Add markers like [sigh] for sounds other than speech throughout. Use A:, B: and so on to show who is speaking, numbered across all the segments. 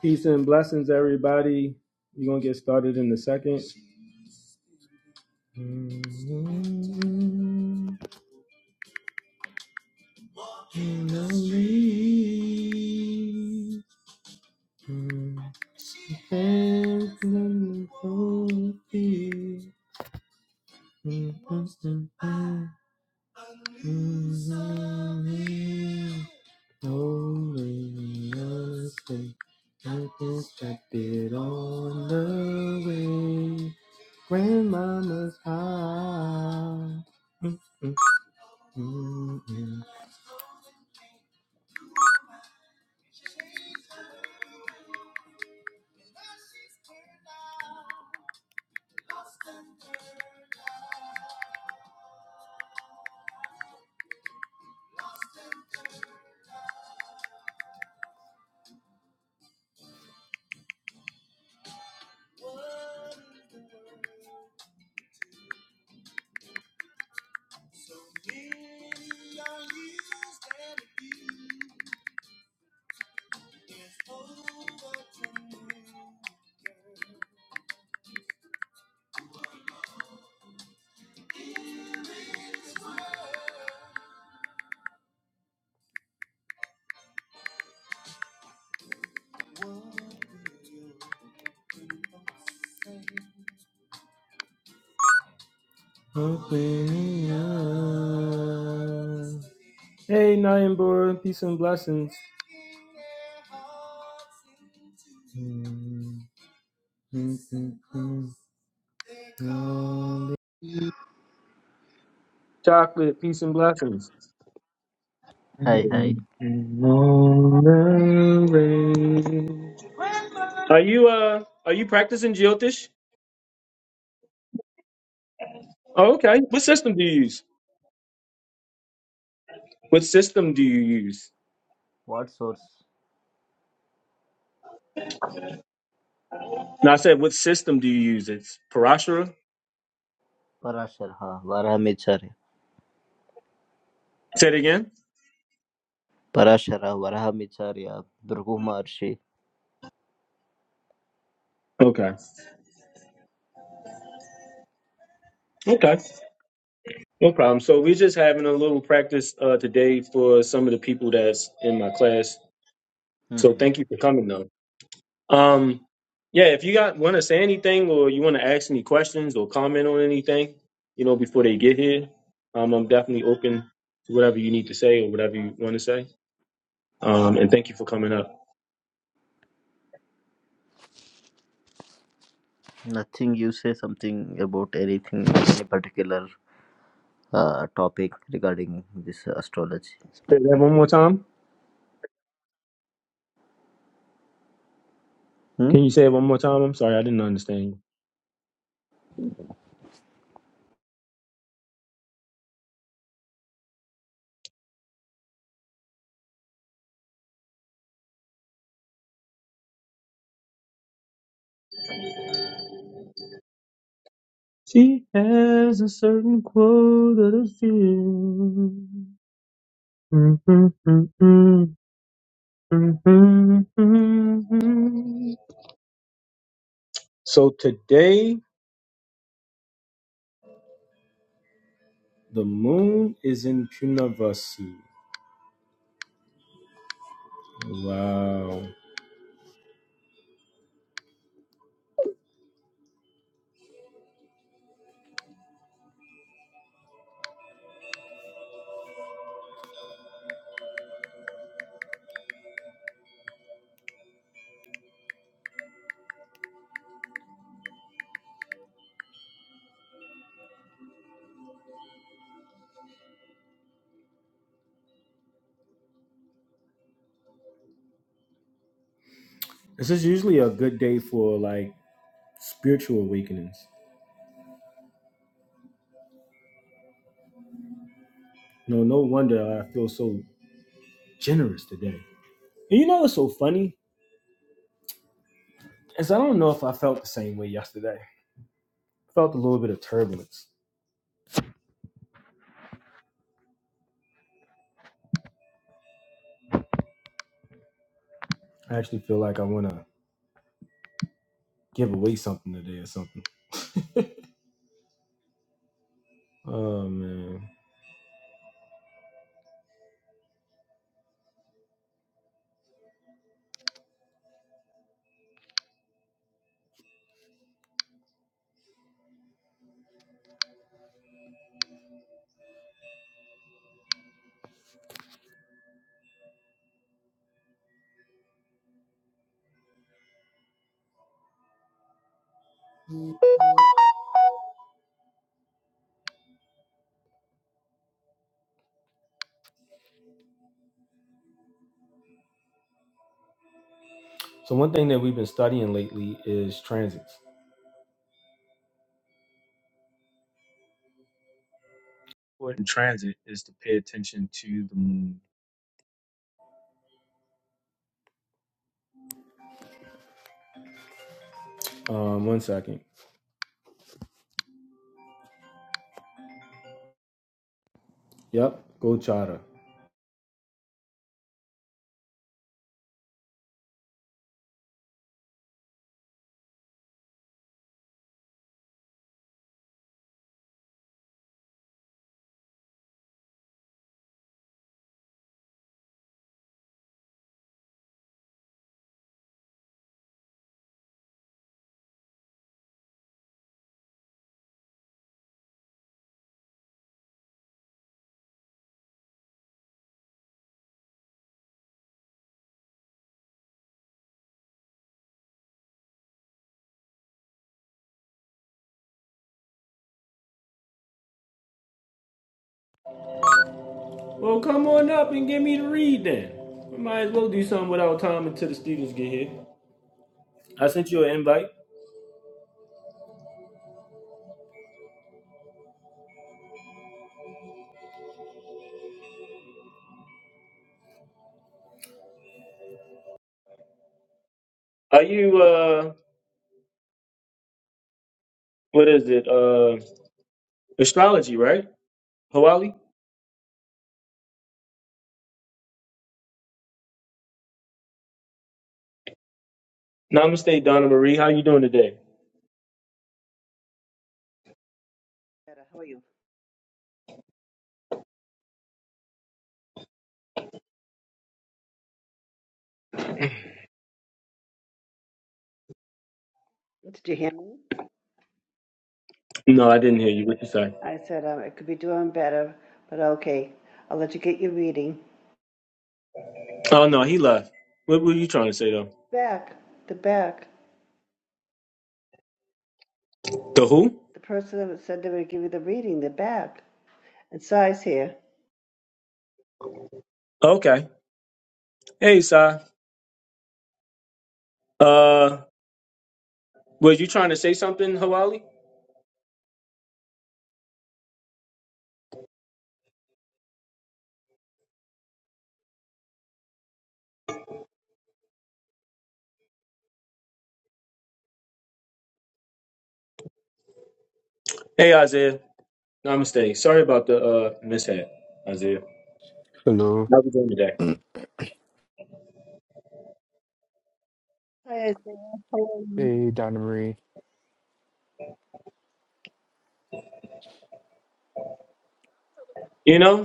A: Peace and blessings, everybody. We're gonna get started in a second. Nothing's kept it on the way. Grandmama's house. Mm, mm, mm, mm. Open up. Hey, Nayambura, peace and blessings. Mm, mm, mm, mm, mm. Chocolate, peace and blessings.
B: Hi, hi.
A: And on the way. Are you uh are you practicing Jyotish? Oh, okay. What system do you use? What system do you use?
B: What source?
A: No, I said what system do you use? It's Parashara.
B: Parashara, Varamacharya.
A: Say it again.
B: Parashara, Varamacharya, Bhrigu Maharshi.
A: Okay. Okay. No problem. So we're just having a little practice uh today for some of the people that's in my class.
B: hmm
A: So thank you for coming though. Um, yeah, if you got want to say anything or you want to ask any questions or comment on anything, you know, before they get here, um, I'm definitely open to whatever you need to say or whatever you want to say. Um, and thank you for coming up.
B: Nothing you say something about anything, any particular uh, topic regarding this astrology.
A: Say that one more time.
B: Hmm.
A: Can you say it one more time? I'm sorry, I didn't understand you. She has a certain quote that I feel. So today, the moon is in Punavasi. Wow. This is usually a good day for like spiritual awakenings. No, no wonder I feel so generous today. And you know what's so funny? Is I don't know if I felt the same way yesterday. felt a little bit of turbulence. I actually feel like I want to give away something today or something. Oh man. So one thing that we've been studying lately is transits. Important transit is to pay attention to the moon. Um, one second. Yep, go charter. Well, come on up and get me to read then. We might as well do something without time until the students get here. I sent you an invite. Are you uh what is it? Uh astrology, right? Hawali? Namaste, Donna Marie. How you doing today?
C: better. How are you? Did you hear me?
A: No, I didn't hear you. What you say?
C: I said um, I could be doing better, but okay. I'll let you get your reading.
A: Oh no, he left. What were you trying to say though?
C: Back, the back.
A: The who?
C: The person that said they would give you the reading, the back. And Sai's here.
A: Okay. Hey Sai. Uh were you trying to say something, Hawali? Hey Isaiah. Namaste. Sorry about the uh mishap, Isaiah.
D: Hello.
A: How you doing today?
C: Hi, Isaiah. How are you?
D: Hey, Donna Marie.
A: You know?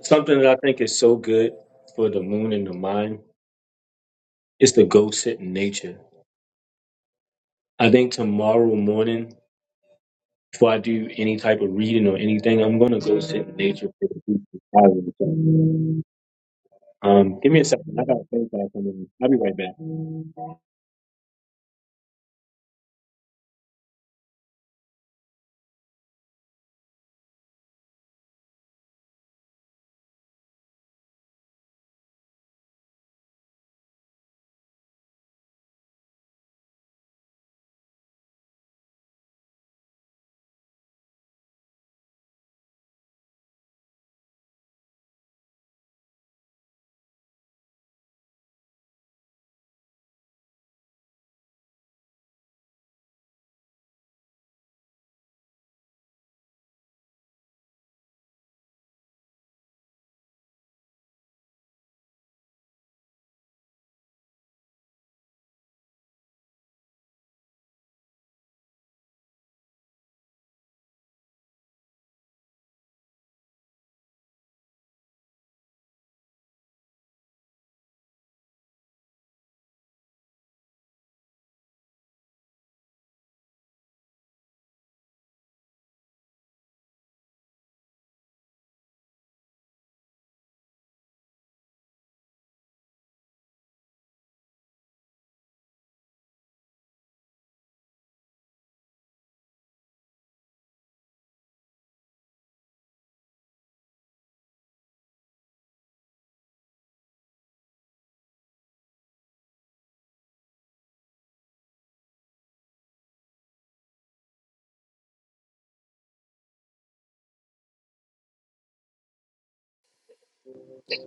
A: Something that I think is so good for the moon and the mind is to go sit in nature. I think tomorrow morning, before I do any type of reading or anything, I'm gonna go sit in nature for the beach and travel and stuff. Um, give me a second. I got a phone call coming in. I'll be right back.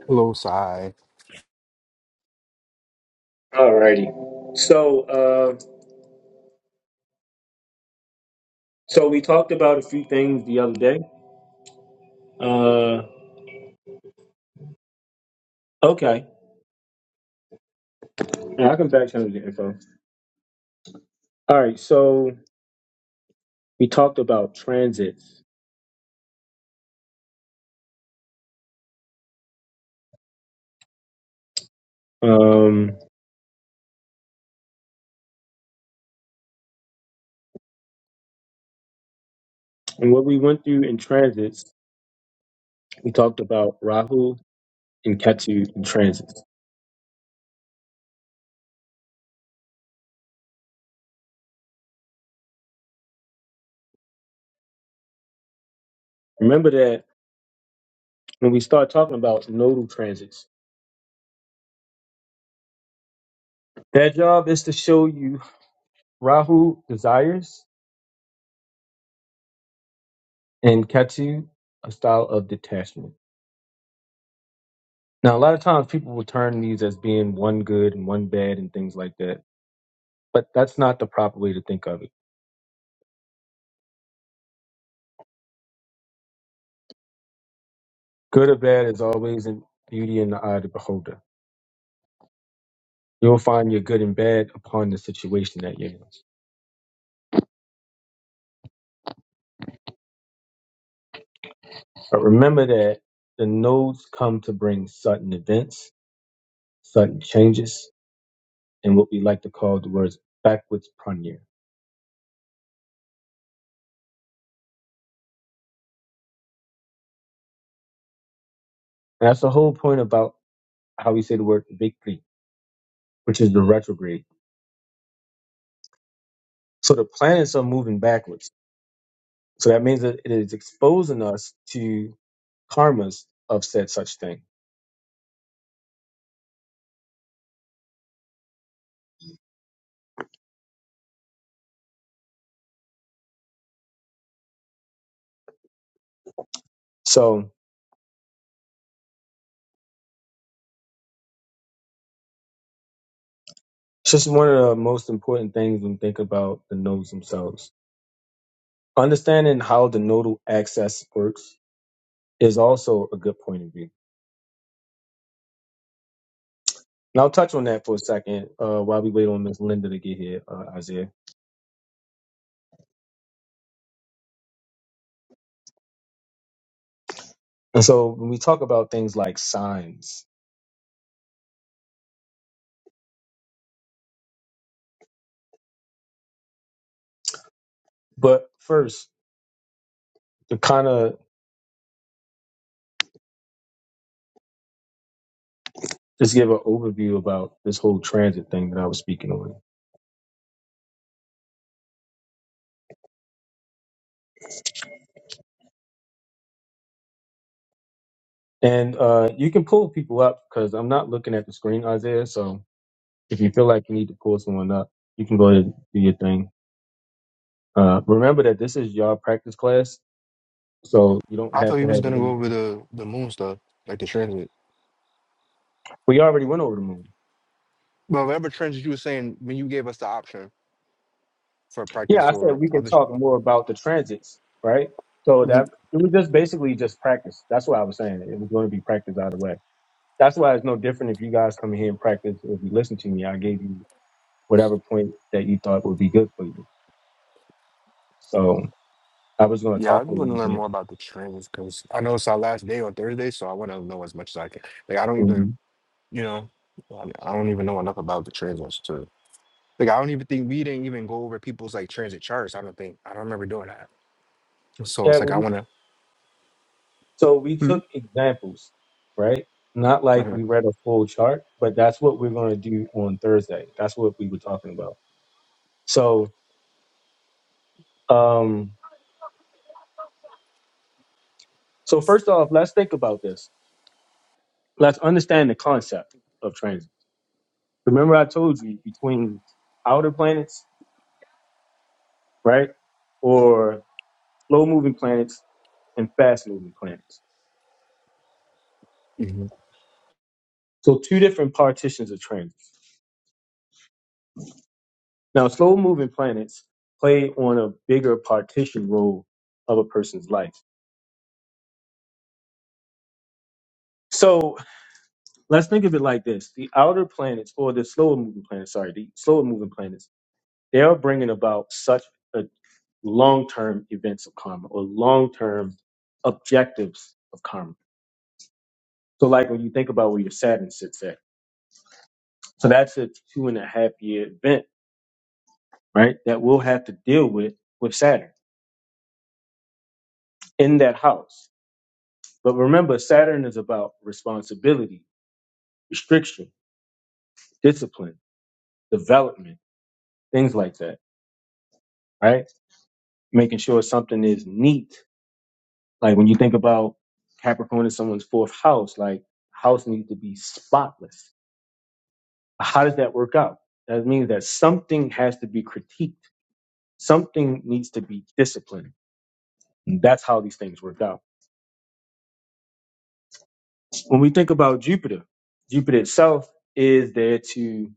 D: Hello, Sai.
A: Alrighty. So, uh, so we talked about a few things the other day. Uh, okay. Yeah, I can back channel the info. All right. So we talked about transits. Um, and what we went through in transits We talked about Rahu and Ketu in transits. Remember that when we start talking about nodal transits, their job is to show you Rahu desires and Ketu a style of detachment. Now, a lot of times people will turn these as being one good and one bad and things like that, but that's not the proper way to think of it. Good or bad is always in beauty in the eye of the beholder. You'll find your good and bad upon the situation that you're in. But remember that the nodes come to bring sudden events sudden changes in what we like to call the words backwards pranir. And that's the whole point about how we say the word vikri, which is the retrograde. So the planets are moving backwards. So that means that it is exposing us to karmas of said such thing. So it's just one of the most important things when we think about the nodes themselves. Understanding how the nodal access works is also a good point of view. And I'll touch on that for a second uh, while we wait on Miss Linda to get here, uh, Isaiah. And so when we talk about things like signs, but first to kind of just give an overview about this whole transit thing that I was speaking on. And uh, you can pull people up because I'm not looking at the screen, Isaiah. So if you feel like you need to pull someone up, you can go ahead and do your thing. Uh, remember that this is your practice class, so you don't
D: I thought
A: have to
D: you was
A: have.
D: gonna go over the the moon stuff, like the transit.
A: We already went over the moon.
D: But whatever transit you were saying when you gave us the option for
A: Yeah,
D: practice
A: I said
D: or
A: we can
D: other. sh-
A: talk more about the transits, right? So
D: Mhm.
A: that it was just basically just practice. That's what I was saying. It was going to be practice either way. That's why it's no different if you guys come here and practice. If you listen to me, I gave you whatever point that you thought would be good for you. So I was going to
D: Yeah, I
A: talk a
D: want
A: little
D: to learn
A: bit.
D: more about the transits because I know it's our last day on Thursday, so I want to know as much as I can. Like I don't even,
A: Mhm.
D: you know, I I don't even know enough about the transits to. Like I don't even think we didn't even go over people's like transit charts. I don't think I don't remember doing that. So
A: Yeah.
D: it's like I
A: We,
D: want to.
A: so we
D: hmm
A: took examples, right? Not like
D: Uh-huh.
A: we read a full chart, but that's what we're going to do on Thursday. That's what we were talking about. So, um, so first off, let's think about this. Let's understand the concept of transit. Remember, I told you between outer planets, right, or slow moving planets and fast moving planets.
D: hmm
A: So, two different partitions of transits. Now, slow moving planets play on a bigger partition role of a person's life. So, let's think of it like this the outer planets, or the slower moving planets, sorry, the slower moving planets, they are bringing about such a long term events of karma or long term objectives of karma. So, like when you think about where your Saturn sits at, so that's a two and a half year event, right? That we'll have to deal with with Saturn in that house. But remember, Saturn is about responsibility, restriction, discipline, development, things like that, right? Making sure something is neat. Like when you think about Capricorn is someone's fourth house, like house needs to be spotless. How does that work out? That means that something has to be critiqued. Something needs to be disciplined. And that's how these things work out. When we think about Jupiter, Jupiter itself is there to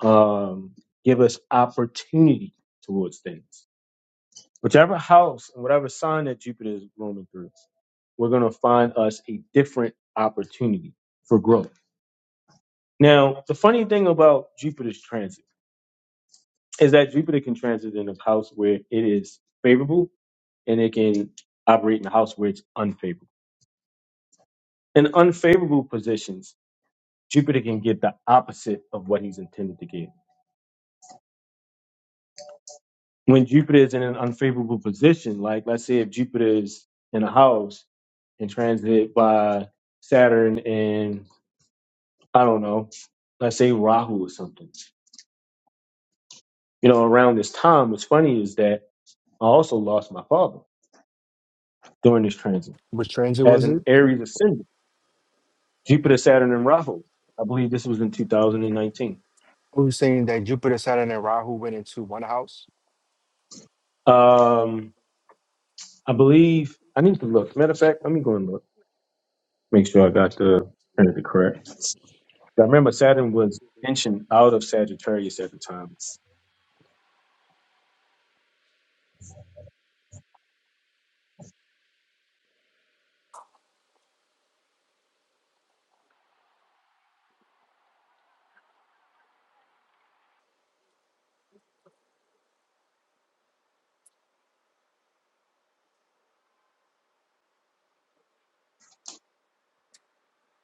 A: um, give us opportunity towards things. Whichever house and whatever sign that Jupiter is roaming through, we're going to find us a different opportunity for growth. Now, the funny thing about Jupiter's transit is that Jupiter can transit in a house where it is favorable and it can operate in a house where it's unfavorable. In unfavorable positions, Jupiter can get the opposite of what he's intended to give. when Jupiter is in an unfavorable position, like let's say if Jupiter is in a house and transited by Saturn and I don't know, let's say Rahu or something. You know, around this time, what's funny is that I also lost my father during this transit
D: Which transit
A: as
D: was
A: an
D: it?
A: Aries ascendant, Jupiter, Saturn, and Rahu. I believe this was in 2019.
D: Who's saying that Jupiter, Saturn, and Rahu went into one house?
A: Um, I believe I need to look. Matter of fact, let me go and look, make sure I got the Trinity correct. I remember Saturn was inching out of Sagittarius at the time.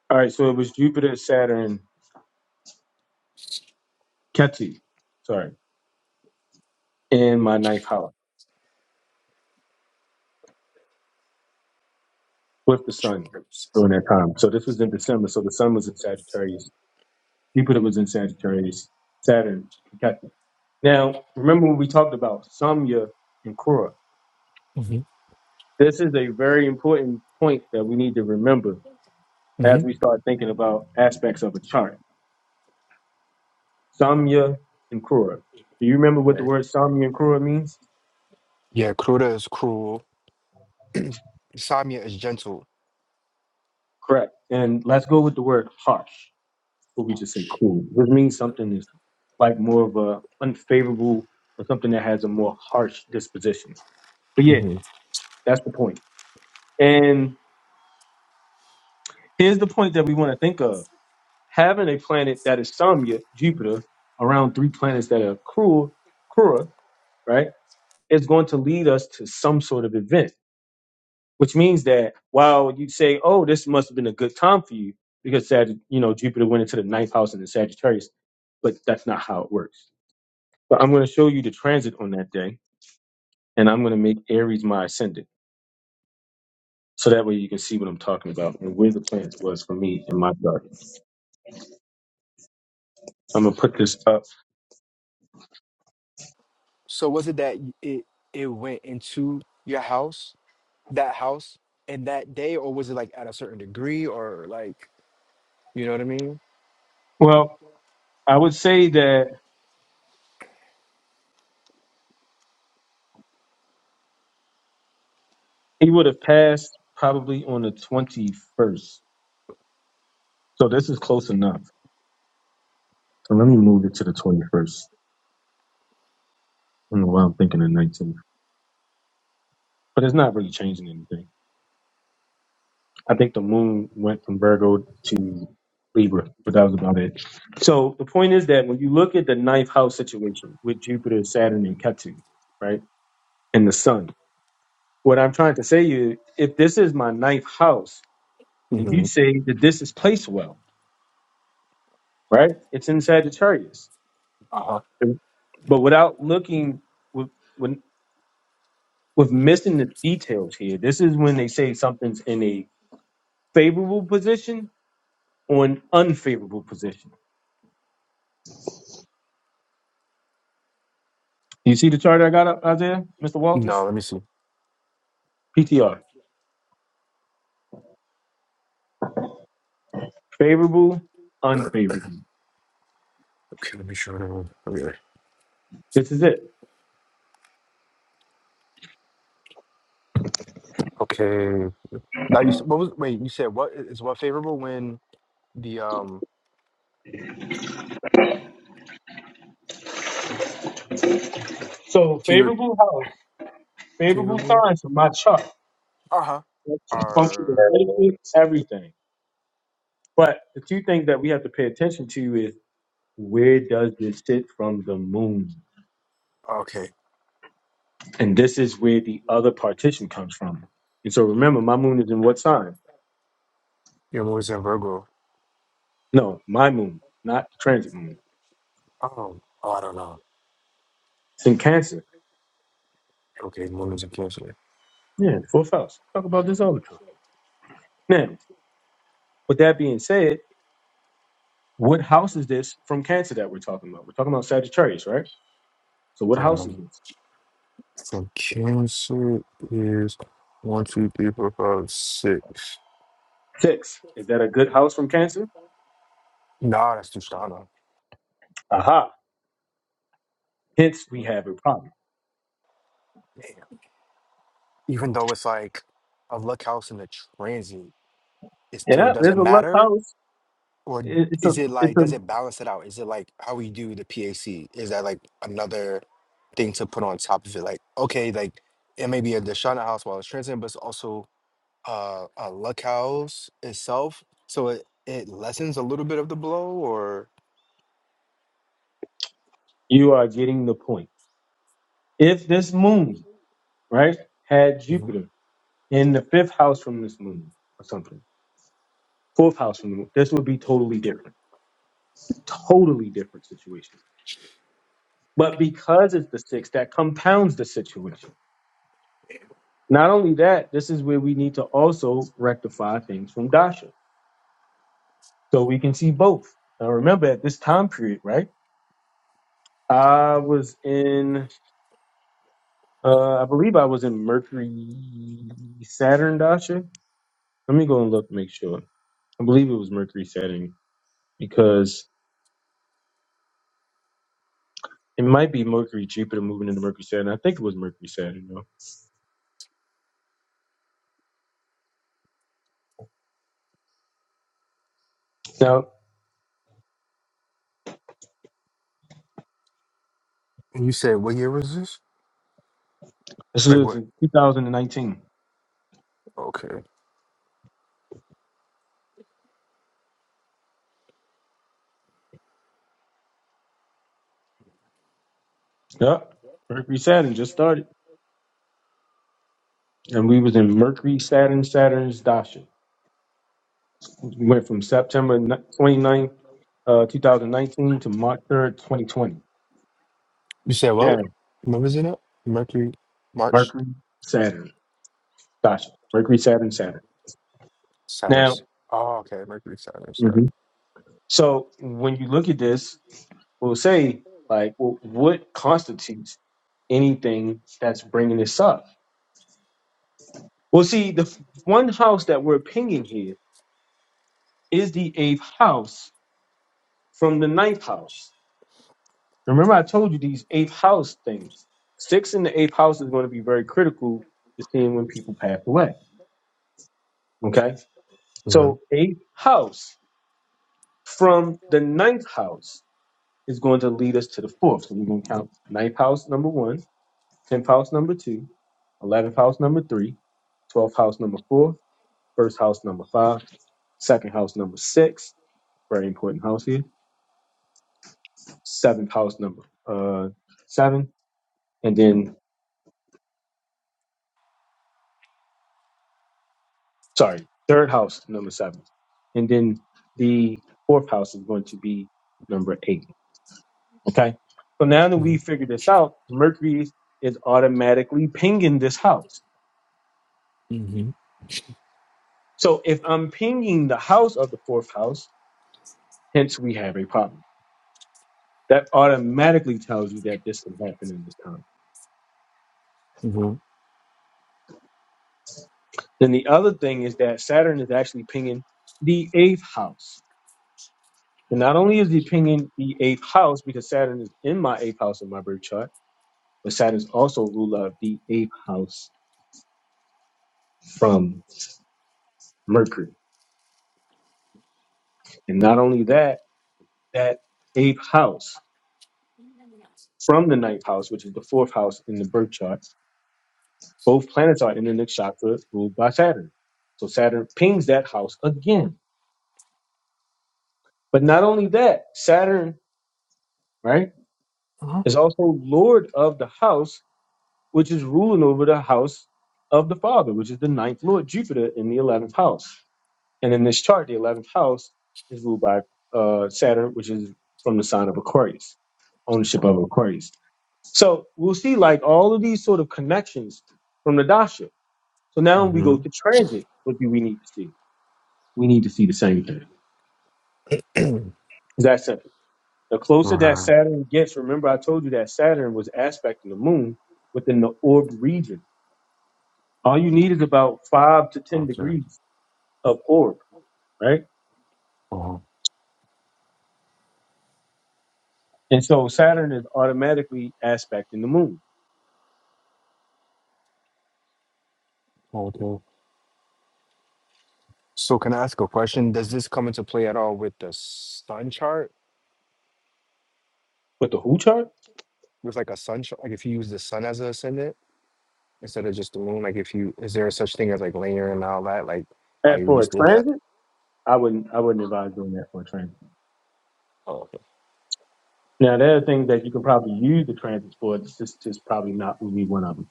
A: All right, so it was Jupiter, Saturn, Ketu, sorry, in my ninth house with the sun during that time. So this was in December. So the sun was in Sagittarius, Jupiter was in Sagittarius, Saturn, Ketu. Now, remember when we talked about Samya and Kura?
D: hmm
A: This is a very important point that we need to remember
D: hmm
A: as we start thinking about aspects of a chart. Samya and Kura. Do you remember what the
D: Right.
A: word Samya and Kura means?
D: Yeah, Kruta is cruel. Samya is gentle,
A: Correct. And let's go with the word harsh, or we just say
D: harsh.
A: cruel. This means something is like more of a unfavorable or something that has a more harsh disposition. But yeah,
D: hmm
A: that's the point. And here's the point that we want to think of. Having a planet that is some Jupiter, around three planets that are cruel, cruel, right, is going to lead us to some sort of event. which means that while you say, "Oh, this must have been a good time for you," because Sag, you know, Jupiter went into the ninth house and the Sagittarius, but that's not how it works. But I'm going to show you the transit on that day, and I'm going to make Aries my ascendant, so that way you can see what I'm talking about and where the planet was for me in my chart. I'm going to put this up.
D: So was it that y- it it went into your house, that house, in that day, or was it like at a certain degree, or like you know what I mean?
A: Well, I would say that he would have passed probably on the 21st, so this is close enough. So let me move it to the 21st. I don't know why I'm thinking the 19th, but it's not really changing anything. I think the moon went from Virgo to Libra, but that was about it. So the point is that when you look at the ninth house situation with Jupiter, Saturn, and Ketu, right, and the sun, what I'm trying to say is if this is my ninth house, and you
D: hmm
A: say that this is placed well, right, it's in Sagittarius.
D: Uh-huh.
A: But without looking, with, when, with missing the details here, this is when they say something's in a favorable position or an unfavorable position You see the chart I got up, Isaiah, Mr.
D: No,
A: Walters?
D: let me see.
A: PTR. Favorable, unfavorable.
D: Okay, let me show them. Okay.
A: This is it.
D: Okay. Now you s- what was wait, you said what is what favorable when the um
A: So
D: Can you
A: favorable house, favorable
D: retrievable?
A: signs from my chart.
D: Uh huh.
A: Function of
D: Are
A: placement, everything. But the two things that we have to pay attention to is where does this sit from the moon?
D: okay.
A: And this is where the other partition comes from. And so remember, my moon is in what sign?
D: Your moon is in Virgo.
A: No, my moon, not transit moon.
D: Um, oh, I don't know.
A: It's in Cancer.
D: Okay, moon is in Cancer.
A: Yeah, fourth house. Talk about this all the time. Now, with that being said, What house is this from Cancer that we're talking about? We're talking about Sagittarius, right? So what house is
D: Um,
A: this?
D: from Cancer is one, two, three, four, five, six.
A: Six. Is that a good house from Cancer?
D: Nah, that's Tushana.
A: Aha. Hence
D: Yeah.
A: we have a problem.
D: Damn. Even though it's like a luck house in the transit, it still
A: Yeah, there's
D: doesn't
A: a luck
D: matter
A: house.
D: or
A: It- It's
D: is
A: a
D: it
A: it's
D: like
A: a
D: does it balance it out? Is it like how we do the PAC? Is that like another thing to put on top of it? Like okay, like it may be a Deshana house while it's transient, but it's also uh, a luck house itself. So it it lessens a little bit of the blow, or
A: you are getting the point. If this moon, right, had
D: Mhm.
A: Jupiter in the fifth house from this moon or something, fourth house from the moon, this would be totally different. Totally different situation. But because it's the sixth, that compounds the situation. Not only that, this is where we need to also rectify things from Dasha. So we can see both. Now remember at this time period, right? I was in uh I believe I was in Mercury Saturn Dasha. Let me go and look, make sure. I believe it was Mercury Saturn because it might be Mercury Jupiter moving into Mercury Saturn. I think it was Mercury Saturn though. Now
D: And you said what year was this?
A: this
D: Like
A: is
D: what?
A: in 2019.
D: Okay,
A: Yep. Mercury Saturn just started. And we was in Mercury Saturn Saturn's Dasha. went from September ni- ninth, uh, 2019 to March 3rd, 2020.
D: you said
A: Yeah,
D: well, what was it? Up? Mercury, March,
A: Mercury, Saturn, gotcha. Mercury, Saturn, Saturn. Now,
D: Saturn's. Oh, okay, Mercury, Saturn, Saturn.
A: Mhm. so when you look at this, we'll say, like, well, what constitutes anything that's bringing this up? Well, see, the f- one house that we're pinging here is the eighth house from the ninth house. Remember, I told you these eighth house things. Six in the eighth house is going to be very critical to seeing when people pass away. Okay. So,
D: Mm-hmm.
A: eighth house from the ninth house is going to lead us to the fourth. So, we're going to count ninth house number one, tenth house number two, eleventh house number three, twelfth house number four, first house number five, second house number six, very important house here, seventh house number uh, seven, and then sorry, third house, number seven. And then the fourth house is going to be number eight. Okay. So now that we figured this out, Mercury is automatically pinging this house.
D: Mm-hmm.
A: So if I'm pinging the house of the fourth house, hence we have a problem. That automatically tells you that this can happen in this time.
D: Mm-hmm.
A: Then the other thing is that Saturn is actually pinging the eighth house. And not only is he pinging the eighth house because Saturn is in my eighth house in my birth chart, but Saturn is also ruler of the eighth house from Mercury. And not only that, that eighth house from the ninth house, which is the fourth house in the birth chart, both planets are in the next chakra ruled by Saturn. So Saturn pings that house again. But not only that, Saturn, right,
D: Mm-hmm.
A: is also lord of the house, which is ruling over the house of the father, which is the ninth lord, Jupiter, in the 11th house. And in this chart, the 11th house is ruled by uh, Saturn, which is from the sign of Aquarius, ownership of Aquarius. So we'll see like all of these sort of connections from the dasha. So now when we go to transit, what do we need to see? We need to see the same thing. It's that simple. The closer that
D: Mm-hmm.
A: Saturn gets, remember I told you that Saturn was aspecting the moon within the orb region. All you need is about five to ten
D: Okay.
A: degrees of orb, right?
D: Uh-huh.
A: And so Saturn is automatically aspecting the moon.
D: Okay. So can I ask a question? Does this come into play at all with the sun chart?
A: With the who chart?
D: With like a sun chart, like if you use the sun as an ascendant instead of just the moon, like if you is there such thing as like linear and all that, like how
A: And
D: you
A: for a
D: just did that?
A: transit, I wouldn't I wouldn't advise doing that for a transit.
D: Oh, okay.
A: Now there are things that you can probably use the transits for. It's just just probably not going to be one of them.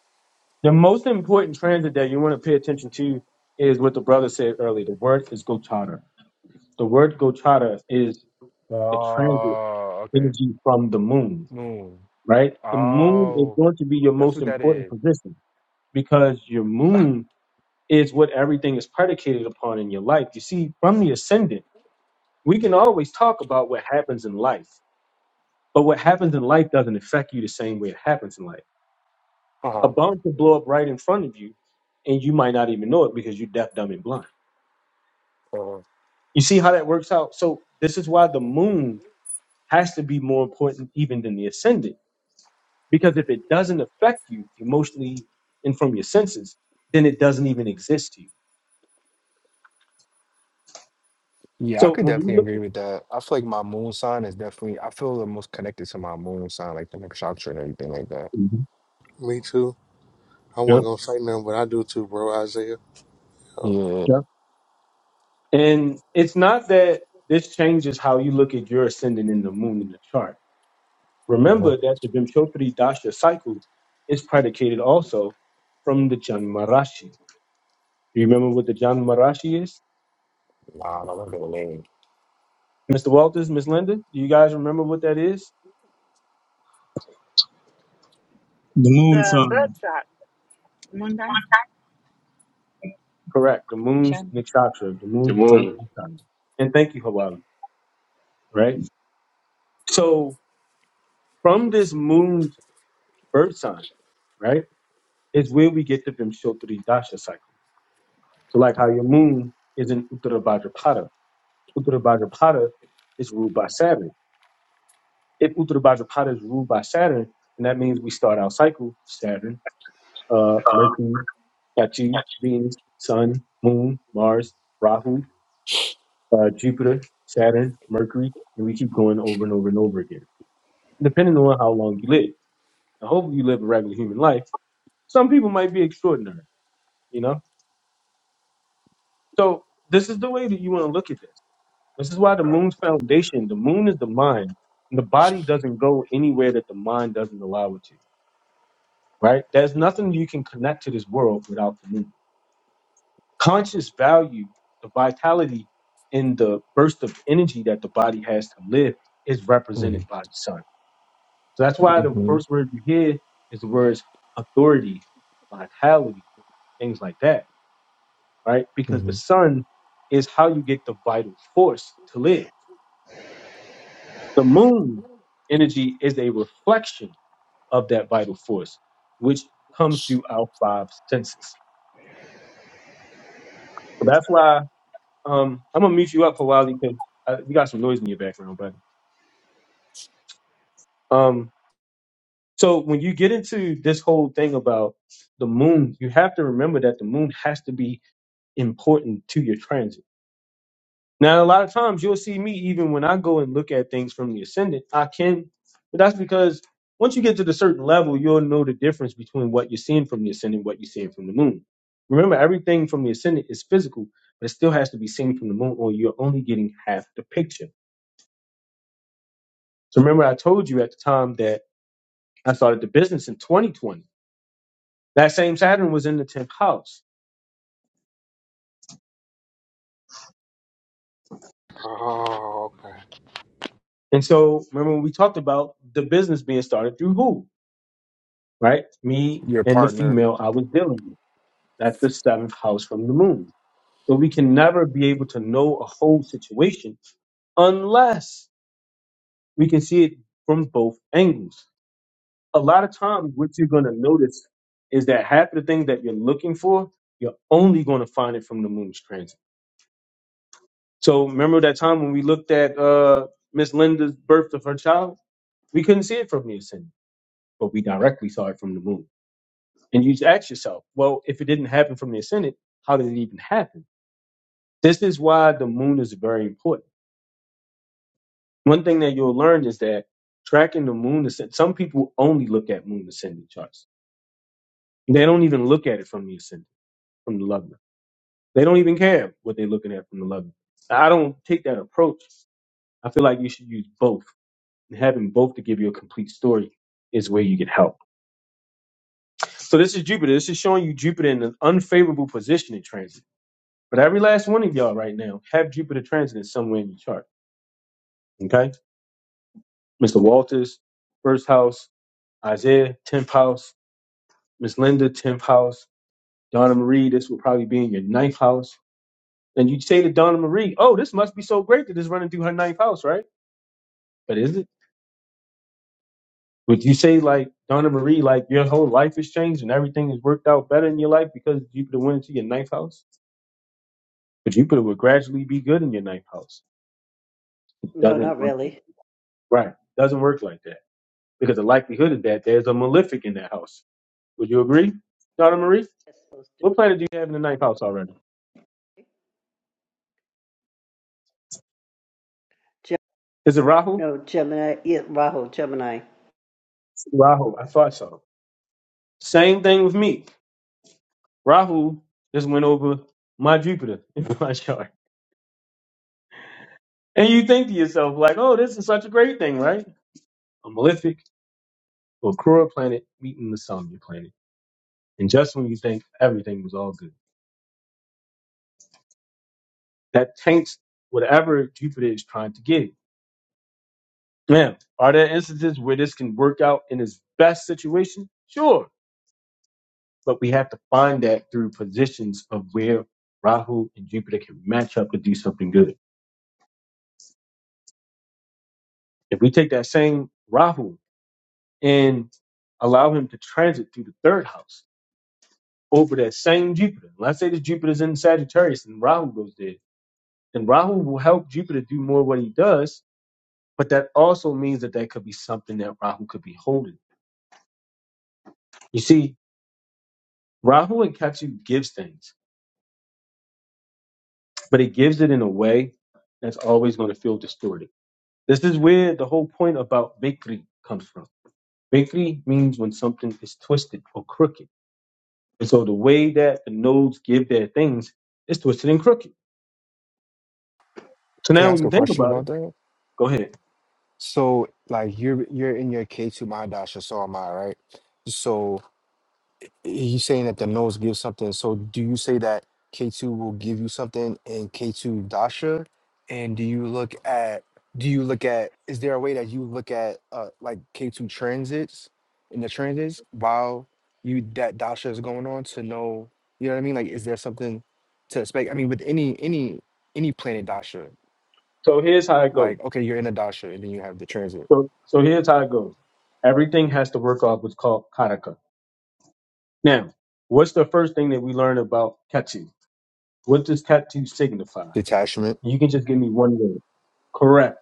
A: The most important transit that you want to pay attention to is what the brother said earlier. The word is Gochata. The word Gochata is the transit
D: Oh, okay.
A: energy from the moon.
D: Moon.
A: Right? The moon is
D: Oh,
A: going to be your
D: that's
A: most
D: what that
A: important
D: is. [laughs]
A: position because your moon is what everything is predicated upon in your life. You see, from the ascendant. we can always talk about what happens in life, but what happens in life doesn't affect you the same way it happens in life. A
D: Uh-huh.
A: bomb could blow up right in front of you, and you might not even know it because you're deaf, dumb, and blind.
D: Uh,
A: You see how that works out? So, this is why the moon has to be more important even than the ascendant, because if it doesn't affect you emotionally and from your senses, then it doesn't even exist to you.
D: yeah, I
A: So,
D: could
A: when we
D: definitely
A: look
D: agree
A: at.
D: with that. I feel like my moon sign is definitely, I feel the most connected to my moon sign, like the nakshatra and everything like that.
A: Mhm.
E: Me too. I
A: Yeah.
E: wasn't gonna say nothing, but I do too, bro. Isaiah. Oh,
D: Yeah.
A: Yeah. And it's not that this changes how you look at your ascendant in the moon in the chart Remember that the Vimshottari Dasha cycle is predicated also from the Janmarashi. Do you remember what the Janmarashi is?
D: Nah, no, I'm gonna name.
A: Mr. Walters, Miss Linda, do you guys remember what that is?
F: The moon
G: The blood
F: sign.
G: shot.
A: Correct. The moon's nakshatra, the
H: The
A: moon's birth
H: moon,
A: nakshatra. And thank you, Hawali, right? So from this moon's birth sign, right, is where we get the Vimshottari Dasha cycle. So like how your moon is in Uttarabhadrapada. Uttarabhadrapada is ruled by Saturn. if Uttar Bhadrapada is ruled by Saturn, then that means we start our cycle Saturn, uh, Mercury, Ketu, Venus, Sun, Moon, Mars, Rahu, uh, Jupiter, Saturn, Mercury, and we keep going over and over and over again, depending on how long you live. I hopefully you live a regular human life. Some people might be extraordinary, you know? So this is the way that you want to look at this. This is why the
D: Right.
A: moon's foundation, the moon is the mind, and the body doesn't go anywhere that the mind doesn't allow it to right? There's nothing you can connect to this world without community. Conscious value, the vitality and the burst of energy that the body has to live is represented by the sun. So that's why the
D: Mm-hmm.
A: first word you hear is the words authority, vitality, things like that, right? Because the
D: hmm
A: sun is how you get the vital force to live. The moon energy is a reflection of that vital force, which comes through our five senses. So that's why Um, I'm gonna mute you up for a while because uh, you got some noise in your background. But um, so when you get into this whole thing about the moon, you have to remember that the moon has to be important to your transit. Now, a lot of times you'll see me even when I go and look at things from the ascendant. I can, but that's because once you get to the certain level, you'll know the difference between what you're seeing from the ascendant, and what you're seeing from the moon. Remember, everything from the ascendant is physical, but it still has to be seen from the moon, or you're only getting half the picture. So remember, I told you at the time that I started the business in 2020. That same Saturn was in the 10th house.
E: okay.
A: And so remember when we talked about the business being started through who, right? Me
D: Your
A: and the
D: partner.
A: female I was dealing with. That's the seventh house from the moon. So we can never be able to know a whole situation unless we can see it from both angles. A lot of times, what you're going to notice is that half of the things that you're looking for, you're only going to find it from the moon's transit So remember that time when we looked at uh, Miss Linda's birth of her child? We couldn't see it from the ascendant, but we directly saw it from the moon. And you just ask yourself, well, if it didn't happen from the ascendant, how did it even happen? This is why the moon is very important. One thing that you'll learn is that tracking the moon ascendant, some people only look at moon ascendant charts. They don't even look at it from the ascendant, from the love. They don't even care what they're looking at from the love. I don't take that approach. I feel like you should use both and having both to give you a complete story is where you get help. So this is Jupiter. This is showing you Jupiter in an unfavorable position in transit. But every last one of y'all right now have Jupiter transiting somewhere in your chart. Okay? Mr. Walters, first house, Isaiah, 10th house, Miss Linda, 10th house, Donna Marie, this will probably be in your ninth house. And you would say to Donna Marie, oh, this must be so great that it's running through her ninth house, right? But is it? Would you say like Donna Marie, like your whole life has changed and everything has worked out better in your life because Jupiter went into your ninth house? But Jupiter would gradually be good in your ninth house. It
C: No,
A: doesn't
C: not
A: work like
C: really.
A: right. Doesn't work like that. Because the likelihood of that there's a malefic in that house. Would you agree, Donna Marie?
C: That's supposed to
A: What planet do you have in the ninth house already?
C: be. Gem-
A: Is it Rahu?
C: no, Gemini. Yeah, Rahu, Gemini.
A: Rahu, I thought so. Same thing with me. Rahu just went over my Jupiter [laughs] in my chart. And you think to yourself, like, oh, this is such a great thing, right? A malefic Okura planet meeting the Samya planet. And just when you think everything was all good, that taints whatever Jupiter is trying to get. Now, are there instances where this can work out in its best situation? Sure. But we have to find that through positions of where Rahu and Jupiter can match up and do something good. If we take that same Rahu and allow him to transit through the third house over that same Jupiter, let's say the Jupiter's in Sagittarius and Rahu goes there And Rahu will help Jupiter do more what he does, but that also means that that could be something that Rahu could be holding. You see, Rahu and Ketu gives things, but it gives it in a way that's always going to feel distorted. This is where the whole point about Vikri comes from. Vikri means when something is twisted or crooked. And so the way that the nodes give their things is twisted and crooked. So
D: Can I
A: now when
D: ask
A: you
D: a
A: think
D: question
A: about
D: about
A: it,
D: that?
A: go ahead.
D: So, like, you're you're in your K two Mahadasha, so am I, right? So, he's saying that the nose gives something. So do you say that K2 will give you something in K2 Dasha? And do you look at do you look at is there a way that you look at uh like K2 transits in the transits while you that Dasha is going on to know you know what I mean? Like is there something to expect? I mean with any any any planet Dasha,
A: So here's how it goes.
D: like okay, you're in a Dasha and then you have the transit
A: So so here's how it goes. Everything has to work off what's called karaka Now, what's the first thing that we learn about tattoo? What does tattoo signify?
D: detachment.
A: You can just give me one word. Correct.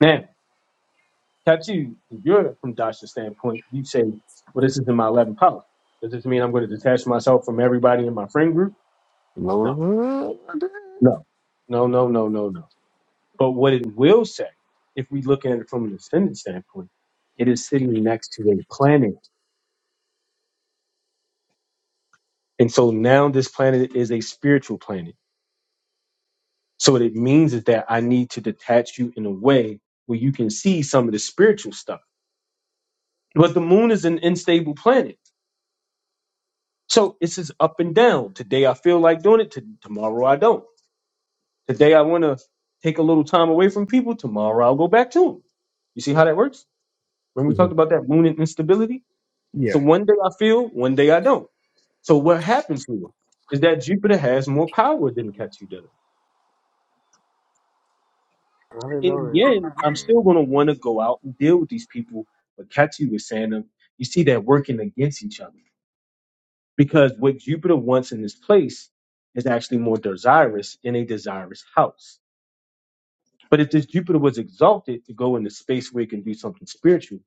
A: Now, tattoo, if you're from Dasha's standpoint, you say, well, this is in my 11th power. Does this mean I'm going to detach myself from everybody in my friend group?
D: Lower
A: No,
D: [laughs]
A: no, no, no, no, no, no. But what it will say, if we look at it from an ascendant standpoint, it is sitting next to a planet. And so now this planet is a spiritual planet. So what it means is that I need to detach you in a way where you can see some of the spiritual stuff. But the moon is an unstable planet. So it's just up and down. Today I feel like doing it, to, tomorrow I don't. Today I want to take a little time away from people, tomorrow I'll go back to them. You see how that works? When we talked
D: Mhm.
A: about that moon and instability.
D: yeah.
A: So one day I feel, one day I don't. So what happens here is that Jupiter has more power than Ketu does.
E: I didn't
A: in
E: know
A: the
E: that.
A: end, I'm still gonna want to go out and deal with these people. But Ketu was saying them, you see that working against each other because what Jupiter wants in this place is actually more desirous in a desirous house. But if this Jupiter was exalted to go into space where it can do something spiritual,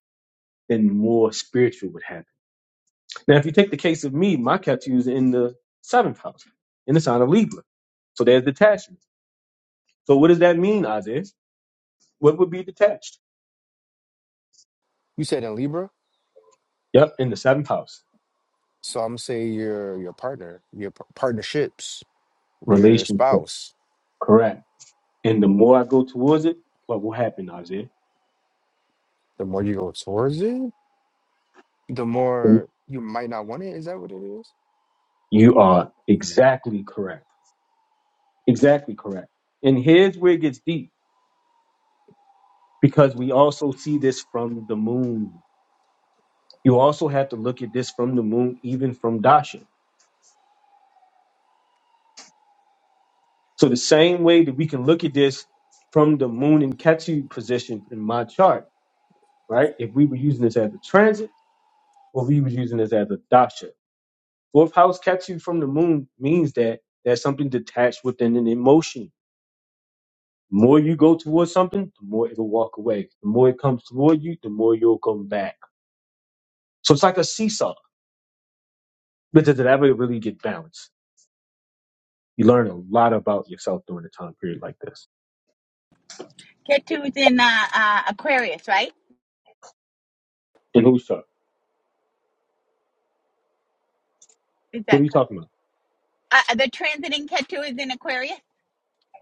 A: then more spiritual would happen. Now, if you take the case of me, my Ketu is in the seventh house, in the sign of Libra. So there's detachment. So what does that mean, Isaiah? What would be detached?
D: You said in Libra?
A: Yep, in the seventh house,
D: So I'm say your your partner, your p- partnerships, your
A: relationship.
D: spouse.
A: Correct. And the more I go towards it, what will happen, Isaiah?
D: The more you go towards it, the more you might not want it. Is that what it is?
A: You are exactly correct. Exactly correct. And here's where it gets deep because we also see this from the moon. You also have to look at this from the moon, even from Dasha. So, the same way that we can look at this from the moon and Ketu position in my chart, right? If we were using this as a transit or we were using this as a Dasha. Fourth house Ketu from the moon means that there's something detached within an emotion The more you go towards something, the more it'll walk away. The more it comes toward you, the more you'll come back. So it's like a seesaw. But does it ever really get balanced? You learn a lot about yourself during a time period like this. And who's up? What are you talking about?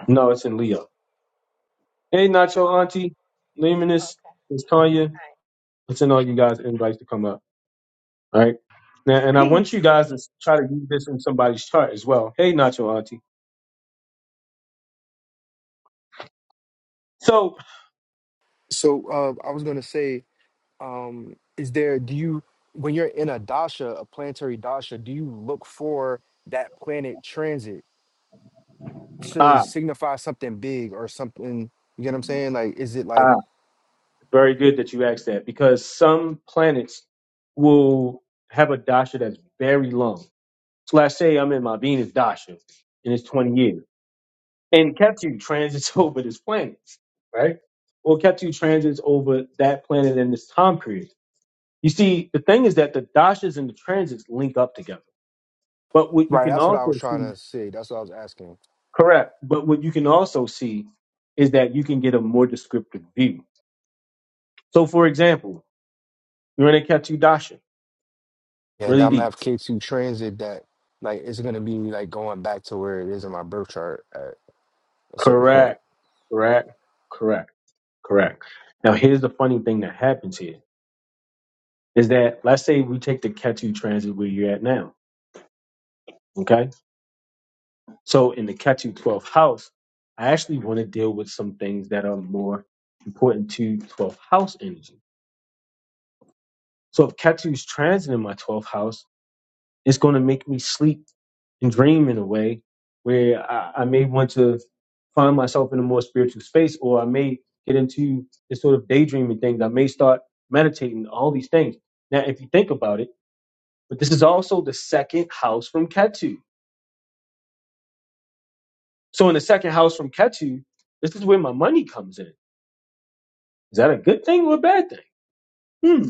A: No, it's in Leo. Hey, Nacho, Auntie, Lemonis, it's Tanya. It's in all you guys' invites to come up. All right. Now, and I want you
I: peace
A: guys to try to use this in somebody's chart as well. Hey, Nacho, Auntie. So,
D: So uh, I was gonna say, um, is there? Do you when you're in a dasha, a planetary dasha, do you look for that planet transit to
A: ah,
D: signify something big or something? You get what I'm saying? Like, is it
A: ah.
D: like
A: Very good that you asked that because some planets will have a dasha that's very long. So let's say I'm in my Venus dasha and it's 20 years, and Ketu transits [laughs] over this planet, right? Well, Ketu transits over that planet in this time period. You see, the thing is that the dashas and the transits link up together. But what you
D: right?
A: can
D: That's what I
A: also
D: was trying
A: see,
D: to say. That's what I was asking.
A: correct? But what you can also see is that you can get a more descriptive view. So, for example, you're in a Ketu dasha,
D: Yeah, and
A: really
D: I'm gonna
A: deep.
D: have K2 transit that like it's gonna be like going back to where it is in my birth chart at a certain point.
A: Correct. Correct. Correct. Correct. Now here's the funny thing that happens here is that let's say we take the Ketu transit where you're at now. Okay. So in the Ketu 12th house, I actually want to deal with some things that are more important to 12th house energy. So if Ketu's transit in my 12th house, It's going to make me sleep and dream in a way where I, I may want to find myself in a more spiritual space, or I may get into this sort of daydreaming thing. I may start meditating, all these things. Now, if you think about it, but this is also the second house from Ketu. So, in the second house from Ketu, this is where my money comes in. Is that a good thing or a bad thing? Hmm.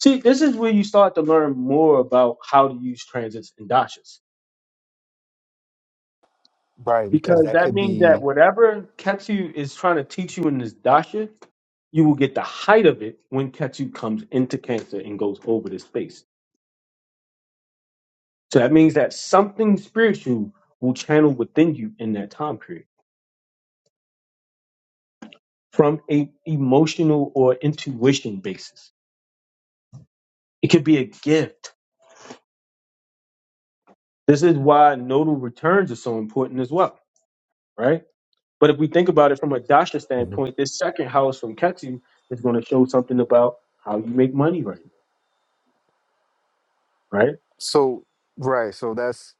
A: See, this is where you start to learn more about how to use transits and dashas.
D: Right, because
A: Because
D: that
A: that
D: could
A: means that
D: be
A: whatever Ketsu is trying to teach you in this dasha, you will get the height of it when Ketsu comes into Cancer and goes over this space. So that means that something spiritual will channel within you in that time period from a emotional or intuition basis. It could be a gift. This is why nodal returns are so important as well, right? But if we think about it from a dasha
D: Mhm.
A: standpoint, this second house from Ketsu is going to show something about how you make money right now, right?
D: so right, so that's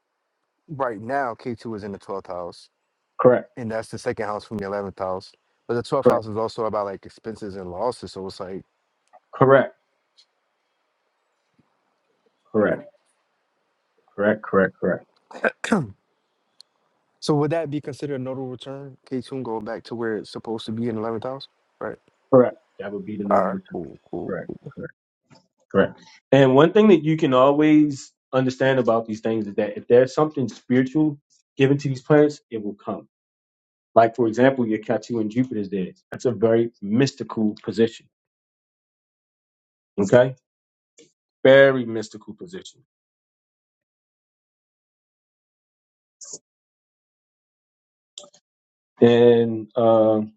D: right now K2 is in the twelfth house,
A: Correct.
D: and that's the second house from the eleventh house. But the twelfth
A: Correct.
D: house is also about like expenses and losses. So it's like
A: Correct. Correct. Correct. Correct. Correct.
D: [clears throat] So would that be considered a notable return? K soon go back to where it's supposed to be in eleventh house, right?
A: Correct. That would be the
D: All
A: normal
D: right,
A: return.
D: cool, cool,
A: Correct. Correct. Correct. And one thing that you can always understand about these things is that if there's something spiritual given to these planets, it will come. Like for example, your Ketu and Jupiter's there. That's a very mystical position. Okay, very mystical position. And um,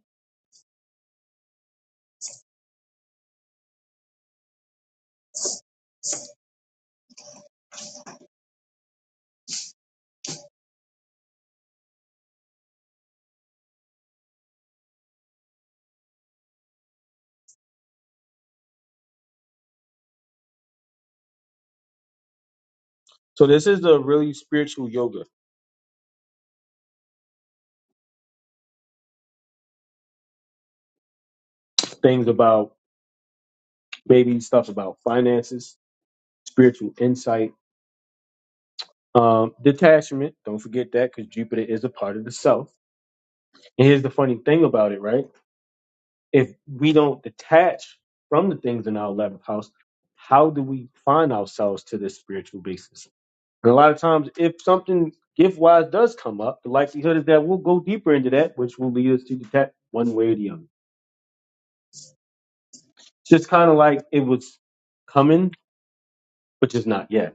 A: so this is the really spiritual yoga things about maybe stuff about finances, spiritual insight Um, detachment, don't forget that because Jupiter is a part of the self. And here's the funny thing about it, right? If we don't detach from the things in our 11th house, how do we find ourselves to this spiritual basis? And a lot of times, if something gift wise does come up, the likelihood is that we'll go deeper into that, which will lead us to detach one way or the other. It's just kind of like it was coming, but just not yet.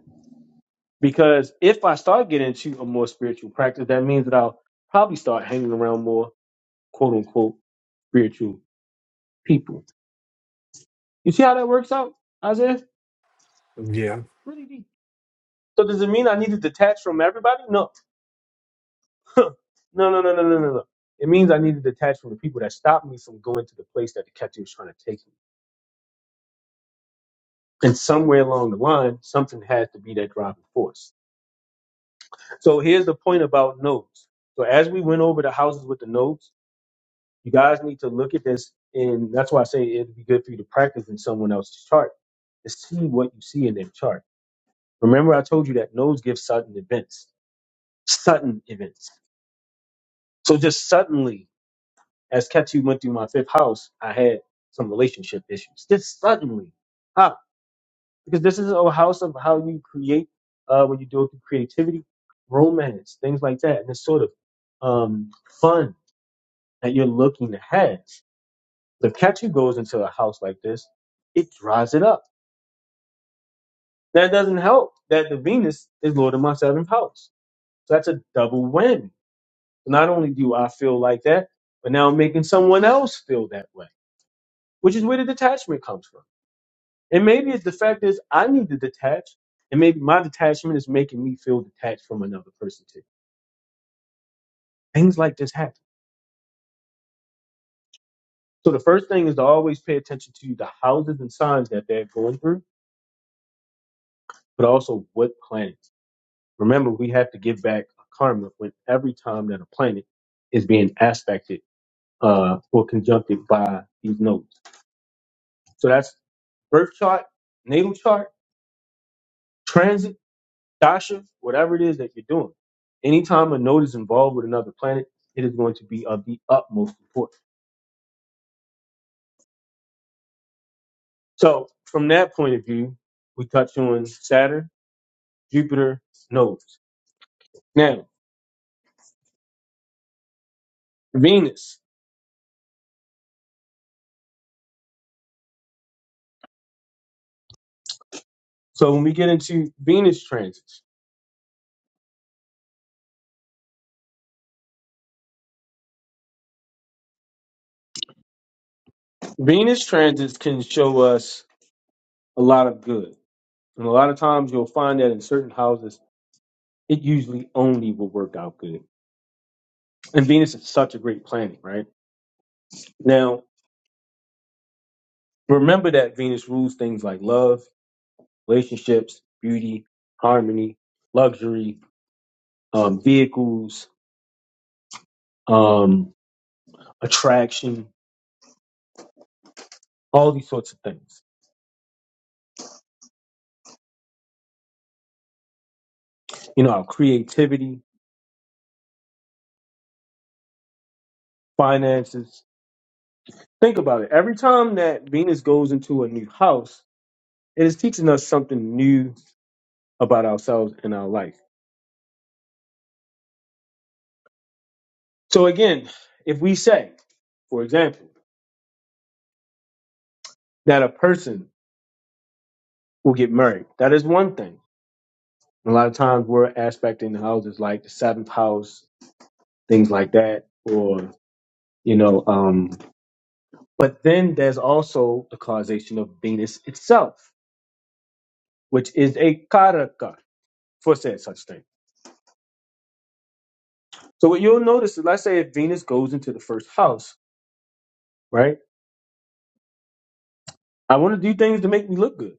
A: Because if I start getting into a more spiritual practice, that means that I'll probably start hanging around more quote unquote spiritual people. You see how that works out, Isaiah?
D: cool. Yeah.
A: Really deep. So does it mean I need to detach from everybody? No. [laughs] no, no, no, no, no, no, no. It means I need to detach from the people that stopped me from going to the place that the captain was trying to take me. And somewhere along the line, something has to be that driving force. So here's the point about nodes. So as we went over the houses with the nodes, you guys need to look at this, and that's why I say it'd be good for you to practice in someone else's chart to see what you see in their chart Remember, I told you that nodes give sudden events, sudden events. So just suddenly, as Ketu went through my fifth house, I had some relationship issues. Just suddenly, how? Because this is a house of how you create uh, when you do it through creativity, romance, things like that, and the sort of um, fun that you're looking to have. But if Ketu goes into a house like this, it dries it up. That doesn't help that the Venus is Lord of my seventh house. So that's a double whammy Not only do I feel like that, but now I'm making someone else feel that way, which is where the detachment comes from. And maybe it's the fact is I need to detach, and maybe my detachment is making me feel detached from another person too. Things like this happen. So the first thing is to always pay attention to the houses and signs that they're going through, but also what planets. Remember, we have to give back a karma when every time that a planet is being aspected uh, or conjuncted by these nodes. So that's birth chart, natal chart transit, dasha, whatever it is that you're doing, anytime a node is involved with another planet, it is going to be of the utmost importance. So, from that point of view, we touch on Saturn, Jupiter, nodes. Now, Venus. So, when we get into Venus transits, Venus transits can show us a lot of good. And a lot of times you'll find that in certain houses, it usually only will work out good. And Venus is such a great planet, right? Now, remember that Venus rules things like love relationships, beauty, harmony, luxury, um, vehicles, um, attraction, all these sorts of things. You know, our creativity, finances. Think about it. Every time that Venus goes into a new house, it is teaching us something new about ourselves and our life. So, again, if we say, for example, that a person will get married, that is one thing. A lot of times we're aspecting the houses like the seventh house, things like that, or you know um but then there's also the causation of venus itself which is a karaka for said such thing so what you'll notice is let's say if venus goes into the first house right i want to do things to make me look good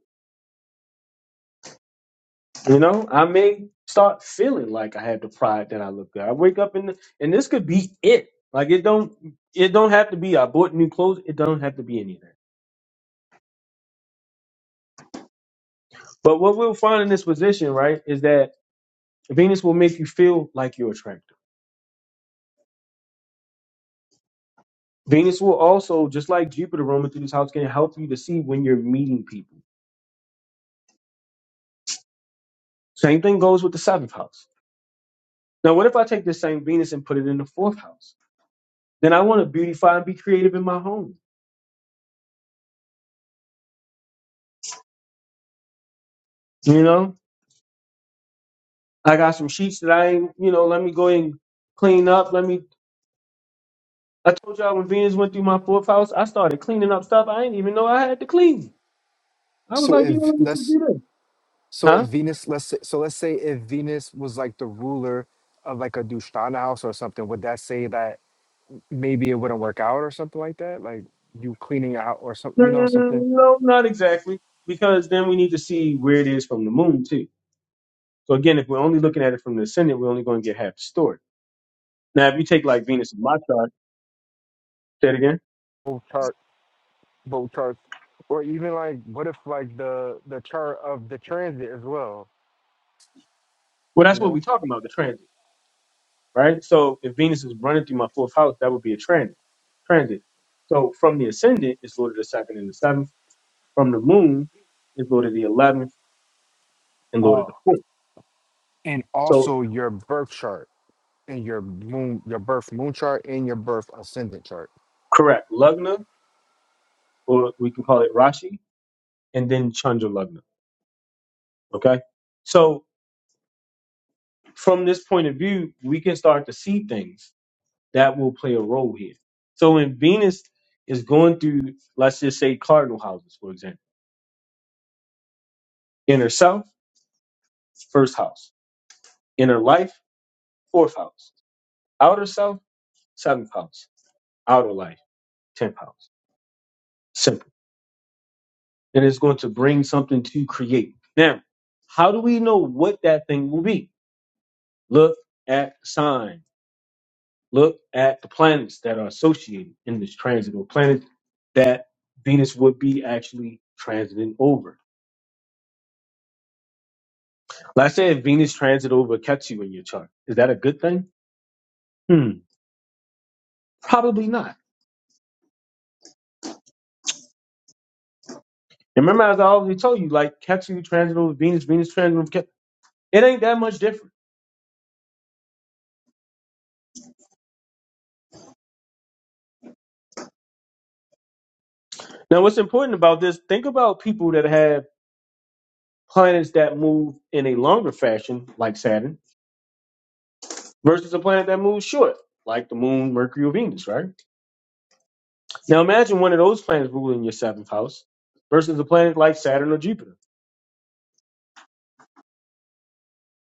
A: you know i may start feeling like i have the pride that i look good i wake up in the, and this could be it like it don't it don't have to be i bought new clothes it don't have to be anything but what we'll find in this position right is that venus will make you feel like you're attractive Venus will also, just like Jupiter roaming through this house, can help you to see when you're meeting people. Same thing goes with the seventh house. Now, what if I take this same Venus and put it in the fourth house? Then I want to beautify and be creative in my home. You know, I got some sheets that I ain't, you know, let me go and clean up. Let me, I told y'all when Venus went through my fourth house, I started cleaning up stuff I didn't even know I had to clean. I was
D: So
A: like, you know,
D: if
A: let me just
D: let's
A: do this.
D: so if
A: Huh?
D: Venus let's say, so let's say if Venus was like the ruler of like a Dushtana house or something, would that say that maybe it wouldn't work out or something like that? Like you cleaning out or something,
A: No,
D: you know,
A: no, no, no,
D: something.
A: no, no, not exactly. Because then we need to see where it is from the moon, too. So again, if we're only looking at it from the ascendant, we're only going to get half the story. Now, if you take like Venus in my chart, say it again.
D: Both chart, both charts, or even like what if like the the chart of the transit as well,
A: Well,
D: you
A: that's what we're
D: know?
A: talking about, the transit, right? So if Venus is running through my fourth house, that would be a transit. Transit. So from the ascendant, it's Lord of the second and the seventh. From the moon, it's Lord of the eleventh and Lord
D: Uh,
A: of the fourth.
D: and
A: So
D: also your birth chart. in your moon, your birth moon chart and your birth ascendant chart.
A: correct, lagna, or we can call it Rashi, and then Chandra lagna. Okay. So from this point of view, we can start to see things that will play a role here. So when Venus is going through, let's just say cardinal houses, for example, inner self, first house, inner life, fourth house, outer self, seventh house, outer life, tenth house. Simple. And it's going to bring something to create. Now, how do we know what that thing will be? Look at the sign. Look at the planets that are associated in this transit or planets that Venus would be actually transiting over. Let's say if Venus transit over Ketu in your chart, is that a good thing? Hmm, probably not. Remember, as I already told you, like Ketu transit over Venus, Venus transit over Ketu, it ain't that much different. Now, what's important about this? Think about people that have planets that move in a longer fashion, like Saturn, versus a planet that moves short, like the Moon, Mercury, or Venus. Right? Now, imagine one of those planets ruling your seventh house versus a planet like Saturn or Jupiter.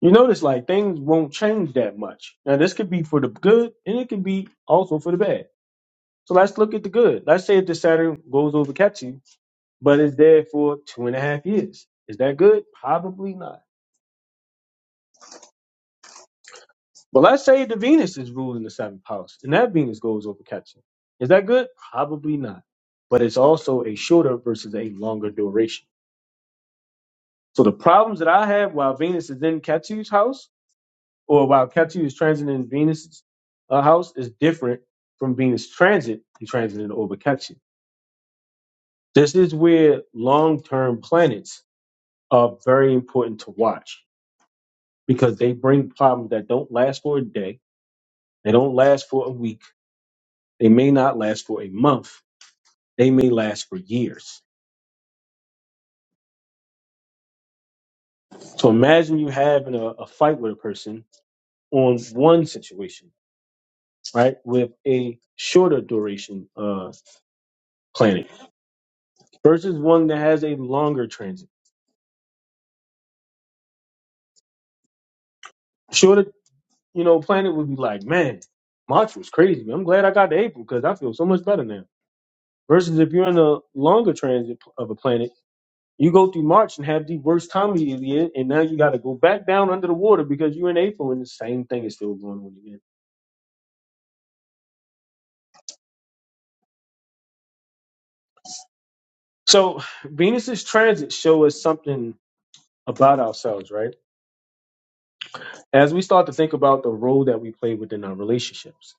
A: You notice like things won't change that much. Now this could be for the good and it could be also for the bad. So let's look at the good. Let's say if the Saturn goes over Ketu, but it's there for two and a half years. Is that good? Probably not. But let's say the Venus is ruling the seventh house and that Venus goes over Ketu. Is that good? Probably not. But it's also a shorter versus a longer duration. So the problems that I have while Venus is in Ketu's house or while Ketu is transiting Venus' uh, house is different from Venus transit, he transited over Ketu. This is where long-term planets are very important to watch because they bring problems that don't last for a day, they don't last for a week, they may not last for a month, they may last for years. So imagine you having a, a fight with a person on one situation, right, with a shorter duration uh, planet versus one that has a longer transit Shorter you know, Planet would be like, man, March was crazy. I'm glad I got to April because I feel so much better now. Versus if you're in a longer transit p- of a planet, you go through March and have the worst time of the year, and now you got to go back down under the water because you're in April and the same thing is still going on again. So Venus's transits show us something about ourselves, right? As we start to think about the role that we play within our relationships,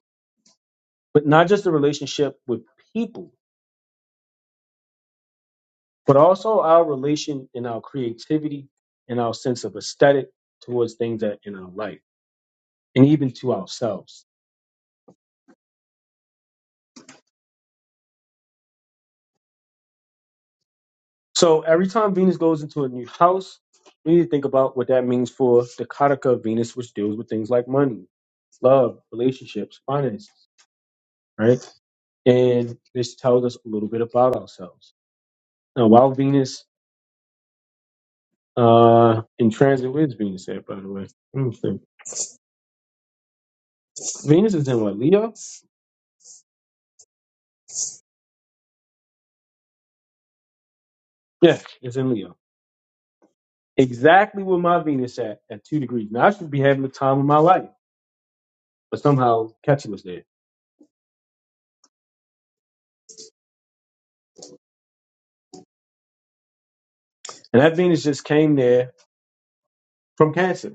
A: but not just the relationship with people, but also our relation and our creativity and our sense of aesthetic towards things that in our life and even to ourselves. So every time Venus goes into a new house, we need to think about what that means for the Kataka of Venus, which deals with things like money, love, relationships, finances, right? And this tells us a little bit about ourselves. Now, while Venus uh, in transit, where's Venus at, by the way? Let me think. Venus is in what, Leo? Yeah, it's in Leo. exactly where my Venus at at two degrees. Now I should be having the time of my life, but somehow Ketu was there, and that Venus just came there from Cancer.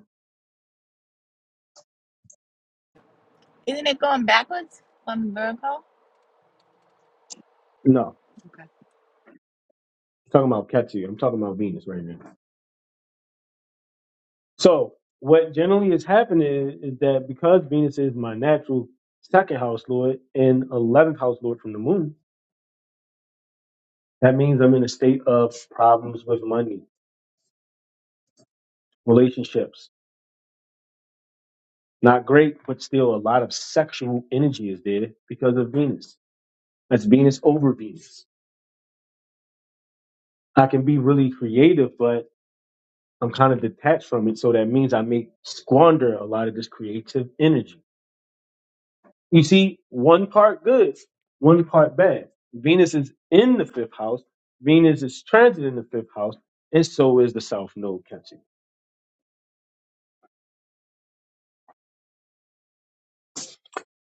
A: No, I'm talking about Ketu. I'm talking about Venus right now. So what generally is happening is that because Venus is my natural second house lord and eleventh house lord from the moon, that means I'm in a state of problems with money, relationships. Not great, but still a lot of sexual energy is there because of Venus. That's Venus over Venus. I can be really creative, but I'm kind of detached from it. So that means I may squander a lot of this creative energy. You see, one part good, one part bad. Venus is in the fifth house. Venus is transit in the fifth house, and so is the south node, Kenzie.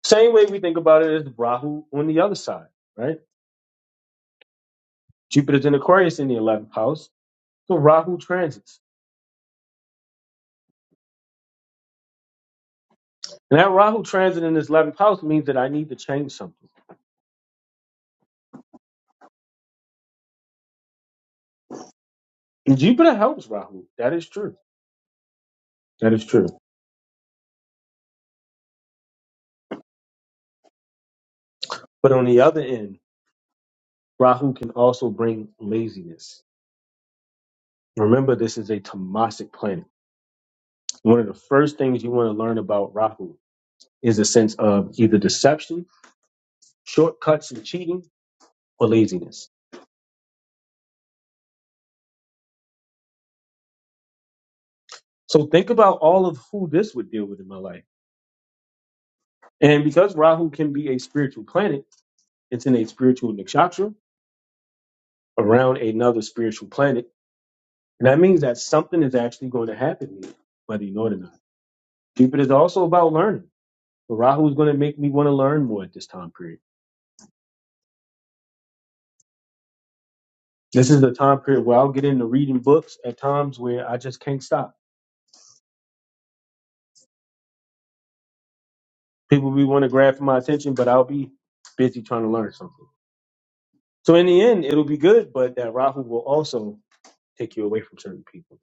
A: Same way we think about it as Rahu on the other side, right? Jupiter's in Aquarius in the 11th house, so Rahu transits. And that Rahu transit in this 11th house means that I need to change something. And Jupiter helps Rahu. That is true. That is true. But on the other end, Rahu can also bring laziness. Remember, this is a Tamasic planet. One of the first things you want to learn about Rahu is a sense of either deception, shortcuts and cheating, or laziness. So think about all of who this would deal with in my life. And because Rahu can be a spiritual planet, it's in a spiritual nakshatra around another spiritual planet. And that means that something is actually going to happen here, whether you know it or not. Cupid is also about learning. But Rahu is going to make me want to learn more at this time period. This is the time period where I'll get into reading books at times where I just can't stop. People will want to grab for my attention, but I'll be busy trying to learn something. So in the end, it'll be good, but that Rahu will also take you away from certain people.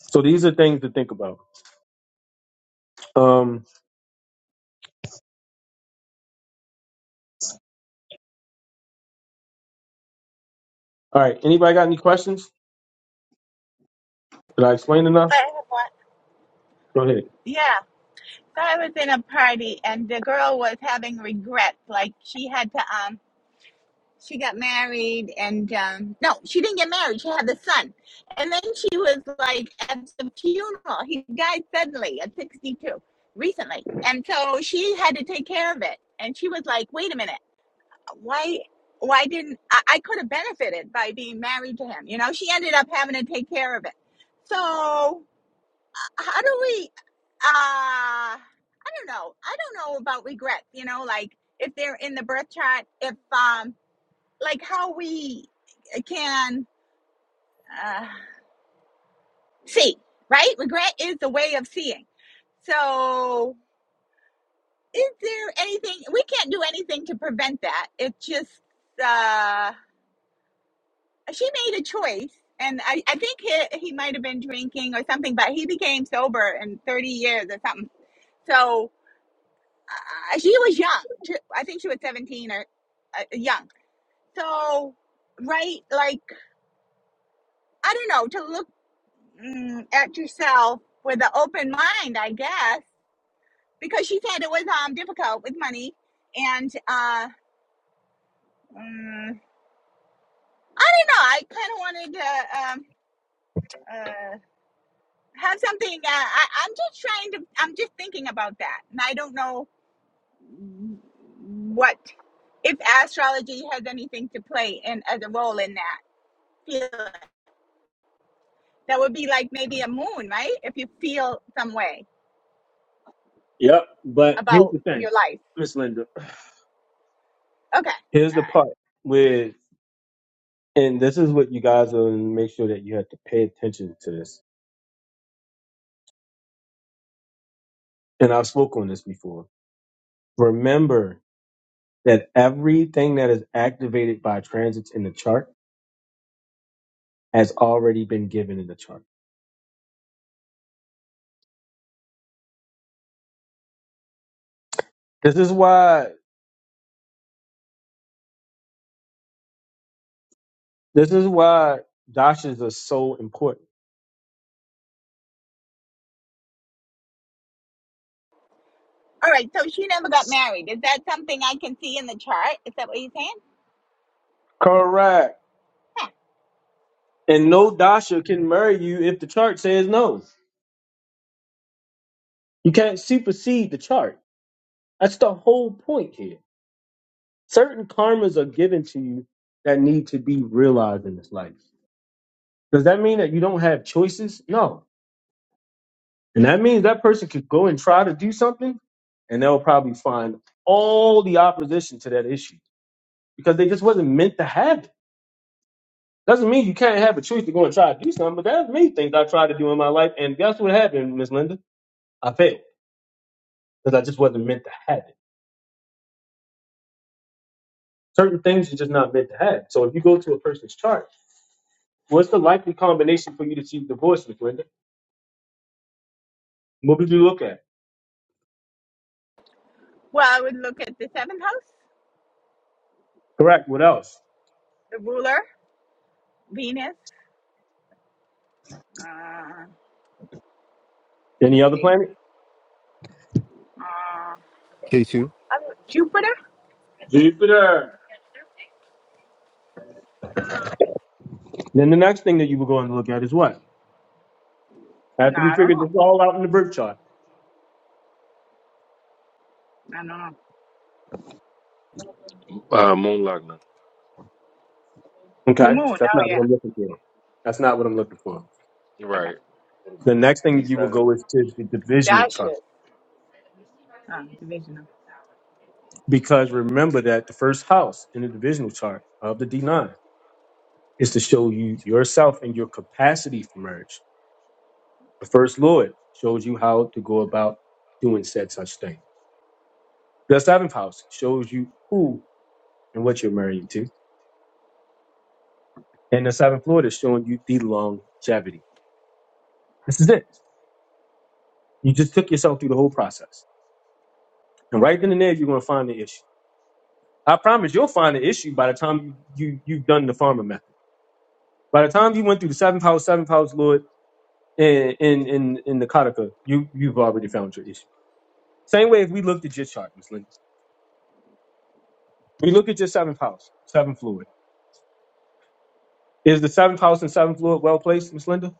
A: So these are things to think about. Um, all right. Anybody got any questions? Did I explain enough? Go ahead. Yep, but Here's the thing, Miss Linda. Here's the part with, and this is what you guys will make sure that you have to pay attention to this. And I've spoken on this before. Remember that everything that is activated by transits in the chart has already been given in the chart. This is why this is why dashas are so important. Correct. And no dasha can marry you if the chart says no. You can't supersede the chart. That's the whole point here. Certain karmas are given to you that need to be realized in this life. Does that mean that you don't have choices? No. And that means that person could go and try to do something and they'll probably find all the opposition to that issue because they just wasn't meant to have it. Doesn't mean you can't have a choice to go and try to do something, but that's me things I tried to do in my life. And guess what happened, Miss Linda? I failed because I just wasn't meant to have it. Certain things you're just not meant to have. So if you go to a person's chart, what's the likely combination for you to see divorce, Miss Linda? What would you look at? Correct. What else? Any other planet?
D: K2,
A: Jupiter. Then the next thing that you would go and look at is what? After we figured this all out in the birth chart.
H: uh, moon Lagna.
A: Okay, that's not what I'm looking for. That's not what I'm looking for.
H: Right.
A: The next thing
H: C
A: you will
H: seven.
A: go is to the divisional chart. Because remember that the first house in the divisional chart of the D9 is to show you yourself and your capacity for marriage. The first Lord shows you how to go about doing said such thing. The seventh house shows you who and what you're marrying to. And the seventh Lord is showing you the longevity. This is it. You just took yourself through the whole process. And right then and there, you're going to find the issue. I promise you'll find the issue by the time you, you, you've done the farmer method. By the time you went through the seventh house, seventh house, Lord, and in, in, in the Kataka, you, you've already found your issue. Same way if we looked at your chart, Miss Linda. We look at your seventh house, seventh fluid. Is the seventh house and seventh fluid well placed, Miss Linda?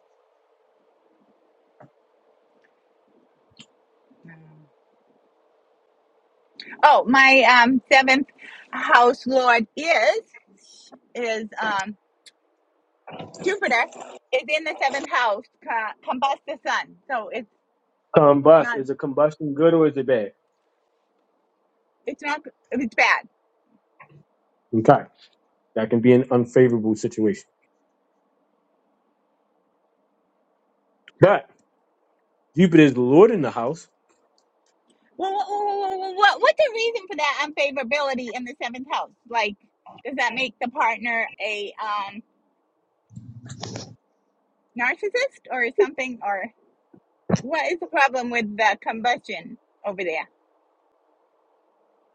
A: Combust. Is a combustion good or is it bad? Okay. That can be an unfavorable situation. But Jupiter is the Lord in the house.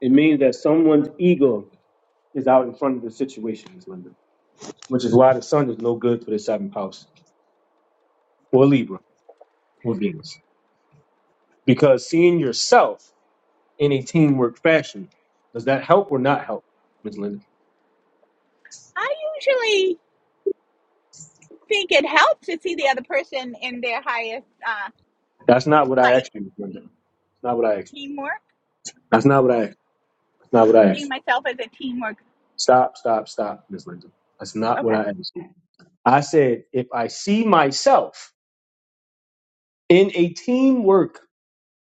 A: It means that someone's ego is out in front of the situation, Miss Linda. which is why the sun is no good for the seventh house or Libra or Venus. Because seeing yourself in a teamwork fashion, does that help or not help, Ms. Linda? That's not what I asked you, Ms. Linda. That's not what I asked. That's not what I asked. That's not what I asked. Stop, stop, stop, Ms. Linda. That's not what I asked you. I said, if I see myself in a teamwork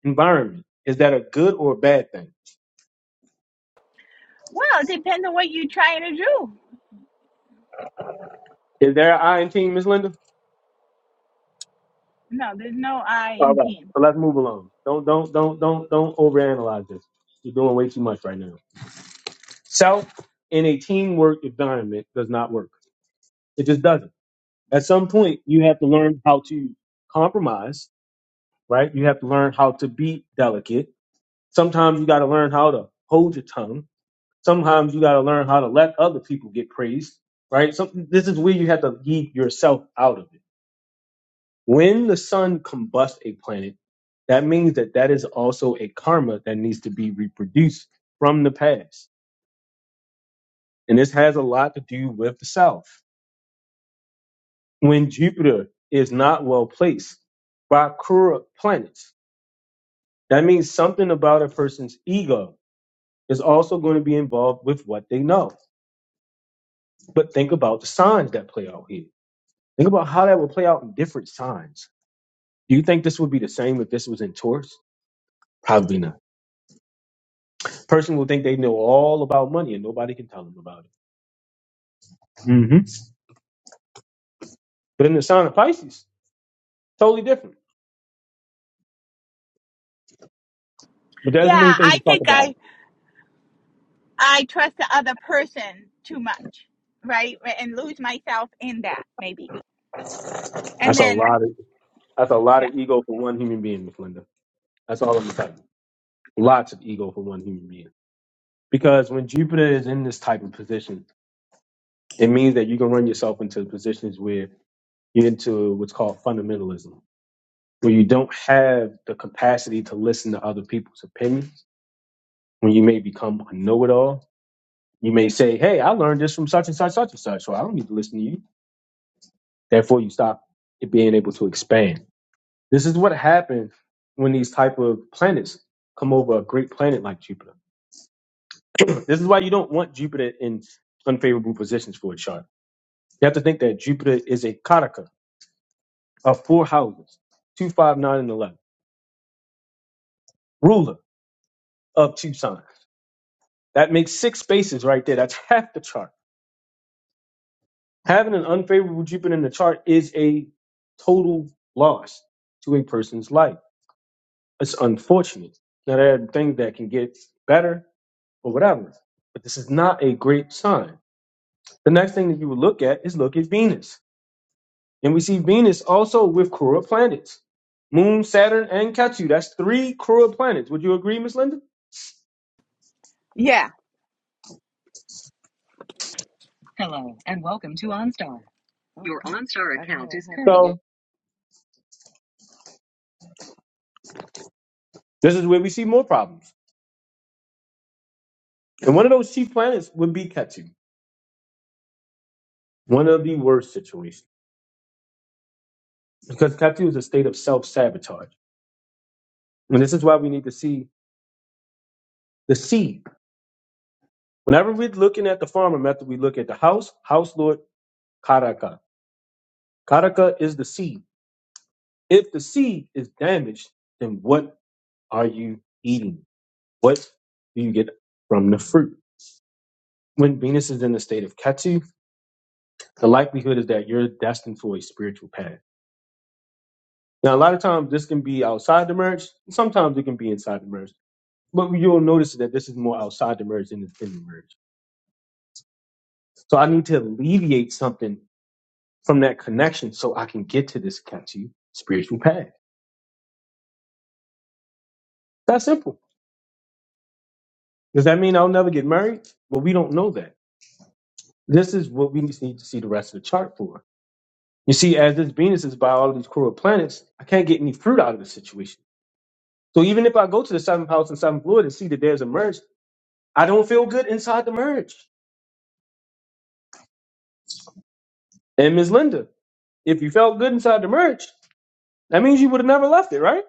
A: environment, is that a good or a bad thing? Is there an I in team, Ms. Linda? All right. So let's move along. Don't don't don't don't don't overanalyze this. You're doing way too much right now. Self in a teamwork environment does not work. It just doesn't. At some point, you have to learn how to compromise. Right. You have to learn how to be delicate. Sometimes you got to learn how to hold your tongue. Sometimes you got to learn how to let other people get praised. Right. So this is where you have to leave yourself out of it When the sun combusts a planet, that means that that is also a karma that needs to be reproduced from the past. And this has a lot to do with the South. When Jupiter is not well placed by Kura planets, that means something about a person's ego is also going to be involved with what they know. But think about the signs that play out here. Think about how that would play out in different signs. Do you think this would be the same if this was in Taurus? Probably not. person will think they know all about money and nobody can tell them about it. hmm But in the sign of Pisces, totally different. But that's the main thing to talk about. That's a lot of that's a lot of ego for one human being, Miss Linda. That's all I'm gonna tell you. Lots of ego for one human being. Because when Jupiter is in this type of position, it means that you can run yourself into positions where you're into what's called fundamentalism, where you don't have the capacity to listen to other people's opinions, when you may become a know-it-all You may say, hey, I learned this from such and such, such and such, so I don't need to listen to you. Therefore, you stop it being able to expand. This is what happens when these type of planets come over a great planet like Jupiter. This is why you don't want Jupiter in unfavorable positions for a chart. You have to think that Jupiter is a kataka of four houses, two, five, nine, and 11, ruler of two signs. That makes six spaces right there. That's half the chart. Having an unfavorable Jupiter in the chart is a total loss to a person's life. It's unfortunate. Now there are things that can get better or whatever, but this is not a great sign. The next thing that you would look at is look at Venus, and we see Venus also with Kura planets, Moon, Saturn, and Ketu. That's three Kura planets. Would you agree, Miss Linda? So this is where we see more problems, and one of those chief planets would be Ketu. One of the worst situations because Ketu is a state of self sabotage, and this is why we need to see the seed. Whenever we're looking at the farmer method, we look at the house, house lord Karaka. Karaka is the seed. If the seed is damaged, then what are you eating? What do you get from the fruit? When Venus is in the state of Ketu, the likelihood is that you're destined for a spiritual path. Now, a lot of times this can be outside the merge. Sometimes it can be inside the merge. But you'll notice that this is more outside the merge than in the merge. So I need to alleviate something from that connection so I can get to this Ketu spiritual path. That's simple. Does that mean I'll never get married? Well, we don't know that. This is what we need to see the rest of the chart for. You see, as this Venus is by all of these cruel planets, I can't get any fruit out of the situation. So even if I go to the seventh house and seventh lord and see that there's a merge, I don't feel good inside the merge. And Ms. Linda, if you felt good inside the merge, that means you would have never left it, right?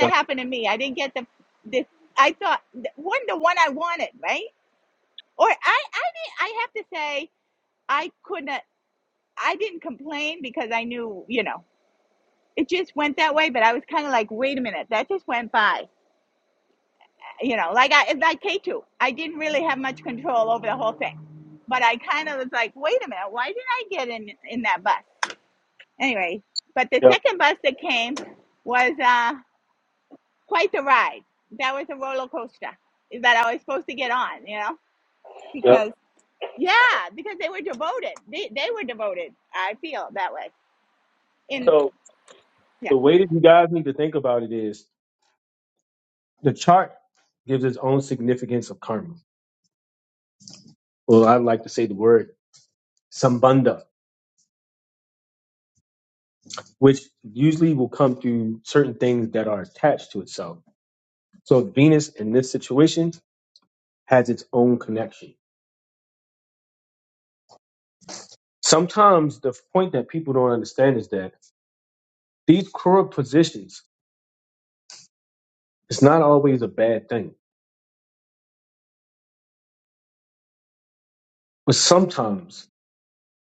A: Yep, yep, yep. So the way that you guys need to think about it is the chart gives its own significance of karma. Well, I like to say the word sambandha which usually will come through certain things that are attached to itself. So Venus in this situation has its own connection. Sometimes the point that people don't understand is that these crooked positions it's not always a bad thing. But sometimes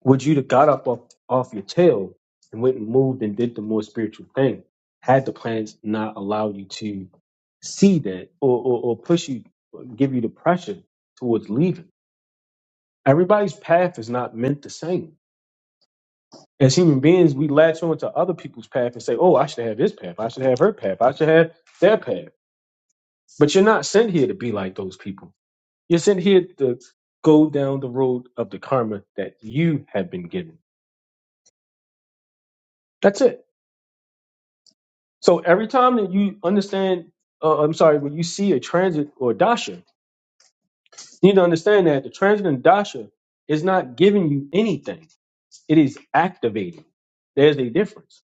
A: would you have got up off, off your tail and went and moved and did the more spiritual thing had the planets not allowed you to see that or, or, or push you, give you the pressure towards leaving. Everybody's path is not meant the same as human beings, we latch on to other people's path and say, oh, I should have his path. I should have her path. I should have their path. But you're not sent here to be like those people. You're sent here to go down the road of the karma that you have been given. That's it. So every time that you understand, uh, I'm sorry, when you see a transit or a dasha, you need to understand that the transit and dasha is not giving you anything It is activating. There's a difference,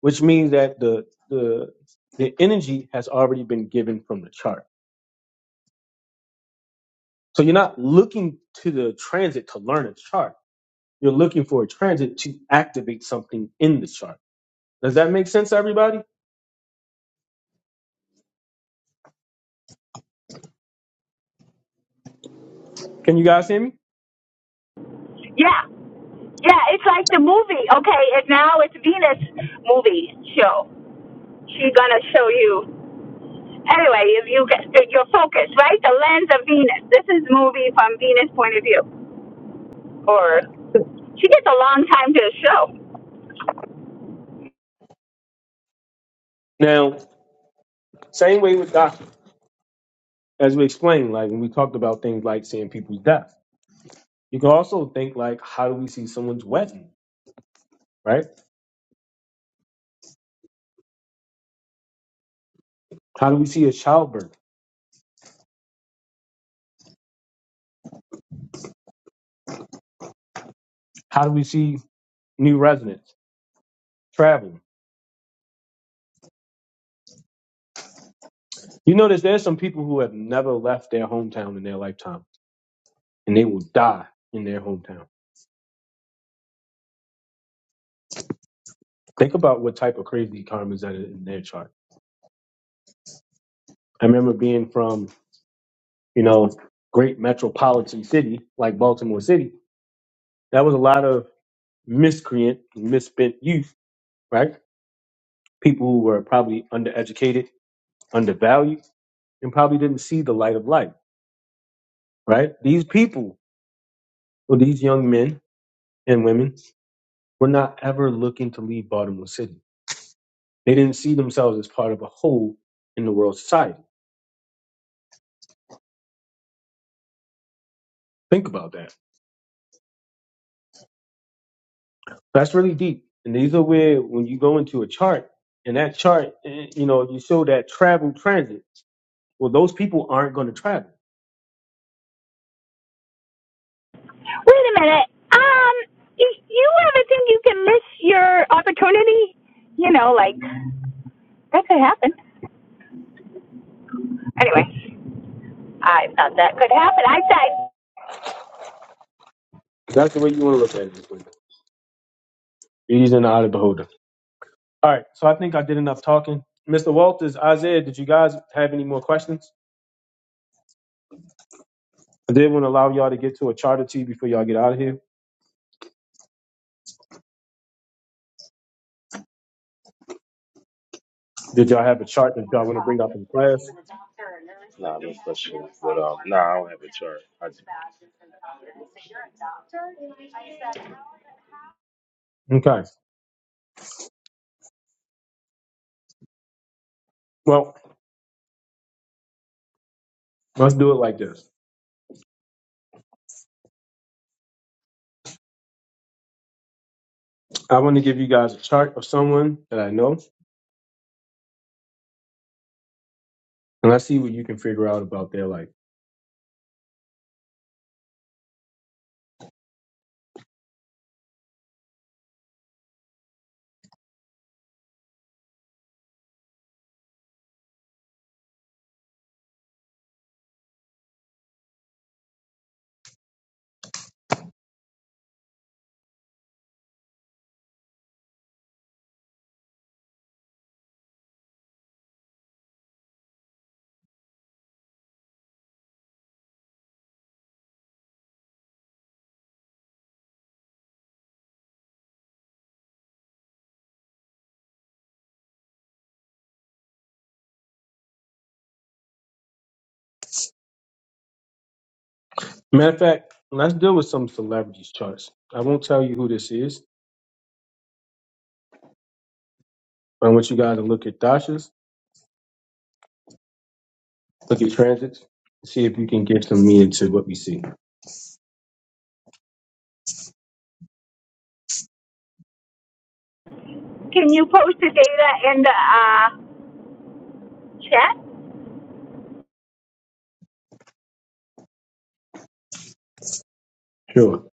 A: which means that the the the energy has already been given from the chart. So you're not looking to the transit to learn a chart. You're looking for a transit to activate something in the chart. Does that make sense, everybody? Can you guys hear me? Now, same way with doctors, as we explained, like when we talked about things like seeing people's death. You can also think like, how do we see someone's wedding, right? How do we see a childbirth? How do we see new residents travel? You notice there's some people who have never left their hometown in their lifetime, and they will die in their hometown. Think about what type of crazy karma is that in their chart. I remember being from, you know, great metropolitan city like Baltimore City. That was a lot of miscreant, misspent youth, right? People who were probably undereducated, undervalued, and probably didn't see the light of life, right? These people, or these young men and women, were not ever looking to leave Baltimore City They didn't see themselves as part of a whole in the world society. Think about that. That's really deep. And these are where, when you go into a chart, and that chart, eh, you know, you show that travel transit. Well, those people aren't going to travel.
G: Wait a minute. Um, y- you ever think you can miss your opportunity? You know, like that could happen. Anyway, I thought that could happen. I said,
A: That's the way you want to look at it. This way. Beauty's in the eye of the beholder. All right. So I think I did enough talking. Mr. Walters, Isaiah, did you guys have any more questions? I did want to allow y'all to get to a chart or two before y'all get out of here. Did y'all have a chart that y'all want to bring up in class?
H: Nah, no such thing. But um, nah, I don't have a chart. I just
A: Okay. Well, let's do it like this. I want to give you guys a chart of someone that I know, and let's see what you can figure out about their life. Matter of fact, let's deal with some celebrities charts. I won't tell you who this is, but I want you guys to look at dashes, look at transits, and see if you can give some meaning to what we see.
G: can you post the data in the uh, chat?
A: Sure.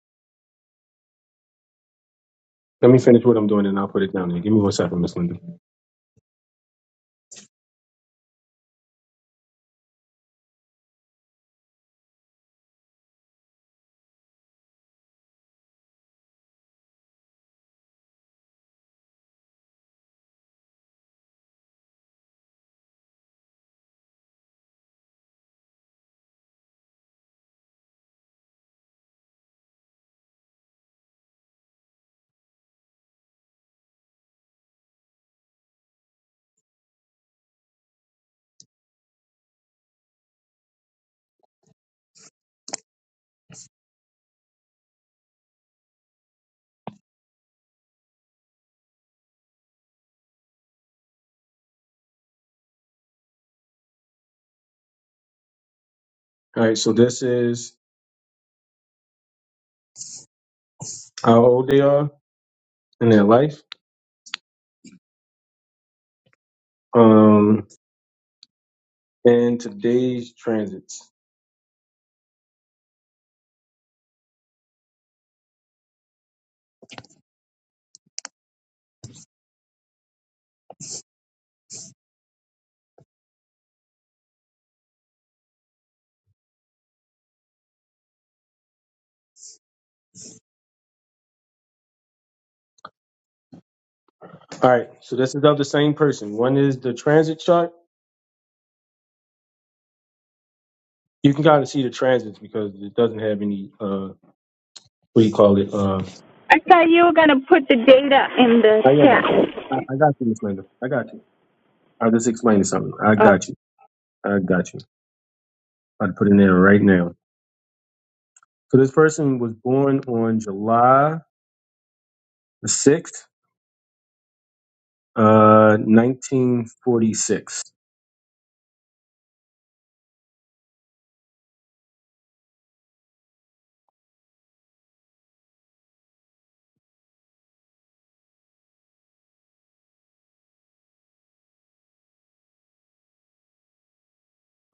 A: Let me finish what I'm doing and I'll put it down there. Give me one second, Miss Linda. All right, so this is how old they are in their life. Um, and today's transits. All right, so this is of the same person. One is the transit chart. You can kind of see the transits because it doesn't have any uh what do you call it? Uh
G: I thought you were gonna put the data in the
A: I
G: chat.
A: am I, I got you, Miss Linda. I got you. I just explained something. I
G: Oh.
A: got you. I got you. I'd put it in there right now. So this person was born on July the sixth, uh nineteen forty six.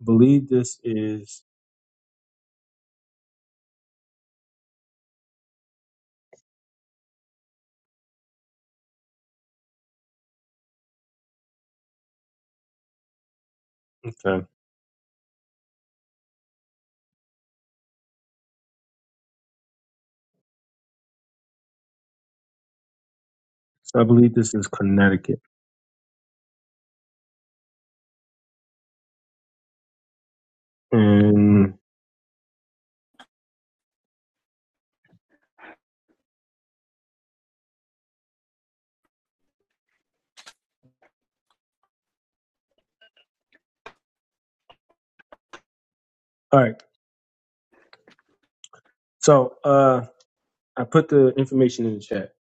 A: I believe this is okay. So I believe this is Connecticut. And all right. So uh I put the information in the chat.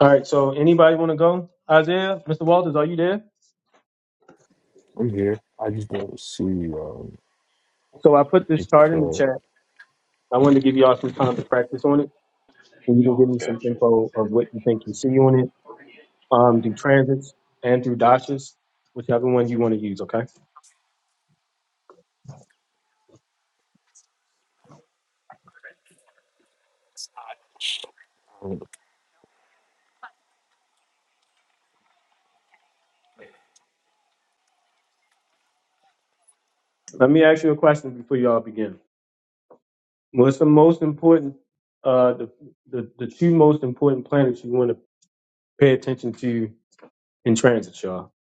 A: All right, so anybody want to go? Isaiah, Mr. Walters, are you there?
D: I'm here. I just don't see um
A: So I put this
D: a
A: chart in the chat. I wanted to give y'all some time to practice on it, and you can give me
H: gotcha.
A: some info of what you think you see on it um, through transits and through dashes, whichever one you want to use. Okay. Let me ask you a question before y'all begin. What's the most important, uh, the, the the two most important planets you want to pay attention to in transits, y'all?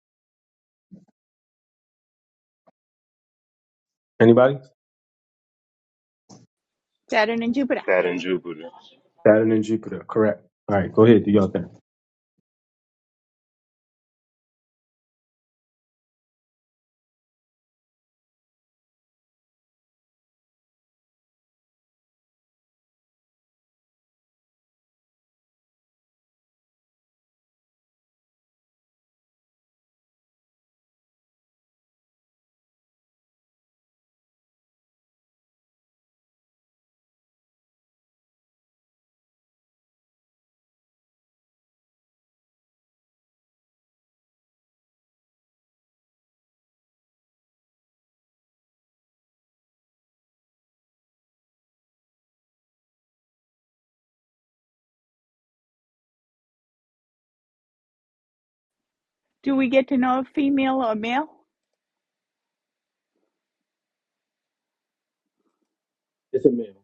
A: Anybody?
H: Saturn, Jupiter.
A: Saturn and Jupiter. Correct. All right. Go ahead. Do y'all thing. It's a man.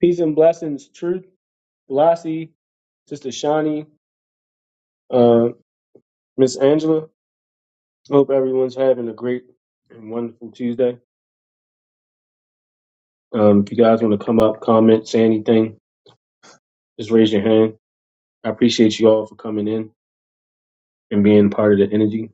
A: Peace and blessings. Truth. Blasi. Sister Shawnee. Miss Angela, hope everyone's having a great and wonderful Tuesday. Um, if you guys want to come up, comment, say anything, just raise your hand. I appreciate you all for coming in and being part of the energy.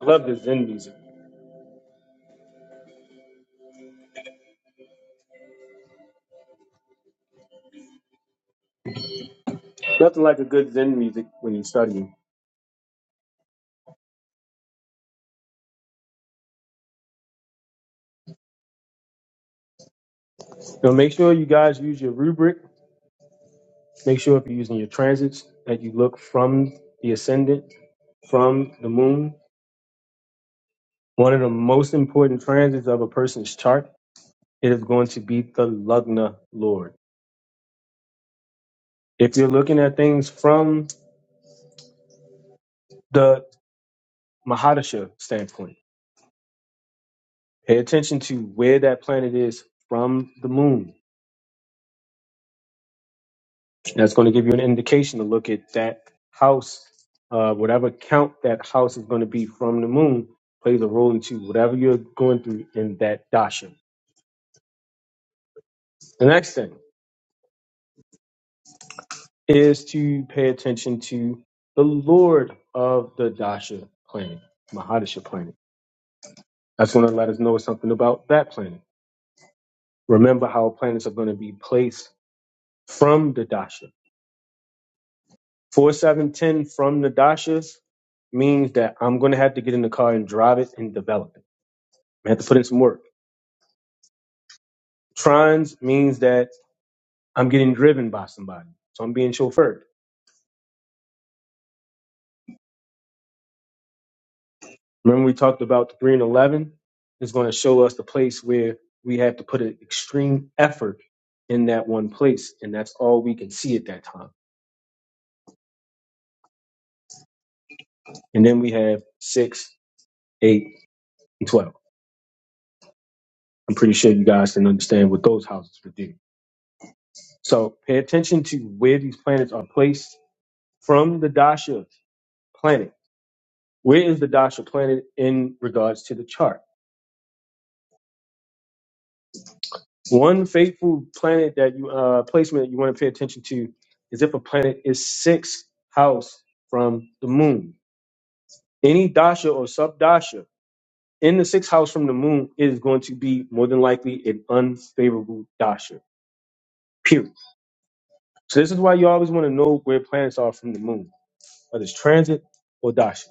A: I love the Zen music. Nothing like a good Zen music when you're studying. So make sure you guys use your rubric. Make sure if you're using your transits that you look from the ascendant, from the moon. One of the most important transits of a person's chart it is going to be the Lugna Lord. If you're looking at things from the Mahadasha standpoint. Pay attention to where that planet is from the moon. That's going to give you an indication to look at that house, uh, whatever count that house is going to be from the moon plays a role into whatever you're going through in that dasha. The next thing is to pay attention to the lord of the dasha planet, Mahadasha planet. That's going to let us know something about that planet. Remember how planets are going to be placed from the dasha Four seven ten from Nadasha means that I'm gonna have to get in the car and drive it and develop it. I have to put in some work. Trans means that I'm getting driven by somebody, so I'm being chauffeured. Remember we talked about the three and eleven is going to show us the place where we have to put an extreme effort in that one place, and that's all we can see at that time. And then we have six, eight, and twelve. I'm pretty sure you guys can understand what those houses would do. So pay attention to where these planets are placed from the dasha planet. Where is the dasha planet in regards to the chart? One faithful planet that you uh, placement that you want to pay attention to is if a planet is sixth house from the moon. Any dasha or sub dasha in the sixth house from the moon is going to be more than likely an unfavorable dasha. Period. So this is why you always want to know where planets are from the moon, whether it's transit or dasha.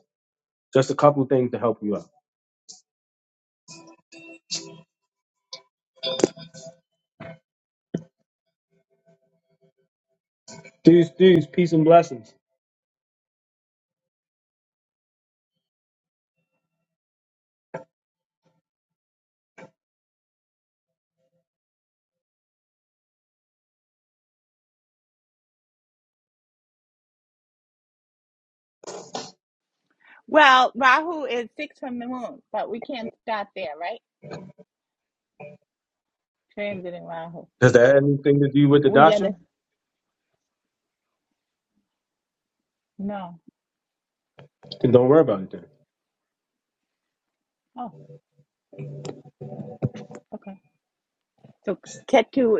A: Just a couple of things to help you out. Peace, peace, peace and blessings. Does that have anything to do with the dasha? Then don't worry about it then.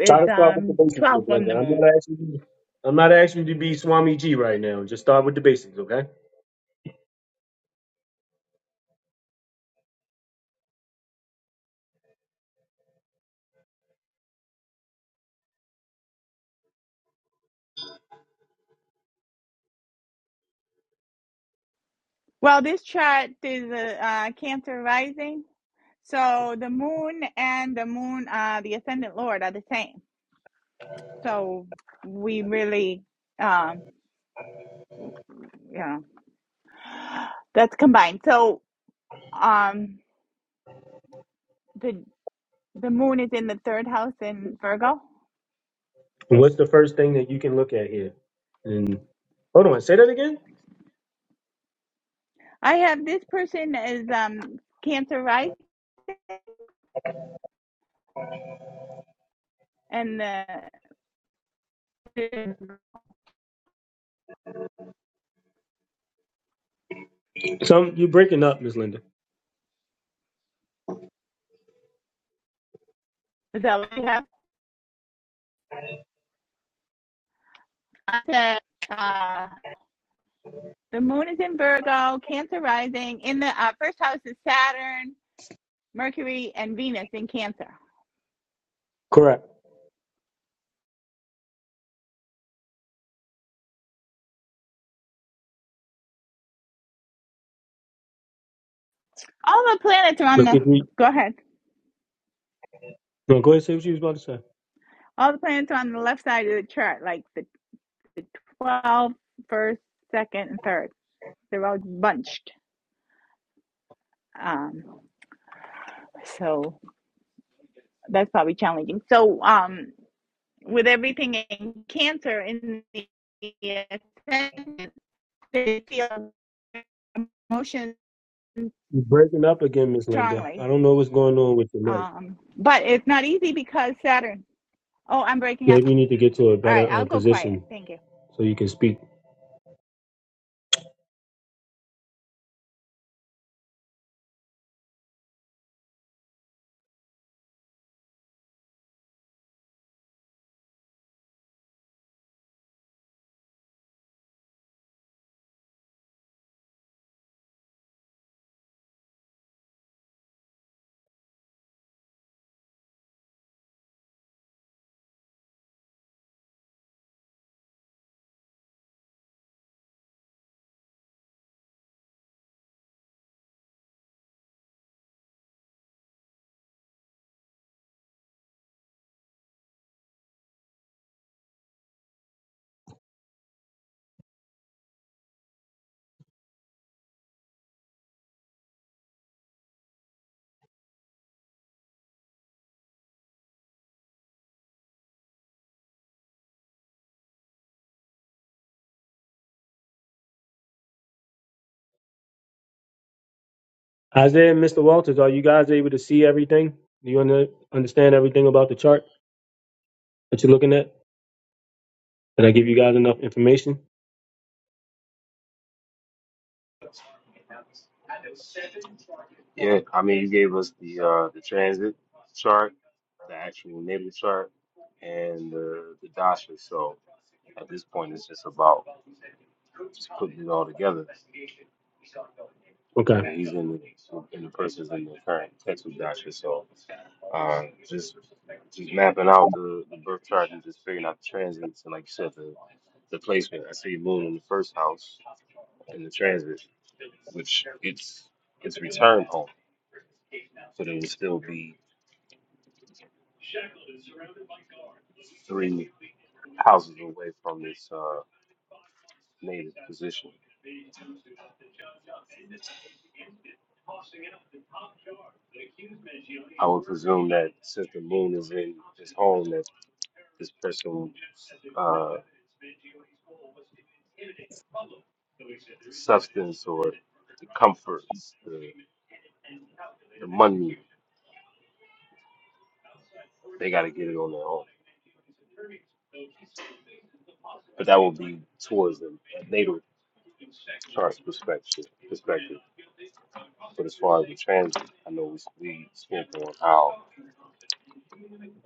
A: Try to start with the basics, Miss Linda. I'm not asking you. I'm not asking you to be Swami G right now. Just start with the basics, okay? What's the first thing that you can look at here? And hold on, say that again. Some you're breaking up, Miss Linda. Correct. Look at me. No, go ahead and say what you was about to say. You're breaking up again, Miss Linda. I don't know what's going on with your mic. Maybe you need to get to a better uh, position so you can speak. Isaiah and Mr. Walters, are you guys able to see everything? Do you under, understand everything about the chart that you're looking at? Did I give you guys enough information?
H: Yeah, I mean, you gave us the uh the transit chart, the actual natal chart, and uh, the dasha. So at this point, it's just about just putting it all together. and
A: Okay.
H: he's in the and the person's in the current textbook doctor. So uh, just just mapping out the, the birth chart and just figuring out the transits and like you said the the placement. I see the moon in the first house in the transit, which it's it's return home. So they would still be three houses away from this uh, native position. I would presume that since the moon is in his home, that this person's uh, substance or the comforts, the money they got to get it on their own. But that will be towards the natal chart's perspective. Perspective, but as far as the transit, I know we, we spoke on how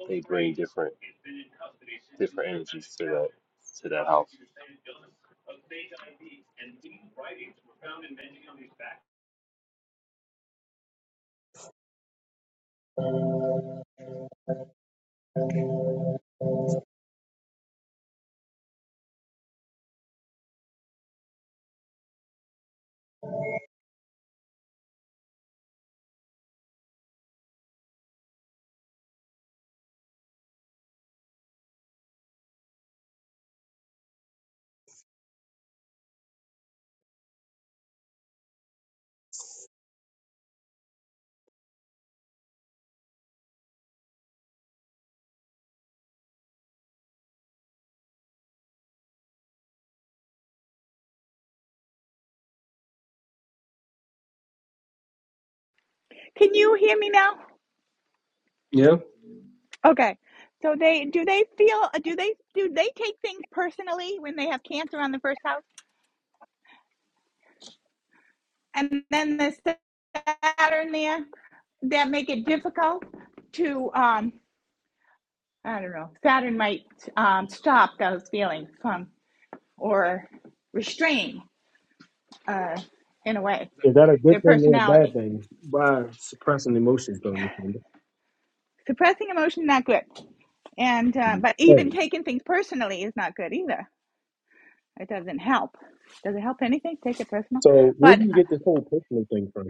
H: they bring different different energies to that to that house.
A: Yeah. Is that a good thing or a bad thing? By suppressing emotions, though. Miss Linda. Okay. So where do you get this whole personal thing from?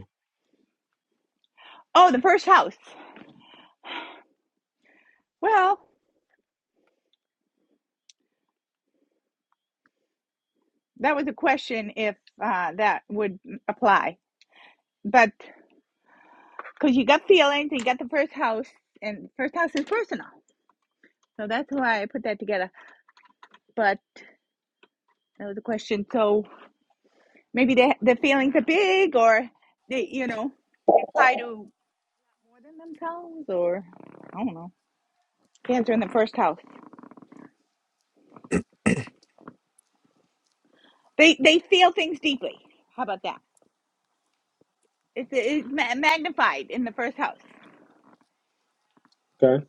A: Okay.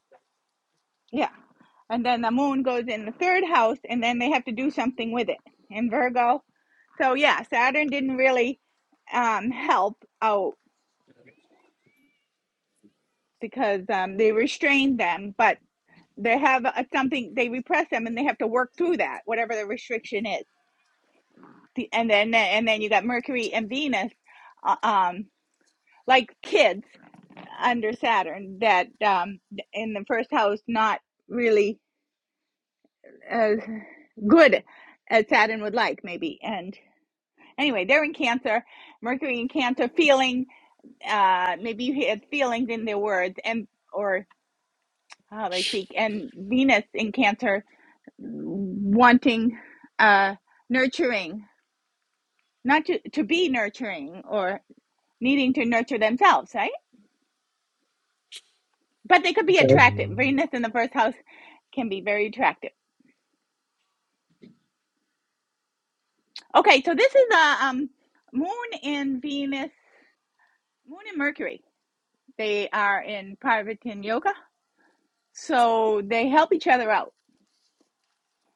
A: Okay.
D: Mm,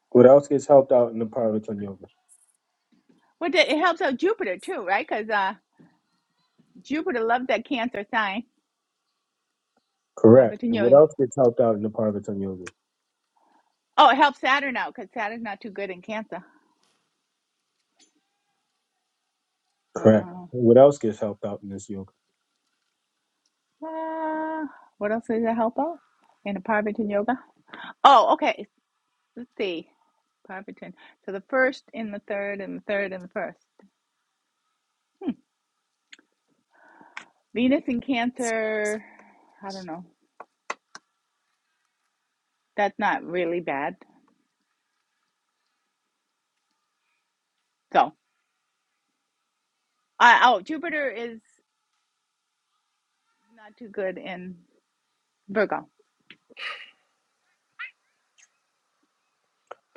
A: What else gets helped out in the Parvatan Yoga? Correct. And what else gets helped out in the Parvatan Yoga? Correct. And what else gets helped out in this yoga?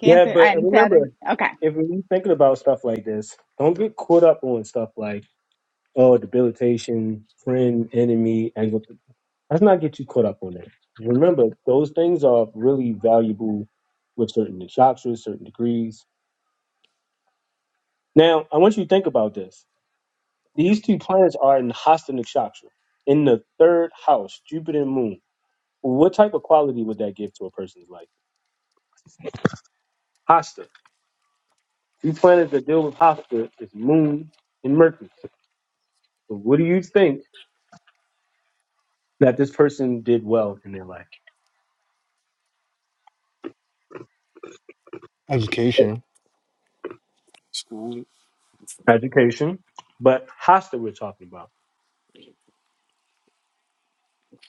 A: Yeah, but remember, if we're thinking about stuff like this, don't get caught up on stuff like, oh, debilitation, friend, enemy, angle. Let's not get you caught up on that. Remember, those things are really valuable with certain nakshatras, certain degrees. Now, I want you to think about this. These two planets are in Hasta Nakshatra, in the third house, Jupiter and Moon. What type of quality would that give to a person's life? Hasta. Two planets that deal with Hasta is Moon and Mercury. So What do you think that this person did well in their life?
D: education.
A: Education, but Hasta we're talking about.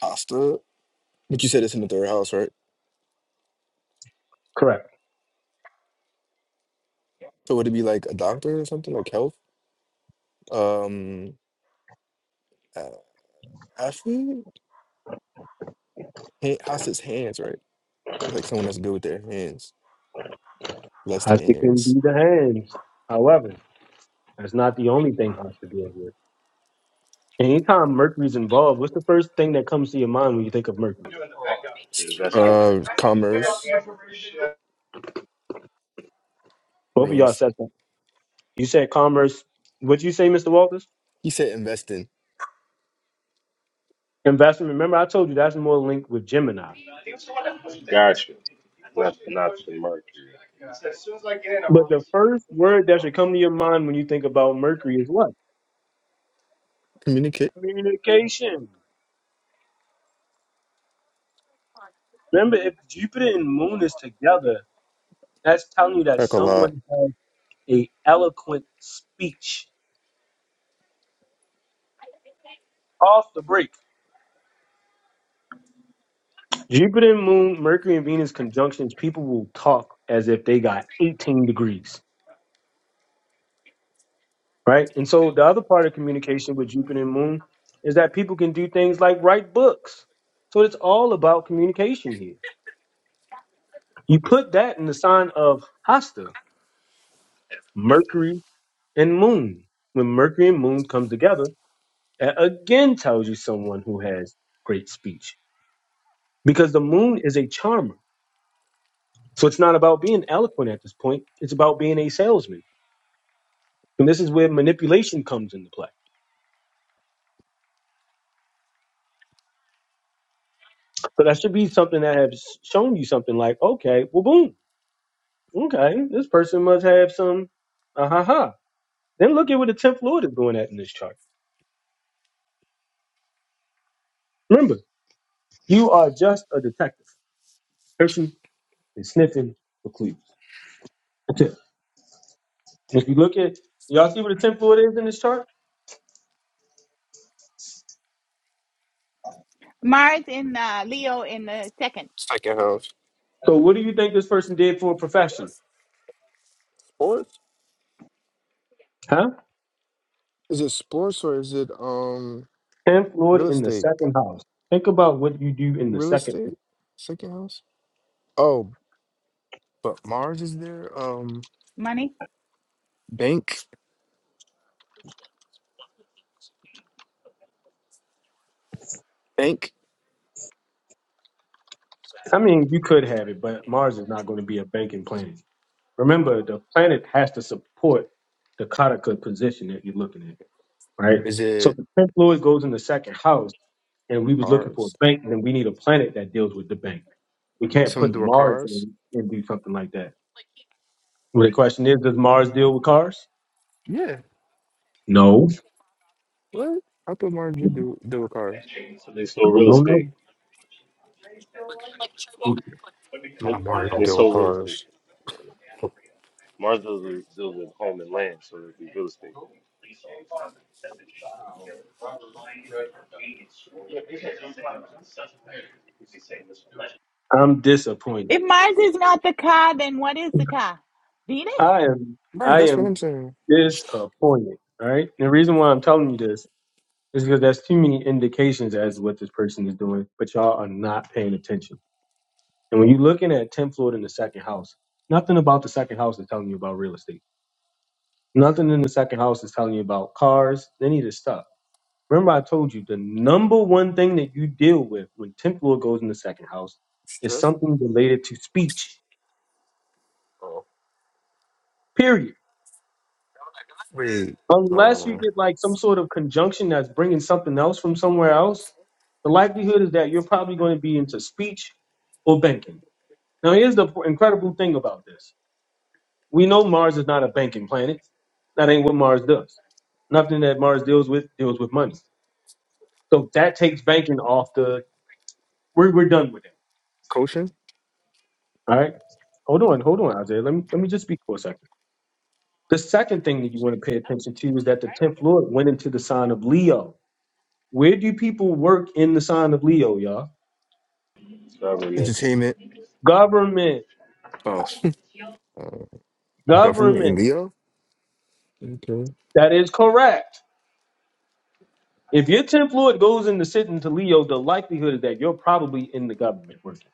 D: Asta. But you said it's in the third house, right?
A: Correct.
D: So would it be like a doctor or something, like health? Um uh, actually ha- house is hands, right? It's Like someone that's good with their hands. Blessed
A: Hasta can
D: hands.
A: be the hands. However, that's not the only thing Hasta deals with. Anytime Mercury's involved, what's the first thing that comes to your mind when you think of Mercury?
H: That's good.
D: Uh commerce,
A: Both of y'all
D: realist.
A: said that. You said commerce. What'd you say, Mr. Walters?
D: He said investing.
A: Investment. Remember, I told you that's more linked with Gemini.
H: Gotcha. Not not the Mercury.
A: But the first word that should come to your mind when you think about Mercury is what?
D: Communicate.
A: Communication. Remember, if Jupiter and Moon is together, That's telling you that
D: Like a lot.
A: someone had a eloquent speech off the break. Jupiter, Moon, Mercury, and Venus conjunctions, people will talk as if they got 18 degrees, right? And so the other part of communication with Jupiter and Moon is that people can do things like write books. So it's all about communication here. You put that in the sign of Hasta, Mercury and Moon. When Mercury and Moon comes together, that again tells you someone who has great speech. because the moon is a charmer. So it's not about being eloquent at this point. It's about being a salesman. And this is where manipulation comes into play. So that should be something that has shown you something like, okay, well, boom, okay, this person must have some, ah ha ha. Then look at what the 10th Lord is going at in this chart. Remember, you are just a detective, searching and sniffing for clues. That's it. If you look at, y'all see what the 10th Lord is in this chart?
D: Second house.
A: So what do you think this person did for a profession?
D: Fourth?
A: Huh?
D: Is it sports or is it um
A: Tenth lord
D: real
A: in the
D: estate?
A: second house. Think about what you do in the
D: Real
A: second.
D: estate?
A: house.
D: Second house? Oh, but Mars is there. Um bank. Bank.
A: I mean, you could have it, but Mars is not going to be a banking planet. Remember, the planet has to support the Kataka position that you're looking at, right?
D: Is
A: So if
D: it
A: the tenth lord goes in the second house, and we was looking for a
D: cars?
A: bank, then we need a planet that deals with the bank. We
D: Is
A: can't
D: something
A: put
D: to do with
A: Mars
D: cars?
A: in and do something like that. Well, the question is, does Mars deal with cars?
D: Yeah.
A: No.
D: What? I thought Mars did do do with cars.
H: So they sold
A: No,
H: real
A: no,
H: estate.
A: no.
D: Not Mars don't
H: They
D: deal with
H: sold real estate.
D: cars.
H: Mars deals with, deals with home and land, so it'd be real estate.
A: I'm disappointed. I am.
D: Right,
A: I
D: that's
A: am.
D: what I'm saying.
A: disappointed. All right. And the reason why I'm telling you this is because there's too many indications as to what this person is doing, but y'all are not paying attention. And when you're looking at 10th floor in the second house, nothing about the second house is telling you about real estate. Nothing in the second house is telling you about cars, any of this stuff. Remember, I told you the number one thing that you deal with when 10th floor goes in the second house is
D: Stuff.
A: something related to speech,
D: Oh.
A: period.
D: Wait.
A: Unless you
D: Um
A: get like some sort of conjunction that's bringing something else from somewhere else, the likelihood is that you're probably going to be into speech or banking. Now, here's the p- incredible thing about this. We know Mars is not a banking planet. That ain't what Mars does. Nothing that Mars deals with deals with money. So that takes banking off the. We're, we're done with it.
D: coaching?
A: All right. Hold on. Hold on, Isaiah. Let me let me just speak for a second. The second thing that you want to pay attention to is that the tenth Lord went into the sign of Leo. Where do people work in the sign of Leo, y'all?
H: Government,
D: Entertainment.
A: Government.
D: Oh. [laughs] uh, government and
A: Government.
D: Leo? Okay.
A: That is correct. If your 10th Lord goes into sit into Leo, the likelihood is that you're probably in the government working.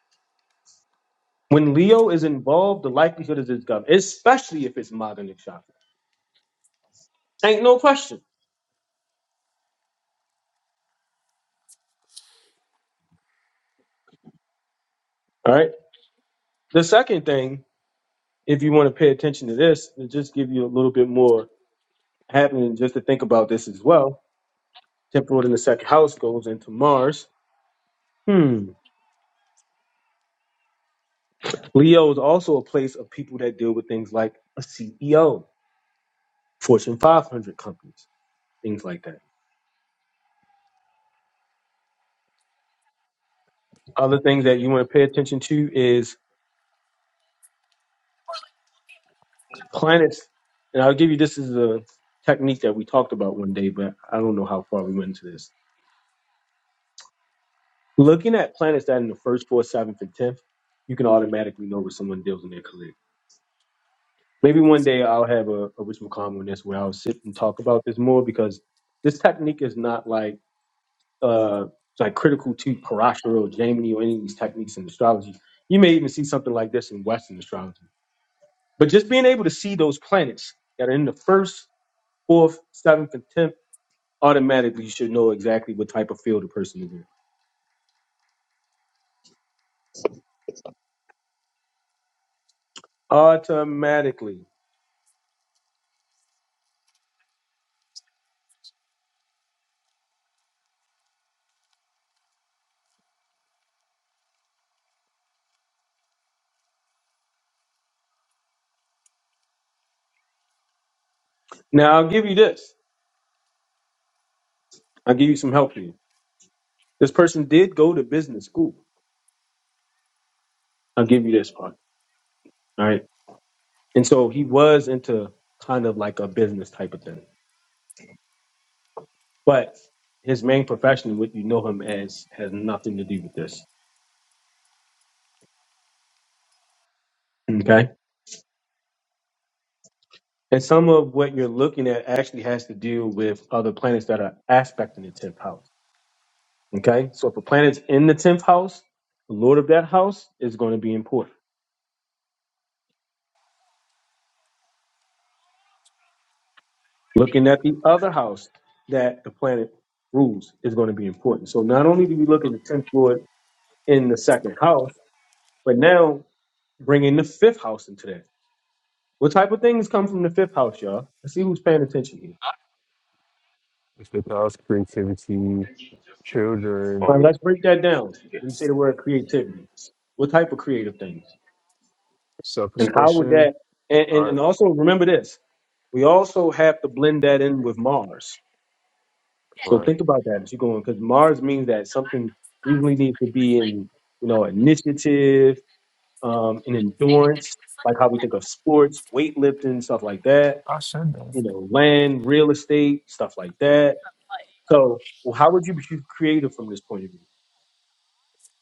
A: When Leo is involved, the likelihood is it's government, especially if it's modern shopping. Ain't no question. All right. The second thing, if you want to pay attention to this, to just give you a little bit more happening just to think about this as well. Tenth lord in the second house goes into Mars. Hmm. Leo is also a place of people that deal with things like a CEO, Fortune 500 companies, things like that. Other things that you want to pay attention to is planets. And I'll give you this is a technique that we talked about one day, but I don't know how far we went into this. Looking at planets that in the first, fourth, seventh, and tenth, you can automatically know where someone deals in their career. Maybe one day I'll have a, a Rich McConnell on this where I'll sit and talk about this more because this technique is not like uh, like critical to Parashar or Jaimini or any of these techniques in astrology. You may even see something like this in Western astrology. But just being able to see those planets that are in the first, fourth, seventh, and tenth, automatically you should know exactly what type of field a person is in. Automatically. Now I'll give you this. I'll give you some help here. This person did go to business school. I'll give you this part. All right. And so he was into kind of like a business type of thing. But his main profession, what you know him as, has nothing to do with this. Okay. And some of what you're looking at actually has to do with other planets that are aspecting the 10th house. Okay. So if a planet's in the 10th house, the lord of that house is going to be important. Looking at the other house that the planet rules is going to be important. So not only do we look at the 10th lord in the second house, but now bringing the fifth house into that. What type of things come from the fifth house, y'all? Let's see who's paying attention here.
D: It's the house creativity, children.
A: All right,
H: fun,
A: let's break that down. When you say the word creativity, what type of creative things,
D: Self
A: and how would
D: expression,
A: that? And, and and
D: art,
A: also remember this: we also have to blend that in with Mars. So
D: right?
A: think about that as you're going, because Mars means that something usually needs to be in, you know, initiative, um, and endurance, like how we think of sports, weightlifting, stuff like that.
D: I said that.
A: You know, land, real estate, stuff like that. So, well, how would you be creative from this point of view?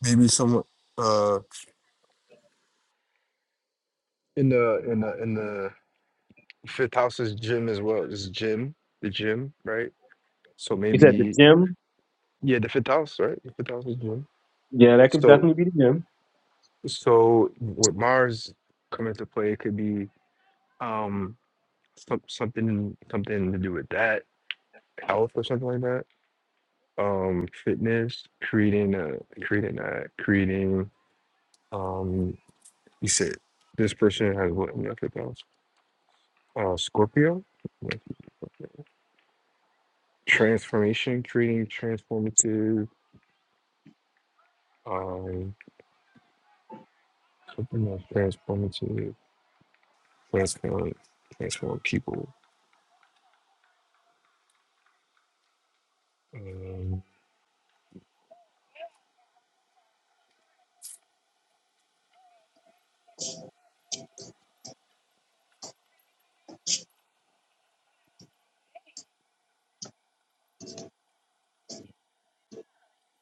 D: Maybe someone. Uh, In the in the in the fifth house is gym as well. It's gym, the gym, right? So
A: Is that the
D: maybe
A: gym?
D: yeah, the fifth house, right? The fifth house is gym.
A: Yeah, that could
D: So
A: definitely be the gym
D: so with Mars coming to play, it could be um some, something something to do with that health or something like that. Um, fitness, creating a creating a creating. um. He said this person has what method that was uh, Scorpio Like, transformation, creating transformative, um, something else transformative, transform, transform people. Um,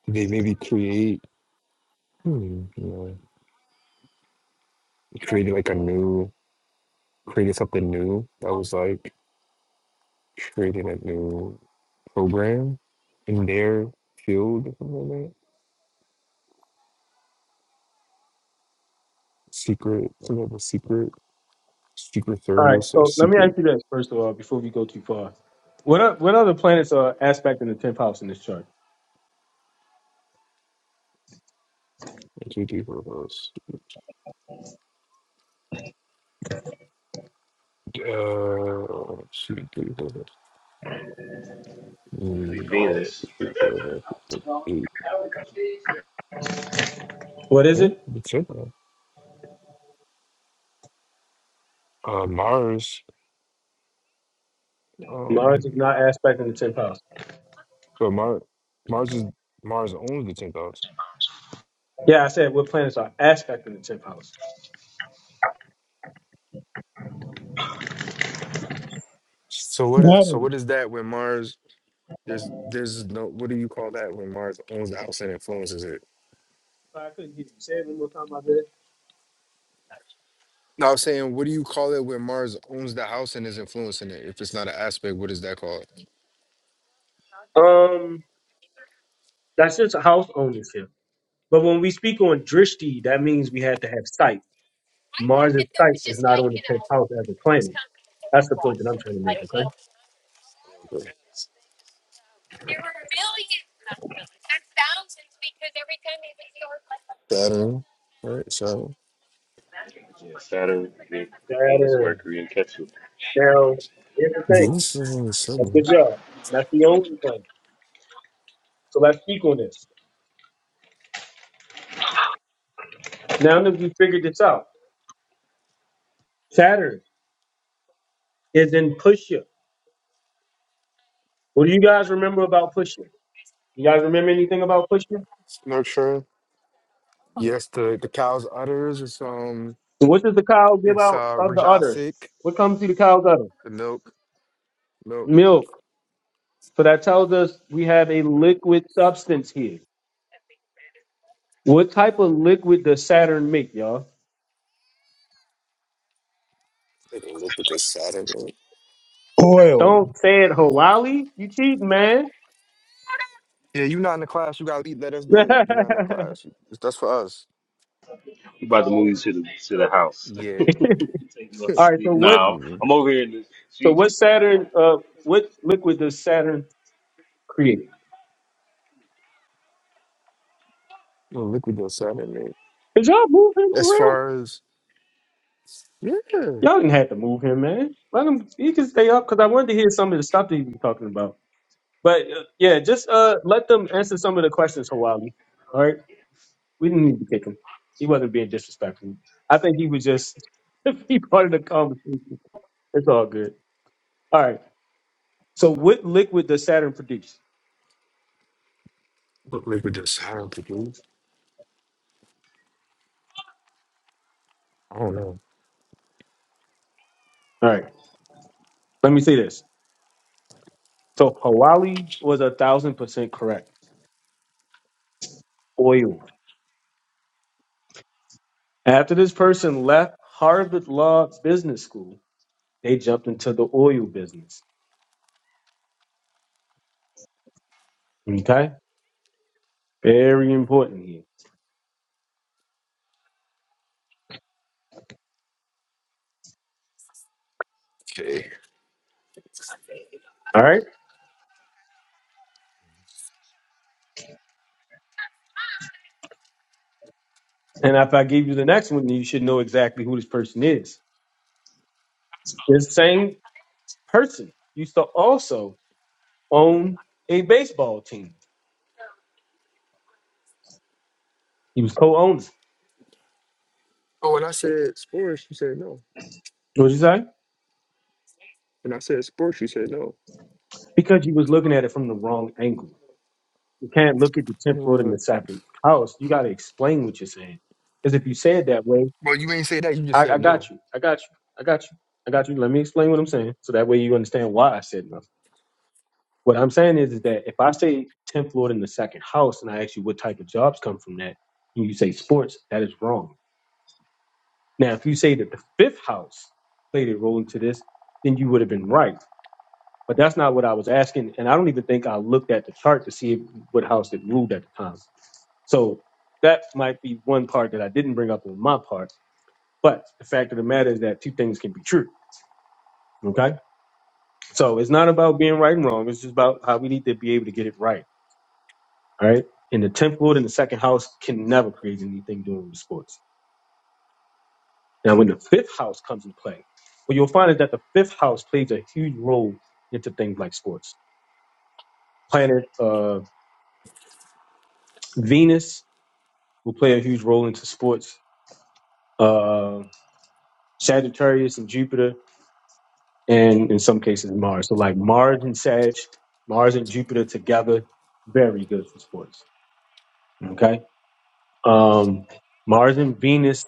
D: they maybe create, hmm, you know, created like a new, created something new that was like creating a new program in their field or something like that. Secret, some of the secret, secret
A: All right.
D: service or
A: So let me
D: secret.
A: ask you this first of all, before we go too far. What are, what other planets are aspect in the tenth house in this chart?
D: G T photos. Uh, C T photos.
H: be
D: Mm, uh, C
H: Venus,
D: T
H: yeah,
D: photos. Eight.
A: What is
D: Eh?
A: it?
D: That's it. Uh, Mars,
A: Mars is
D: um,
A: not aspect in the tenth house.
D: so Mars, Mars is Mars owns the tenth house.
A: Yeah, I said what planets are aspect in the tenth house.
D: So what is so
F: Saturn.
D: what is that when Mars? There's there's no what do you call that when Mars owns the house and influences it?
A: I couldn't hear you. Say it one more time, I did.
D: No, I'm saying what do you call it when Mars owns the house and is influencing it? If it's not an aspect, what is that called?
A: Um, that's just house ownership. But when we speak on drishti, that means we had to have sight. Mars' sight is not on the tenth house as a planet. That's the point that I'm trying to make. Okay.
D: Saturn, right? So
H: Saturn, Ve- Venus,
A: Saturn.
H: Mercury, and Ketu.
A: Now, here's the thing.
D: Venus is on the
A: That's
D: sun.
A: a good job. And That's the only planet. So let's speak on this. Now that we figured this out, Saturn is in Pusha. What do you guys remember about Pusha? You guys remember anything about Pusha?
D: Nurture. Yes, the, the cow's udders. It's um,
A: So What does the cow give
D: it's
A: out
D: uh
A: of the udder?
D: rajasic,
A: What comes through the cow's udder?
D: the milk, milk.
A: Milk. So that tells us we have a liquid substance here. What type of liquid does Saturn make, y'all?
D: Take a look at this Saturn.
F: Oil.
A: Don't say it, Hawali. You cheating, man.
D: Yeah, you not in the class. You gotta eat. Let us
A: [laughs]
D: do it. You not in our class. You- That's for us.
H: We about to move you to the to the house. [laughs] Take
D: Yeah.
H: you on
A: All right. So
H: sleep.
A: what?
H: Nah,
D: Mm.
H: I'm over here in the
A: So
H: she,
A: what Saturn? Uh, what liquid does Saturn create?
D: Well, liquid your Saturn, man.
A: Is y'all moving
D: As
A: for real?
D: far as yeah,
A: Y'all didn't have to move him, man. Let him. He can stay up because I wanted to hear some of the stuff that he was talking about. But uh, yeah, just uh, let them answer some of the questions, Hawali. All right, we didn't need to kick him. He wasn't being disrespectful. I think he was just [laughs] he part of the conversation. It's all good. All right. So what liquid does Saturn produce?
D: what liquid your Saturn could do? I don't know.
A: All right. Let me say this. So Hawali was a thousand percent correct. Oil. After this person left Harvard Law Business School, they jumped into the oil business. Okay. Very important here.
D: Okay.
A: All right. And if I give you the next one, you should know exactly who this person is. This same person used to also own a baseball team. He was co-owner.
D: Oh, and I said sports. You said no.
A: What'd you say?
D: And I said sports. You said no.
A: Because you was looking at it from the wrong angle. You can't look at the temporal and
D: Uh,
A: the second house. You got to explain what you're saying. Because if you say it that way,
D: well, you ain't say that. You just
A: I, I
D: said no.
A: got you. I got you. I got you. I got you. Let me explain what I'm saying, so that way you understand why I said no. What I'm saying is, is that if I say 10th Lord in the second house and I ask you what type of jobs come from that, and you say sports, that is wrong. Now, if you say that the fifth house played a role into this, then you would have been right. But that's not what I was asking. And I don't even think I looked at the chart to see if, what house it ruled at the time. So that might be one part that I didn't bring up on my part. But the fact of the matter is that two things can be true. Okay. So it's not about being right and wrong. It's just about how we need to be able to get it right. All right. And the tenth lord in the second house can never create anything doing the sports. Now, when the fifth house comes in play, what you'll find is that the fifth house plays a huge role into things like sports. Planet uh, Venus will play a huge role into sports. Uh, Sagittarius and Jupiter, and in some cases Mars. So, like Mars and Sag, Mars and Jupiter together, very good for sports. Okay. Um, Mars and Venus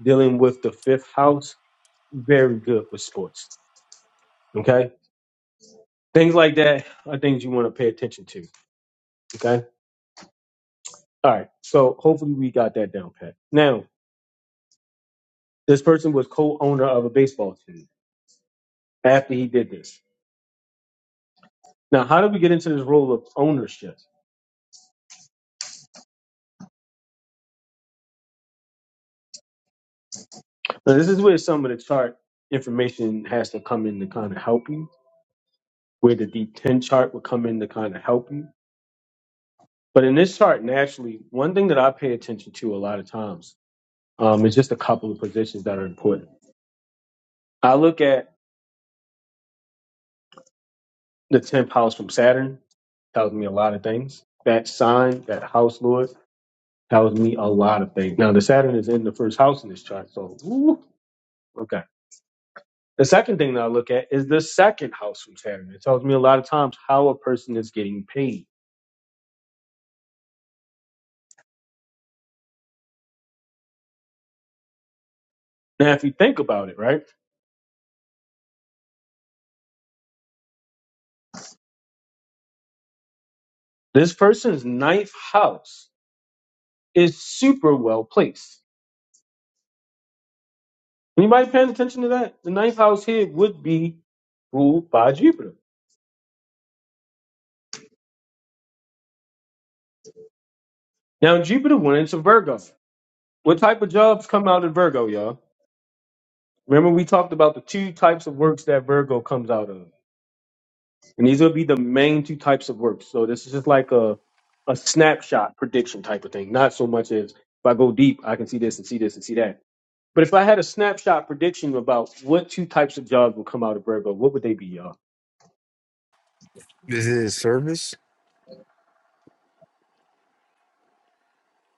A: dealing with the fifth house, very good with sports Okay. Things like that are things you want to pay attention to. Okay. All right. So hopefully we got that down pat. Now, this person was co owner of a baseball team after he did this. Now, how did we get into this role of ownership? Now, this is where some of the chart information has to come in to kind of help you, where the D10 chart would come in to kind of help you. But in this chart, naturally, one thing that I pay attention to a lot of times um, is just a couple of positions that are important. I look at the 10th house from Saturn, tells me a lot of things. That sign, that house lord, tells me a lot of things. Now the Saturn is in the first house in this chart, so woo, okay. The second thing that I look at is the second house from Saturn. It tells me a lot of times how a person is getting paid. Now, if you think about it, right, this person's ninth house is super well placed. Anybody paying attention to that? The ninth house here would be ruled by Jupiter. Now, Jupiter went into Virgo. What type of jobs come out of Virgo, y'all? Remember, we talked about the two types of works that Virgo comes out of, and these will be the main two types of works. So this is just like a a snapshot prediction type of thing. Not so much as if I go deep, I can see this and see this and see that. But if I had a snapshot prediction about what two types of jobs will come out of Virgo, what would they be, y'all?
D: This is service,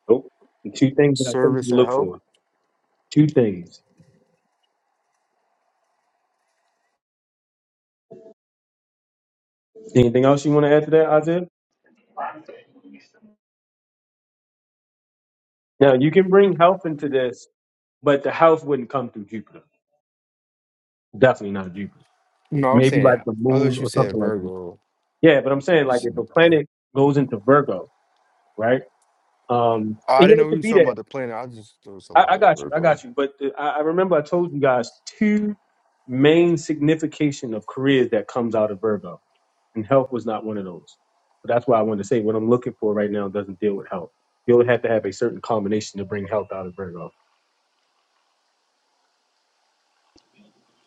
A: Nope. The two things that I told you to
D: service and
A: look
D: health.
A: for. Two things. Anything else you want to add to that, Isaiah? Now you can bring health into this, but the health wouldn't come through Jupiter. Definitely not Jupiter.
D: No, I'm
A: Maybe
D: saying
A: like the
D: I
A: moon
D: thought you
A: or
D: said
A: something like that.
D: Virgo.
A: Yeah, but I'm saying
D: You
A: like if
D: said,
A: a
D: I,
A: planet goes into Virgo, right? Um,
D: I
A: and yeah,
D: didn't
A: it
D: know you
A: could
D: were
A: be
D: talking about
A: that.
D: the planet. I just thought it was
A: I, I
D: somebody
A: got you, I
D: Virgo.
A: got you. But the, I, I remember I told you guys two main signification of careers that comes out of Virgo, and health was not one of those. So that's why I wanted to say what I'm looking for right now doesn't deal with health. You'll have to have a certain combination to bring health out of Virgo.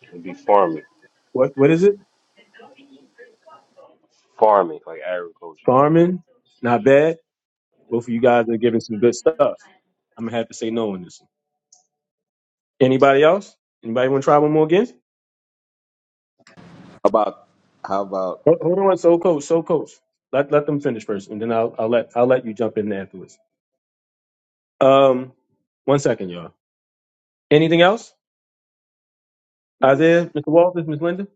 H: it'd be farming,
A: What what is it?
H: farming like agriculture,
A: Farming, not bad. Both of you guys are giving some good stuff. I'm gonna have to say no on this. one. Anybody else? Anybody want to try one more again?
J: How about how about
A: Hold hold on, so coach, so coach. Let let them finish first, and then I'll I'll let I'll let you jump in there afterwards. Um, one second, y'all. Anything else?
C: Yes.
A: Isaiah, Mr. Walters, Miss Linda.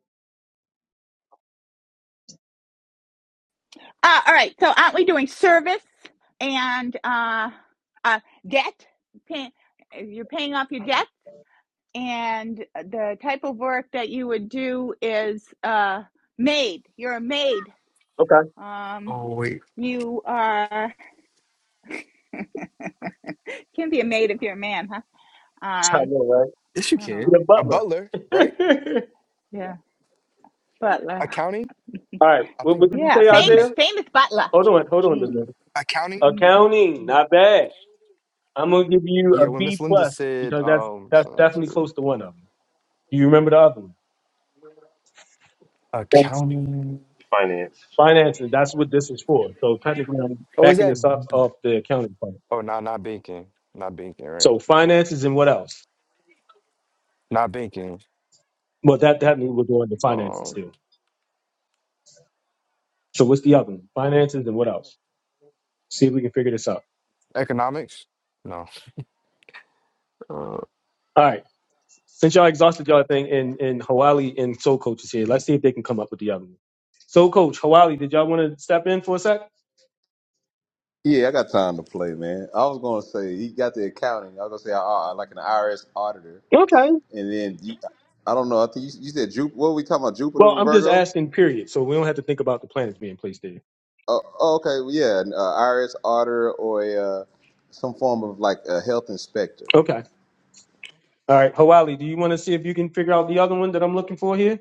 A: Okay,
D: Oh wait,
A: [laughs] I know, right?
D: yes you can.
A: You're the
D: A
A: butler.
D: butler, right?
A: [laughs]
D: Accounting.
A: All right.
D: I
A: What,
D: think.
A: what did you say,
D: Could you
A: Isaiah?
D: just
A: Hold on, hold on, Miss Linda.
D: accounting?
A: Accounting, not bad. I'm gonna give you
D: Yeah,
A: a
D: when Miss
A: B
D: Linda
A: plus
D: said,
A: because that's
D: um,
A: that's
D: so I
A: definitely
D: said,
A: close to one of them. Do you remember the other one? That's
D: accounting.
H: finance.
A: financing. That's what this is for. So technically, I'm
D: Oh, is
A: backing
D: that?
A: this up
D: b-
A: off the accounting part.
D: Oh, no, not banking. Not banking, right?
A: So
D: No,
A: finances and what else?
D: not banking.
A: Well, that that means we're going to finances
D: Um,
A: too. So what's the other one? Finances and what else? See if we can figure this out.
D: economics. No. Uh,
A: All right. Since y'all exhausted y'all thing and and Hawali and Soul Coach is here, let's see if they can come up with the other one. Soul Coach Hawali, did y'all want to step in for a sec?
J: yeah, I got time to play, man. I was gonna say he got the accounting. I was gonna say uh, uh, like an IRS auditor,
A: Okay.
J: and then you, I don't know. I think you, you said Jupiter. What were we talking about? Jupiter
A: Well,
J: or
A: I'm just
J: Virgo?
A: asking, period. So we don't have to think about the planets being placed there.
J: Oh, oh, okay, well, yeah, an uh, IRS auditor or a, uh, some form of like a health inspector.
A: Okay. All right. Hawali, do you want to see if you can figure out the other one that I'm looking for here?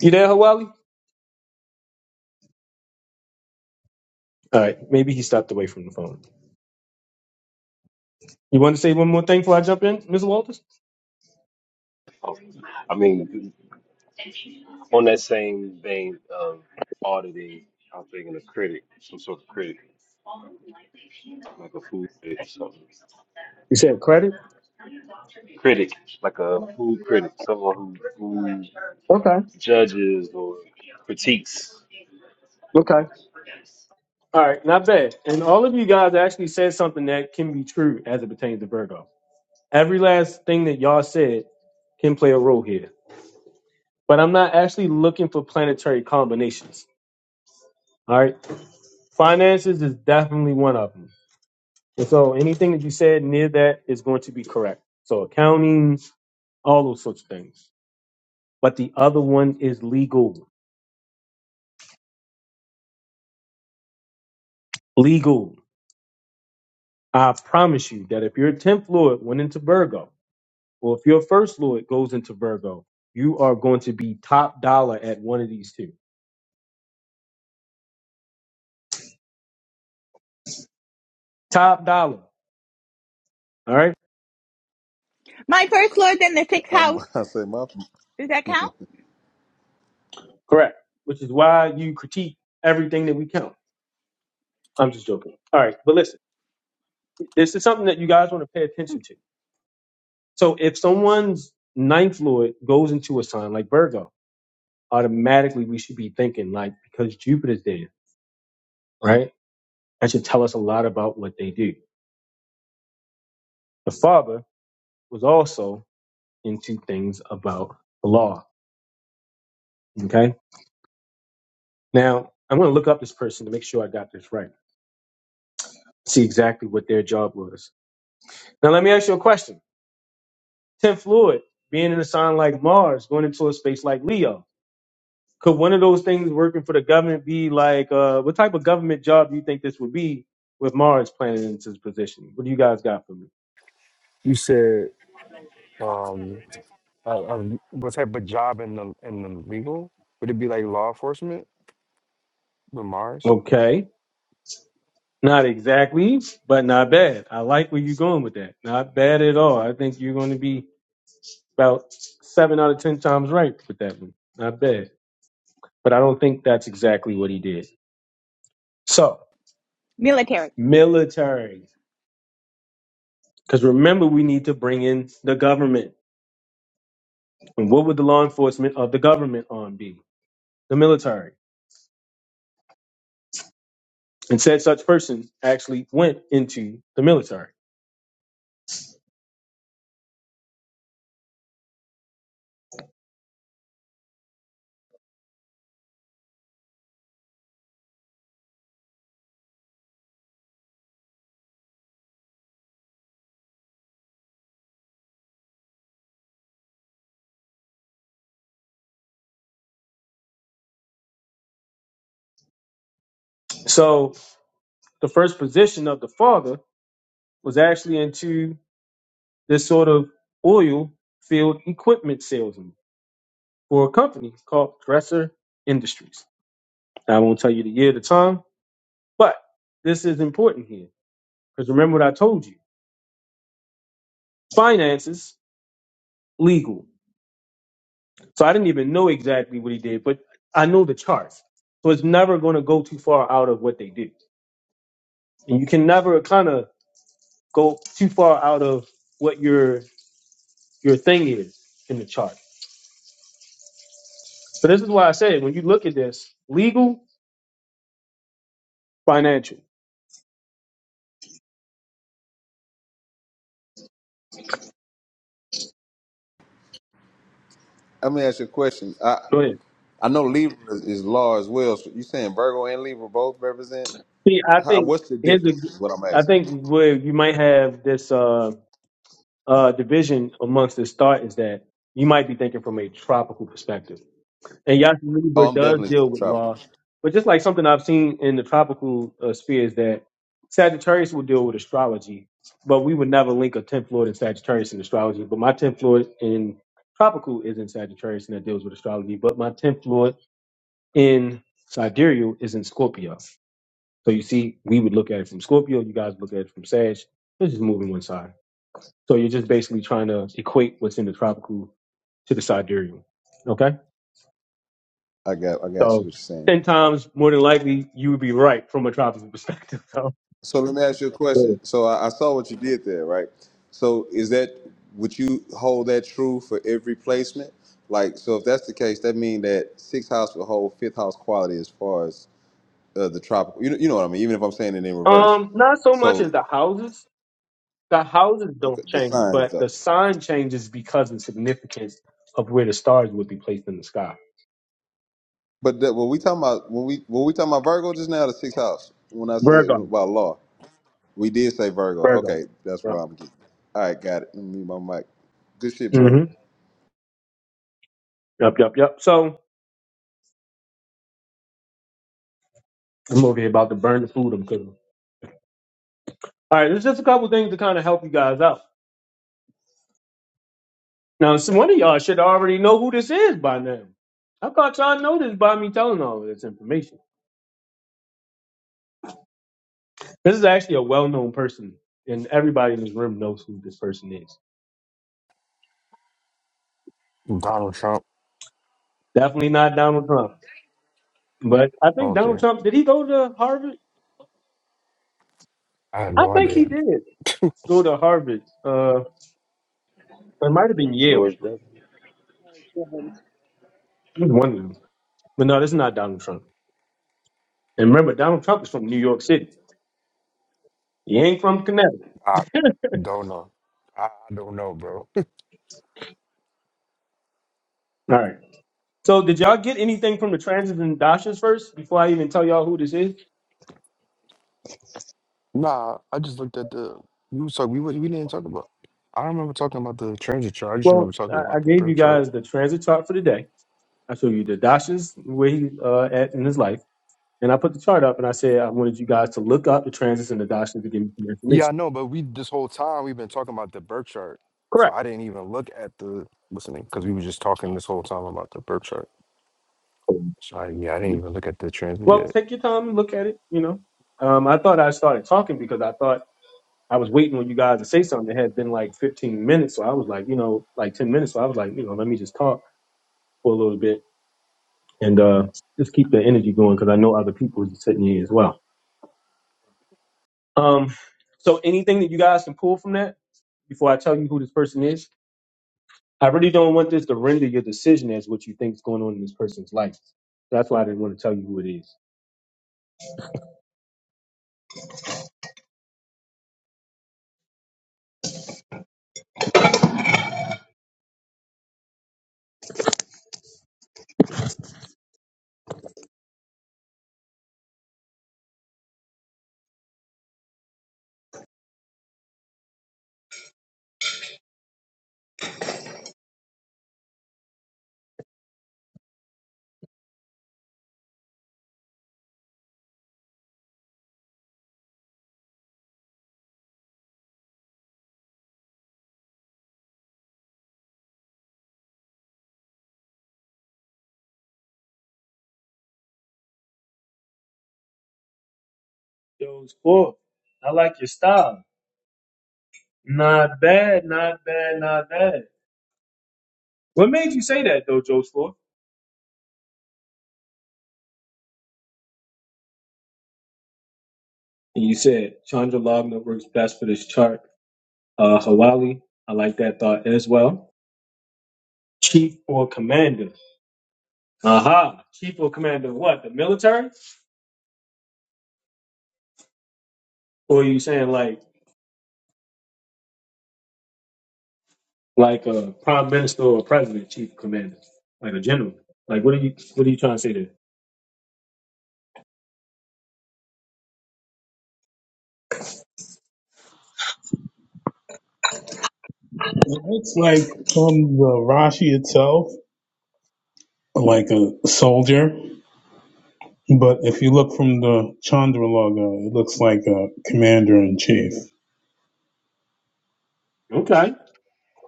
A: You there, Hawali? All right. Maybe he stepped away from the phone. You want to say one more thing before I jump in, Mr. Walters?
H: Oh, I mean, On that same vein, of auditing, I'm thinking a critic, some sort of critic, like a food critic, something.
A: You said credit?
H: critic, like a food critic, someone who, who
A: Okay.
H: judges or critiques.
A: Okay. All right. Not bad. And all of you guys actually said something that can be true as it pertains to Virgo. Every last thing that y'all said can play a role here. But I'm not actually looking for planetary combinations. All right. Finances is definitely one of them. And so anything that you said near that is going to be correct. So accounting, all those sorts of things. But the other one is legal. Legal. I promise you that if your 10th Lord went into Virgo, Well, if your first lord goes into Virgo, you are going to be top dollar at one of these two. Top dollar. All right.
J: Um, [laughs] I say my.
A: Correct. Which is why you critique everything that we count. I'm just joking. All right. But listen, this is something that you guys want to pay attention to. So if someone's ninth lord goes into a sign like Virgo, automatically we should be thinking like, because Jupiter's there, right? That should tell us a lot about what they do. The father was also into things about the law. Okay Now, I'm going to look up this person to make sure I got this right, see exactly what their job was. Now, let me ask you a question. Tim Floyd, being in a sign like Mars, going into a space like Leo, could one of those things working for the government be like, uh, what type of government job do you think this would be with Mars planted into this position? What do you guys got for me?
D: you said. um. Uh, uh, what type of job in the in the legal? Would it be like law enforcement with Mars?
A: Okay. Not exactly, but not bad. I like where you're going with that. Not bad at all. I think you're going to be about seven out of 10 times right with that one. Not bad. but I don't think that's exactly what he did. So, military. Because remember, we need to bring in the government. And what would the law enforcement of the government arm be? The military. And said such person actually went into the military. So, the first position of the father was actually into this sort of oil field equipment salesman for a company called Dresser Industries. Now, I won't tell you the year, the time, but this is important here. Because remember what I told you finances, legal. So I didn't even know exactly what he did, but I know the charts. So it's never going to go too far out of what they do, and you can never kind of go too far out of what your your thing is in the chart. So this is why I say when you look at this, legal, financial.
J: Let me ask you a question. I
A: Go ahead.
J: I know Libra is, is law as well. So you saying Virgo and Libra both represent?
A: See, I
J: How,
A: think
J: what's the
A: here's a,
J: difference? Is what I'm
A: I
J: asking.
A: think where you might have this uh, uh, division amongst this thought is that you might be thinking from a tropical perspective And Yasu
J: Oh,
A: Libra
J: I'm
A: does
J: definitely
A: deal
J: a
A: with
J: tropical.
A: loss. But just like something I've seen in the tropical uh, sphere is that Sagittarius will deal with astrology, but we would never link a 10th Lord in Sagittarius in astrology. But my 10th Lord in tropical is in Sagittarius and that deals with astrology. But my 10th Lord in sidereal is in Scorpio. So you see, we would look at it from Scorpio. You guys look at it from Sag. It's just moving one side. So you're just basically trying to equate what's in the tropical to the sidereal. Okay.
J: I got I got you. What
A: So
J: you're saying.
A: ten times more than likely you would be right from a tropical perspective. [laughs] So
J: So let me ask you a
A: Yeah.
J: question. So I, I saw what you did there, right? So is that would you hold that true for every placement? Like, so if that's the case, that means that sixth house will hold fifth house quality as far as uh, the tropical. You know, you know what I mean. Even if I'm saying it in reverse.
A: um, not so much as
J: So
A: the houses. The houses
J: okay,
A: don't
J: the
A: change,
J: signs
A: but
J: though.
A: the sign changes because of the significance of where the stars would be placed in the sky.
J: But that, when we talking about when we when we talking about Virgo just now, the sixth house. When I said
A: Virgo.
J: about law, we did say Virgo.
A: Virgo.
J: Okay, that's
A: Yep.
J: where I'm getting. All right, got it. Let me mute my mic. Good shit, brother.
A: hmm Yep. Yep. Yep. So I'm over here about to burn the food I'm cooking. All right. There's just a couple things to kind of help you guys out. Now, some one of y'all should already know who this is by now. I thought y'all know this by me telling all of this information. This is actually a well known person, and everybody in this room knows who this person is.
D: Donald Trump.
A: Definitely not Donald Trump. But I think
D: Okay,
A: Donald Trump, did he go to Harvard?
D: I have
A: I
D: no
A: think he
D: idea.
A: did go to Harvard. Uh, it might have been
H: And
A: Yale.
H: George W.
A: It was one of them. But no, this is not Donald Trump. And remember, Donald Trump is from New York City. He ain't from Connecticut.
D: I don't know. I I don't know, bro. [laughs]
A: All right. So, did y'all get anything from the transits and dashas first before I even tell y'all who this is?
D: Nah, I just looked at the. We was talk. We was, we didn't talk about. I don't remember talking about the transit chart. I just
A: Well,
D: remember talking
A: I, I
D: about the
A: gave
D: birth
A: you
D: chart.
A: guys the transit chart for the day. I showed you the dashas where he uh, at in his life. And I put the chart up and I said I wanted you guys to look up the transits and the doctrines to give me some
D: Yeah, I
A: information.
D: know, but we this whole time we've been talking about the birth chart. So
A: Correct.
D: I didn't even look at the listening because we were just talking this whole time about the birth chart. So I, yeah, I didn't even look at the transit
A: Well,
D: yet.
A: take your time and look at it, you know. Um, I thought I started talking because I thought I was waiting on you guys to say something. It had been like 15 minutes. So I was like, you know, like 10 minutes. So I was like, you know, let me just talk for a little bit and uh, just keep the energy going because I know other people is sitting here as well. Um, so anything that you guys can pull from that before I tell you who this person is? I really don't want this to render your decision as what you think is going on in this person's life. That's why I didn't want to tell you who it is. Yo, it's cool. I like your style. Not bad, not bad, not bad. What made you say that though, Joe Sport? And you said Chandra Lagna works best for this chart. Uh, Hawali, I like that thought as well. Chief or commander? Aha, chief or commander of what? The military? Or are you saying like like a prime minister or president, chief commander, like a general? Like what are you what are you trying to say there?
F: It looks like from the Rashi itself, like a soldier. But if you look from the Chandra logo, it looks like a commander in chief.
A: Okay.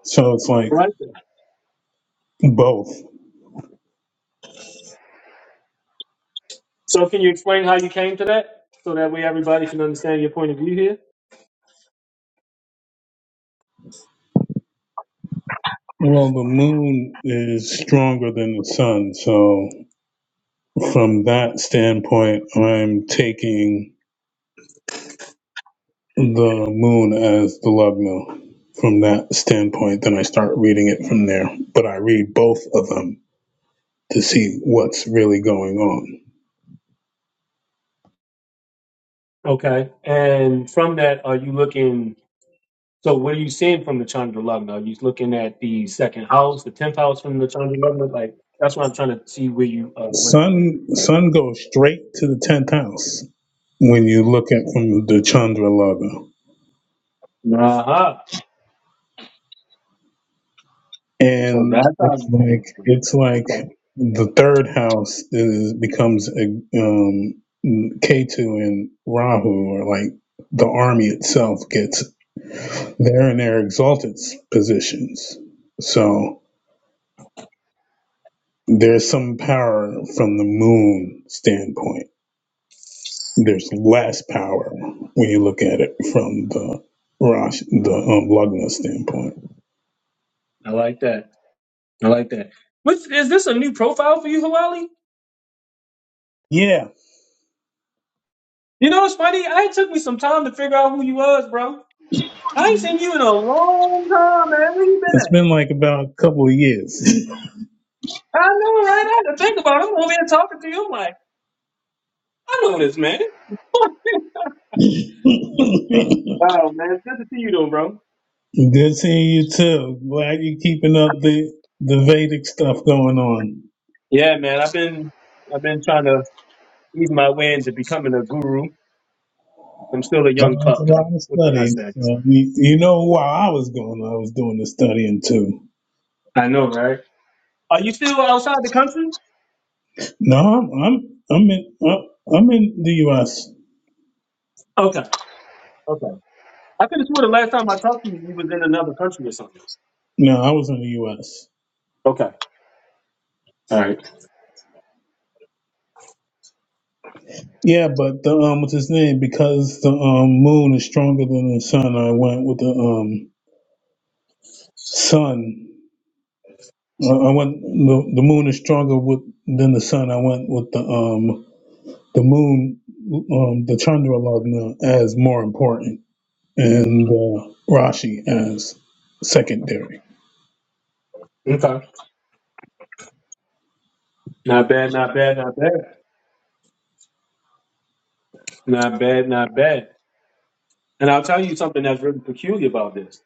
F: So it's like
A: All right. then.
F: both.
A: So can you explain how you came to that so that way everybody can understand your point of view here?
F: Well, the moon is stronger than the sun. So from that standpoint, I'm taking the moon as the Lugna. From that standpoint, then I start reading it from there. But I read both of them to see what's really going on.
A: Okay. And from that, are you looking? So what are you seeing from the Chandra Lagna? Are you looking at the second house, the tenth house from the Chandra Lagna? Like that's what I'm trying to see where you uh, went with that.
F: Sun Sun goes straight to the tenth house when you look at from the Chandra Laga,
A: Uh huh. So
F: and
A: that's how
F: it's
A: you came
F: like
A: up with
F: it's
A: it.
F: like
A: Okay.
F: the third house is becomes a um, Ketu and Rahu, or like the army itself gets they're in their exalted positions. So there's some power from the moon standpoint there's less power when you look at it from the Rosh, the um, Lugna standpoint.
A: I like that. I like that. Which is this a new profile for you, Hawali?
F: Yeah,
A: You know, it's funny. I it took me some time to figure out who you was, bro. I ain't seen you in a long time, man. Where you
F: it's
A: been at?
F: been like about a couple of years. [laughs]
A: I know, right? I had to think about it. I'm over here talking to you. I'm like, I know this man. [laughs]
F: Good
A: wow, man. It's good to see you though, bro.
F: seeing you too. Glad you're keeping up the the Vedic stuff going on.
A: Yeah, man. I've been I've been trying to ease my way into becoming a guru. I'm still a young
F: Uh, It's a
A: pup though.
F: lot of
A: What can I
F: studying.
A: say?
F: So you, you know, while I was going, I was doing the studying too.
A: I know, right? Are you still outside the country?
F: No, I'm I'm I'm in I'm I'm in the U.S.
A: Okay. Okay. I could have sworn the last time I talked to you, you was in another country or something.
F: No, I was in the U.S.
A: Okay. All right.
F: Yeah, but the um, what's his name? Because the um moon is stronger than the sun. I went with the um sun. I I went the, the moon is stronger with than the sun. I went with the um the moon, um the Chandra Lagna as more important, and uh, Rashi as secondary.
A: Okay. Not bad, not bad, not bad. Not bad, not bad. And I'll tell you something that's really peculiar about this.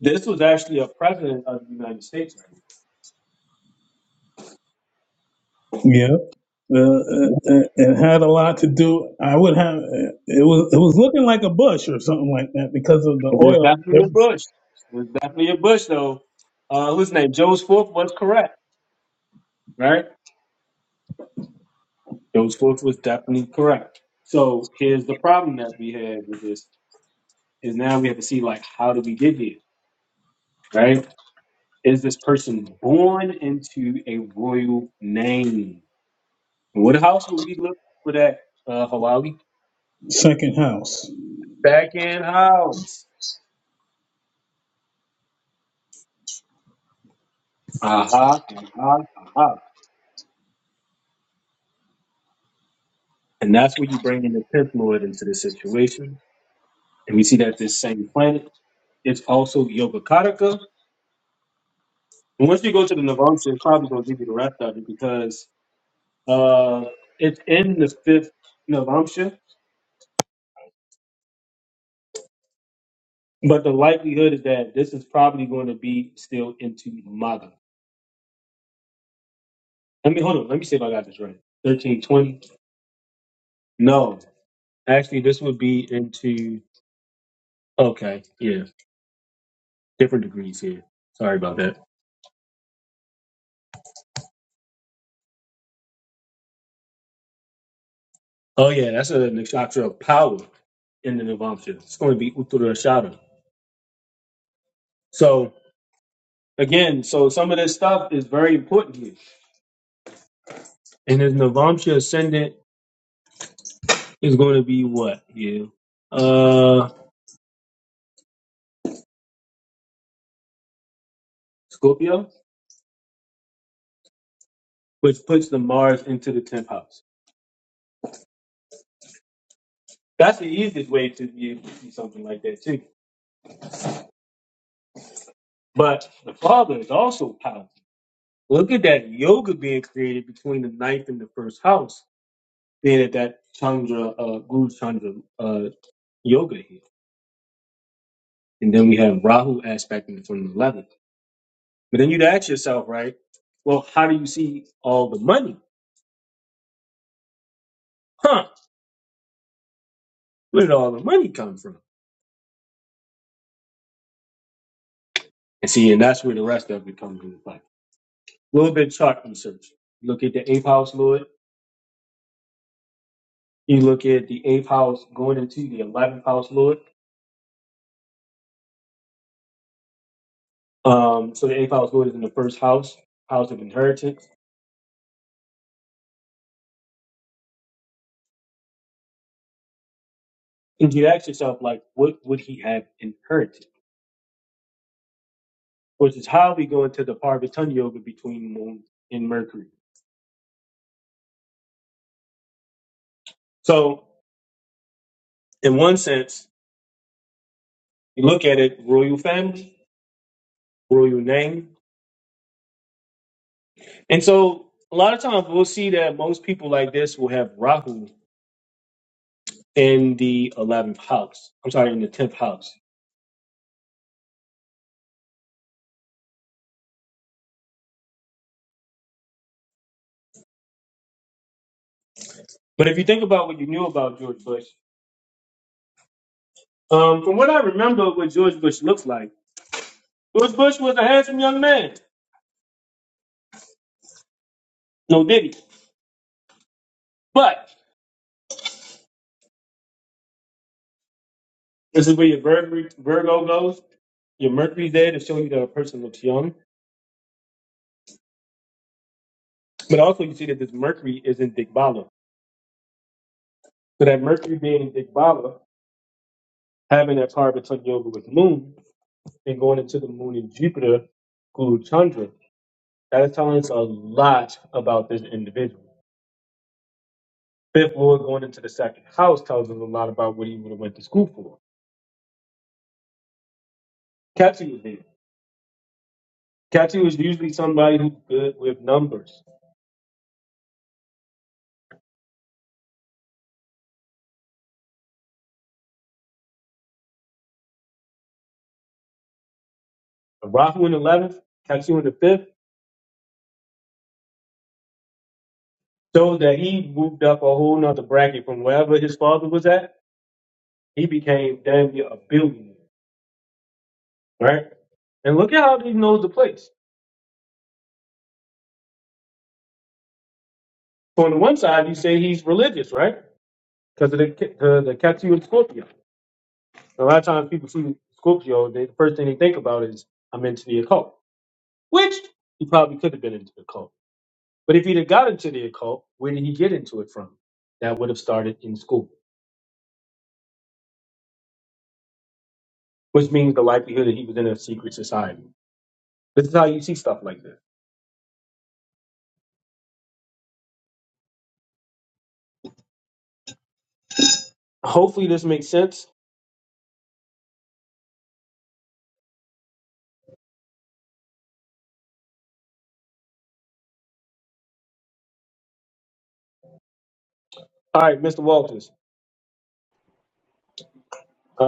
A: This was actually a president of the United States. Right?
F: Yeah. Uh, it, it had a lot to do. I would have. It was. It was looking like a bush or something like that because of the
A: It was
F: oil. Their
A: definitely a Bush. It was definitely a Bush, though. Uh, whose name? Joe's Forth was correct, right? Joe's Forth was definitely correct. So here's the problem that we had with this is now we have to see like how did we get here, right? Is this person born into a royal name? What house would we look for that? Uh, Hawaii
F: second house.
A: back in house. Aha, aha, aha. And that's where you bring in the tenth lord into the situation. And we see that this same planet is also Yogacaraka. And once you go to the Navamsa, it's probably going to give you the rest of it because uh, it's in the fifth Navamsa. But the likelihood is that this is probably going to be still into Maga. Let me hold on. Let me see if I got this right. 1320? No. Actually, this would be into. Okay. Yeah. Different degrees here. Sorry about that. Oh yeah, that's a nakshatra of power in the Navamsha. It's going to be Uttarashada. So again, so some of this stuff is very important here. And his Navamsha ascendant is going to be what? Yeah. Uh Scorpio, which puts the Mars into the tenth house. That's the easiest way to be able to see something like that too. But the father is also powerful. Look at that yoga being created between the ninth and the first house, being at that Chandra, uh, Guru Chandra uh, yoga here. And then we have Rahu aspecting it from the 11th. But then you'd ask yourself, right? Well, how do you see all the money? Huh? Where did all the money come from? And see, and that's where the rest of it comes into play. A little bit of chart research. Look at the eighth house, Lord. You look at the eighth house going into the 11th house, Lord. Um, so the eighth house, Lord, is in the first house, house of inheritance. And you ask yourself, like, what would he have inherited? Which is how we go into the Parvatana Yoga between Moon and Mercury. So, in one sense, You look at it, royal family, royal name. And so a lot of times we'll see that most people like this will have Rahu in the 11th house. I'm sorry, in the 10th house. But if you think about what you knew about George Bush, um, from what I remember, what George Bush looked like, George Bush was a handsome young man. No diddy. But this is where your Vir- Virgo goes. Your Mercury's there to show you that a person looks young. But also you see that this Mercury is in Digbala. So that Mercury being in Digbala Having that power between yoga with the moon and going into the moon and Jupiter, Guru Chandra, that is telling us a lot about this individual. Fifth Lord going into the second house tells us a lot about what he would have went to school for. Ketu was there. Ketu was usually somebody who's good with numbers. Rahu in the 11th, Ketu in the 5th, shows that he moved up a whole nother bracket from wherever his father was at. He became damn near a billionaire, right? And look at how he knows the place. So on the one side, you say he's religious, right? because of the ca- the, the Katsu and Scorpio. A lot of times people see Scorpio, they, the first thing they think about is I'm into the occult, which he probably could have been into the occult. But if he'd have got into the occult, where did he get into it from? That would have started in school, which means the likelihood that he was in a secret society. This is how you see stuff like this. Hopefully, this makes sense. All right, Mr. Walters.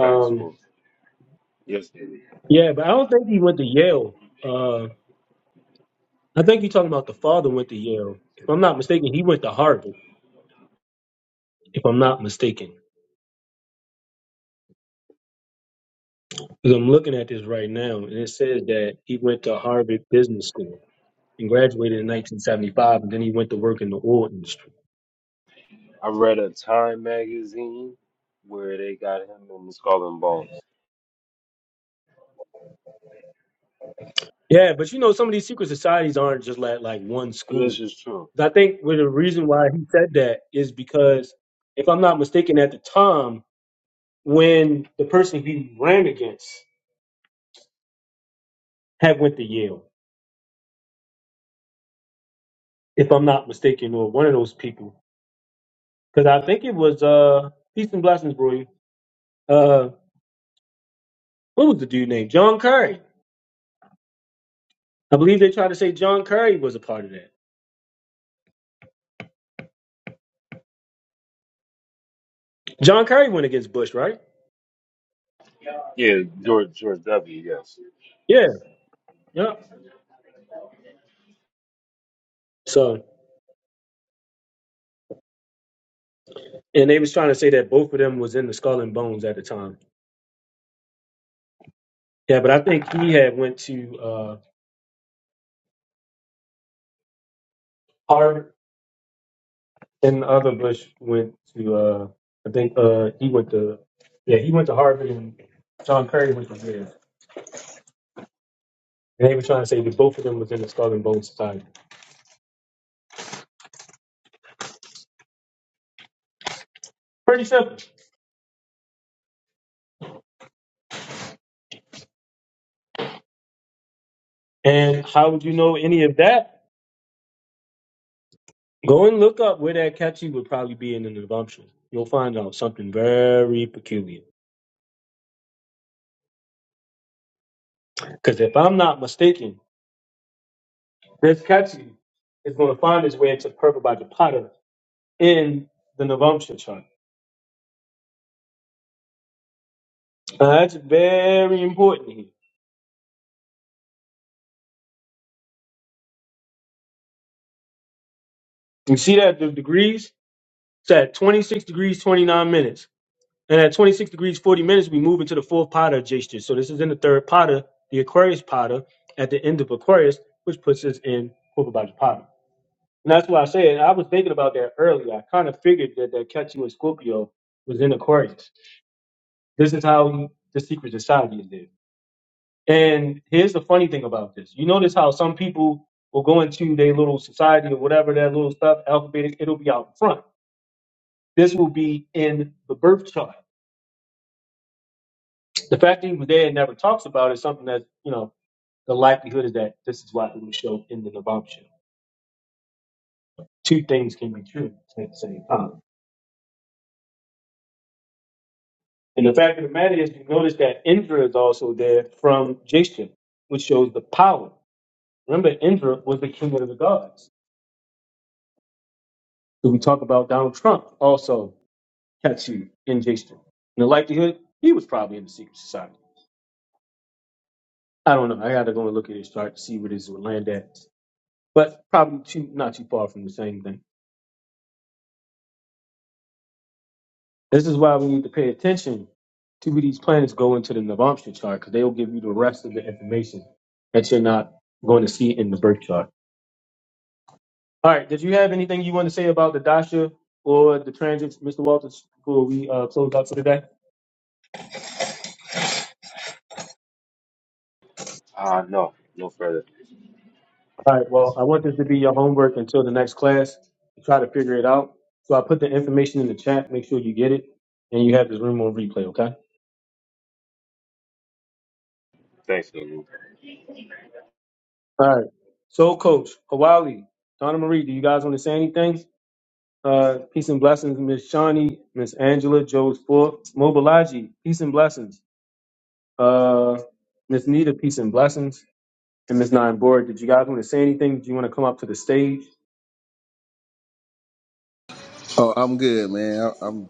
H: Facts for yesterday.
A: yeah, but I don't think he went to Yale. Uh, I think you're talking about the father went to Yale. If I'm not mistaken, he went to Harvard. If I'm not mistaken. Because I'm looking at this right now, and it says that he went to Harvard Business School and graduated in 1975, and then he went to work in the oil industry.
H: I read a Time magazine where they got him in Skull and Bones.
A: Yeah, but you know, some of these secret societies aren't just like like one
H: So
A: school.
H: this is true.
A: I think well, the reason why he said that is because, if I'm not mistaken, at the time when the person he ran against had went to Yale, if I'm not mistaken, or one of those people, because I think it was uh Peace and Blessings, bro. Uh, what was the dude named John Curry? I believe they tried to say John Curry was a part of that. John Curry went against Bush, right?
H: Yeah, George George W. Yes.
A: Yeah. Yeah. So and they was trying to say that both of them was in the skull and bones at the time. Yeah, but I think he had went to uh Harvard and the other Bush went to uh I think uh he went to yeah, he went to Harvard and John Curry went to Yale. And they were trying to say that both of them was in the Skull and Bones Society. Pretty simple. And how would you know any of that? Go and look up where that catchy would probably be in the navamsha. You'll find out something very peculiar. Because if I'm not mistaken, this catchy is going to find its way into Purple by in the Navamsha chart. Now, that's very important here. You see that the degrees? It's at 26 degrees, 29 minutes. And at 26 degrees, 40 minutes, we move into the fourth pada gesture. So this is in the third pada, the Aquarius pada. at the end of Aquarius, which puts us in Purple by And that's why I said I was thinking about that earlier. I kind of figured that that Ketchu and Scorpio was in Aquarius. This is how the secret society is there. And here's the funny thing about this. You notice how some people will go into their little society or whatever that little stuff, alphabetic, it'll be out front. This will be in the birth chart. The fact that he was there and never talks about it is something that, you know, the likelihood is that this is why it will show in the Navamsha. Two things can be true at the same time. And the fact of the matter is, you notice that Indra is also there from Jason, which shows the power. Remember, Indra was the king of the gods. So we talk about Donald Trump also catching in Jason. In the likelihood, he was probably in the secret society. I don't know. I got to go and look at his chart to see what his land at. But probably too, not too far from the same thing. This is why we need to pay attention to where these planets go into the Navamsha chart because they will give you the rest of the information that you're not going to see in the birth chart. All right. Did you have anything you want to say about the dasha or the transits, Mr. Walters, before we uh, close out for today?
H: Ah, no, no further.
A: All right. Well, I want this to be your homework until the next class. try to figure it out. So I put the information in the chat. Make sure you get it, and you have this room on replay. Okay.
H: Thanks, Lou.
A: All right. So, Coach Hawali, Donna Marie, do you guys want to say anything? Uh, peace and blessings, Miss Shawnee, Miss Angela, Joe's Four, Mobilaji, peace and blessings. Uh, Miss Nita, peace and blessings. And Ms. Nine Board, did you guys want to say anything? Do you want to come up to the stage?
J: Oh, I'm good, man. I, I'm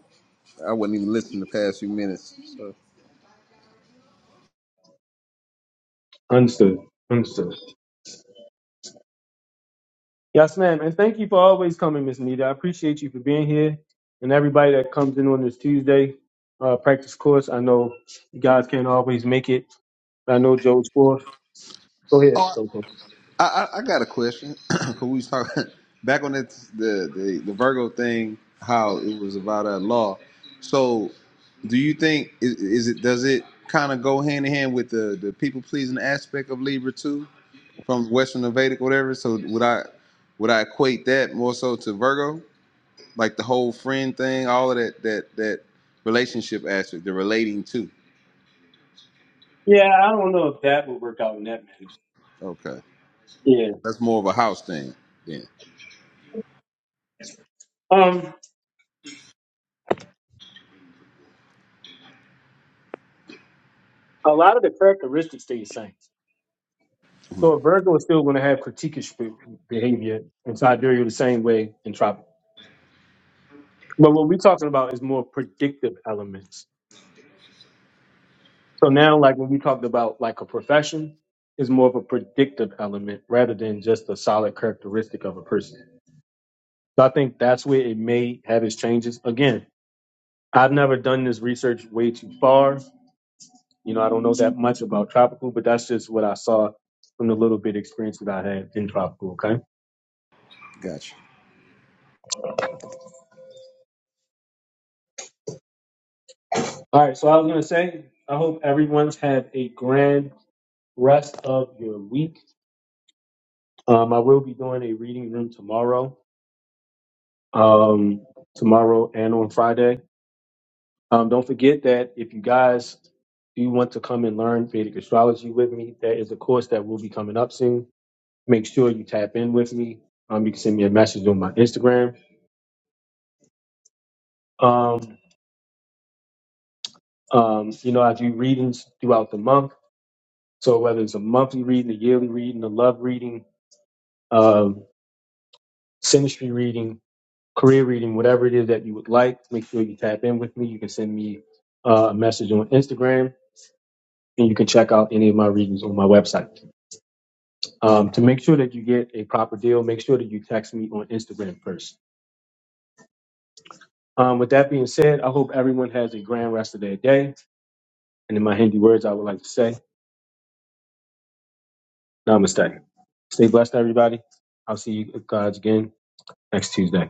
J: I wasn't even listening the past few minutes. So
A: Understood. Understood. Yes, ma'am. And thank you for always coming, Miss Nita. I appreciate you for being here. And everybody that comes in on this Tuesday uh, practice course, I know you guys can't always make it. I know Joe's fourth. Go ahead, Coco.
J: I, I, I got a question. [clears throat] 'Cause we was talking [laughs] back on that the, the the Virgo thing, how it was about a law. So do you think is, is it does it kind of go hand in hand with the the people pleasing aspect of Libra too from Western or Vedic whatever? So would I would I equate that more so to Virgo, like the whole friend thing, all of that that that relationship aspect, the relating to.
A: Yeah, I don't know if that would work out in that manner.
J: Okay,
A: Yeah.
J: that's more of a house thing then.
A: Um, a lot of the characteristics stay the same.
J: Mhm.
A: So a Virgo is still going to have critiquish be- behavior, and Sidereal the same way, and Tropical. But what we're talking about is more predictive elements. So now, like when we talked about like a profession, is more of a predictive element rather than just a solid characteristic of a person. So I think that's where it may have its changes. Again, I've never done this research way too far. You know, I don't know that much about tropical, but that's just what I saw from the little bit experience that I had in tropical. Okay.
J: Gotcha.
A: All right. So I was gonna say, I hope everyone's had a grand rest of your week. Um, I will be doing a reading room tomorrow um, tomorrow and on Friday. Um, don't forget that if you guys do want to come and learn Vedic astrology with me, that is a course that will be coming up soon. Make sure you tap in with me. Um, you can send me a message on my Instagram. Um, um, you know, I do readings throughout the month. So whether it's a monthly reading, a yearly reading, a love reading, um, sinistry reading, career reading, whatever it is that you would like, make sure you tap in with me. You can send me uh, a message on Instagram and you can check out any of my readings on my website. Um, to make sure that you get a proper deal, make sure that you text me on Instagram first. Um, with that being said, I hope everyone has a grand rest of their day. And in my Hindi words, I would like to say, Namaste. Stay blessed, everybody. I'll see you guys again next Tuesday.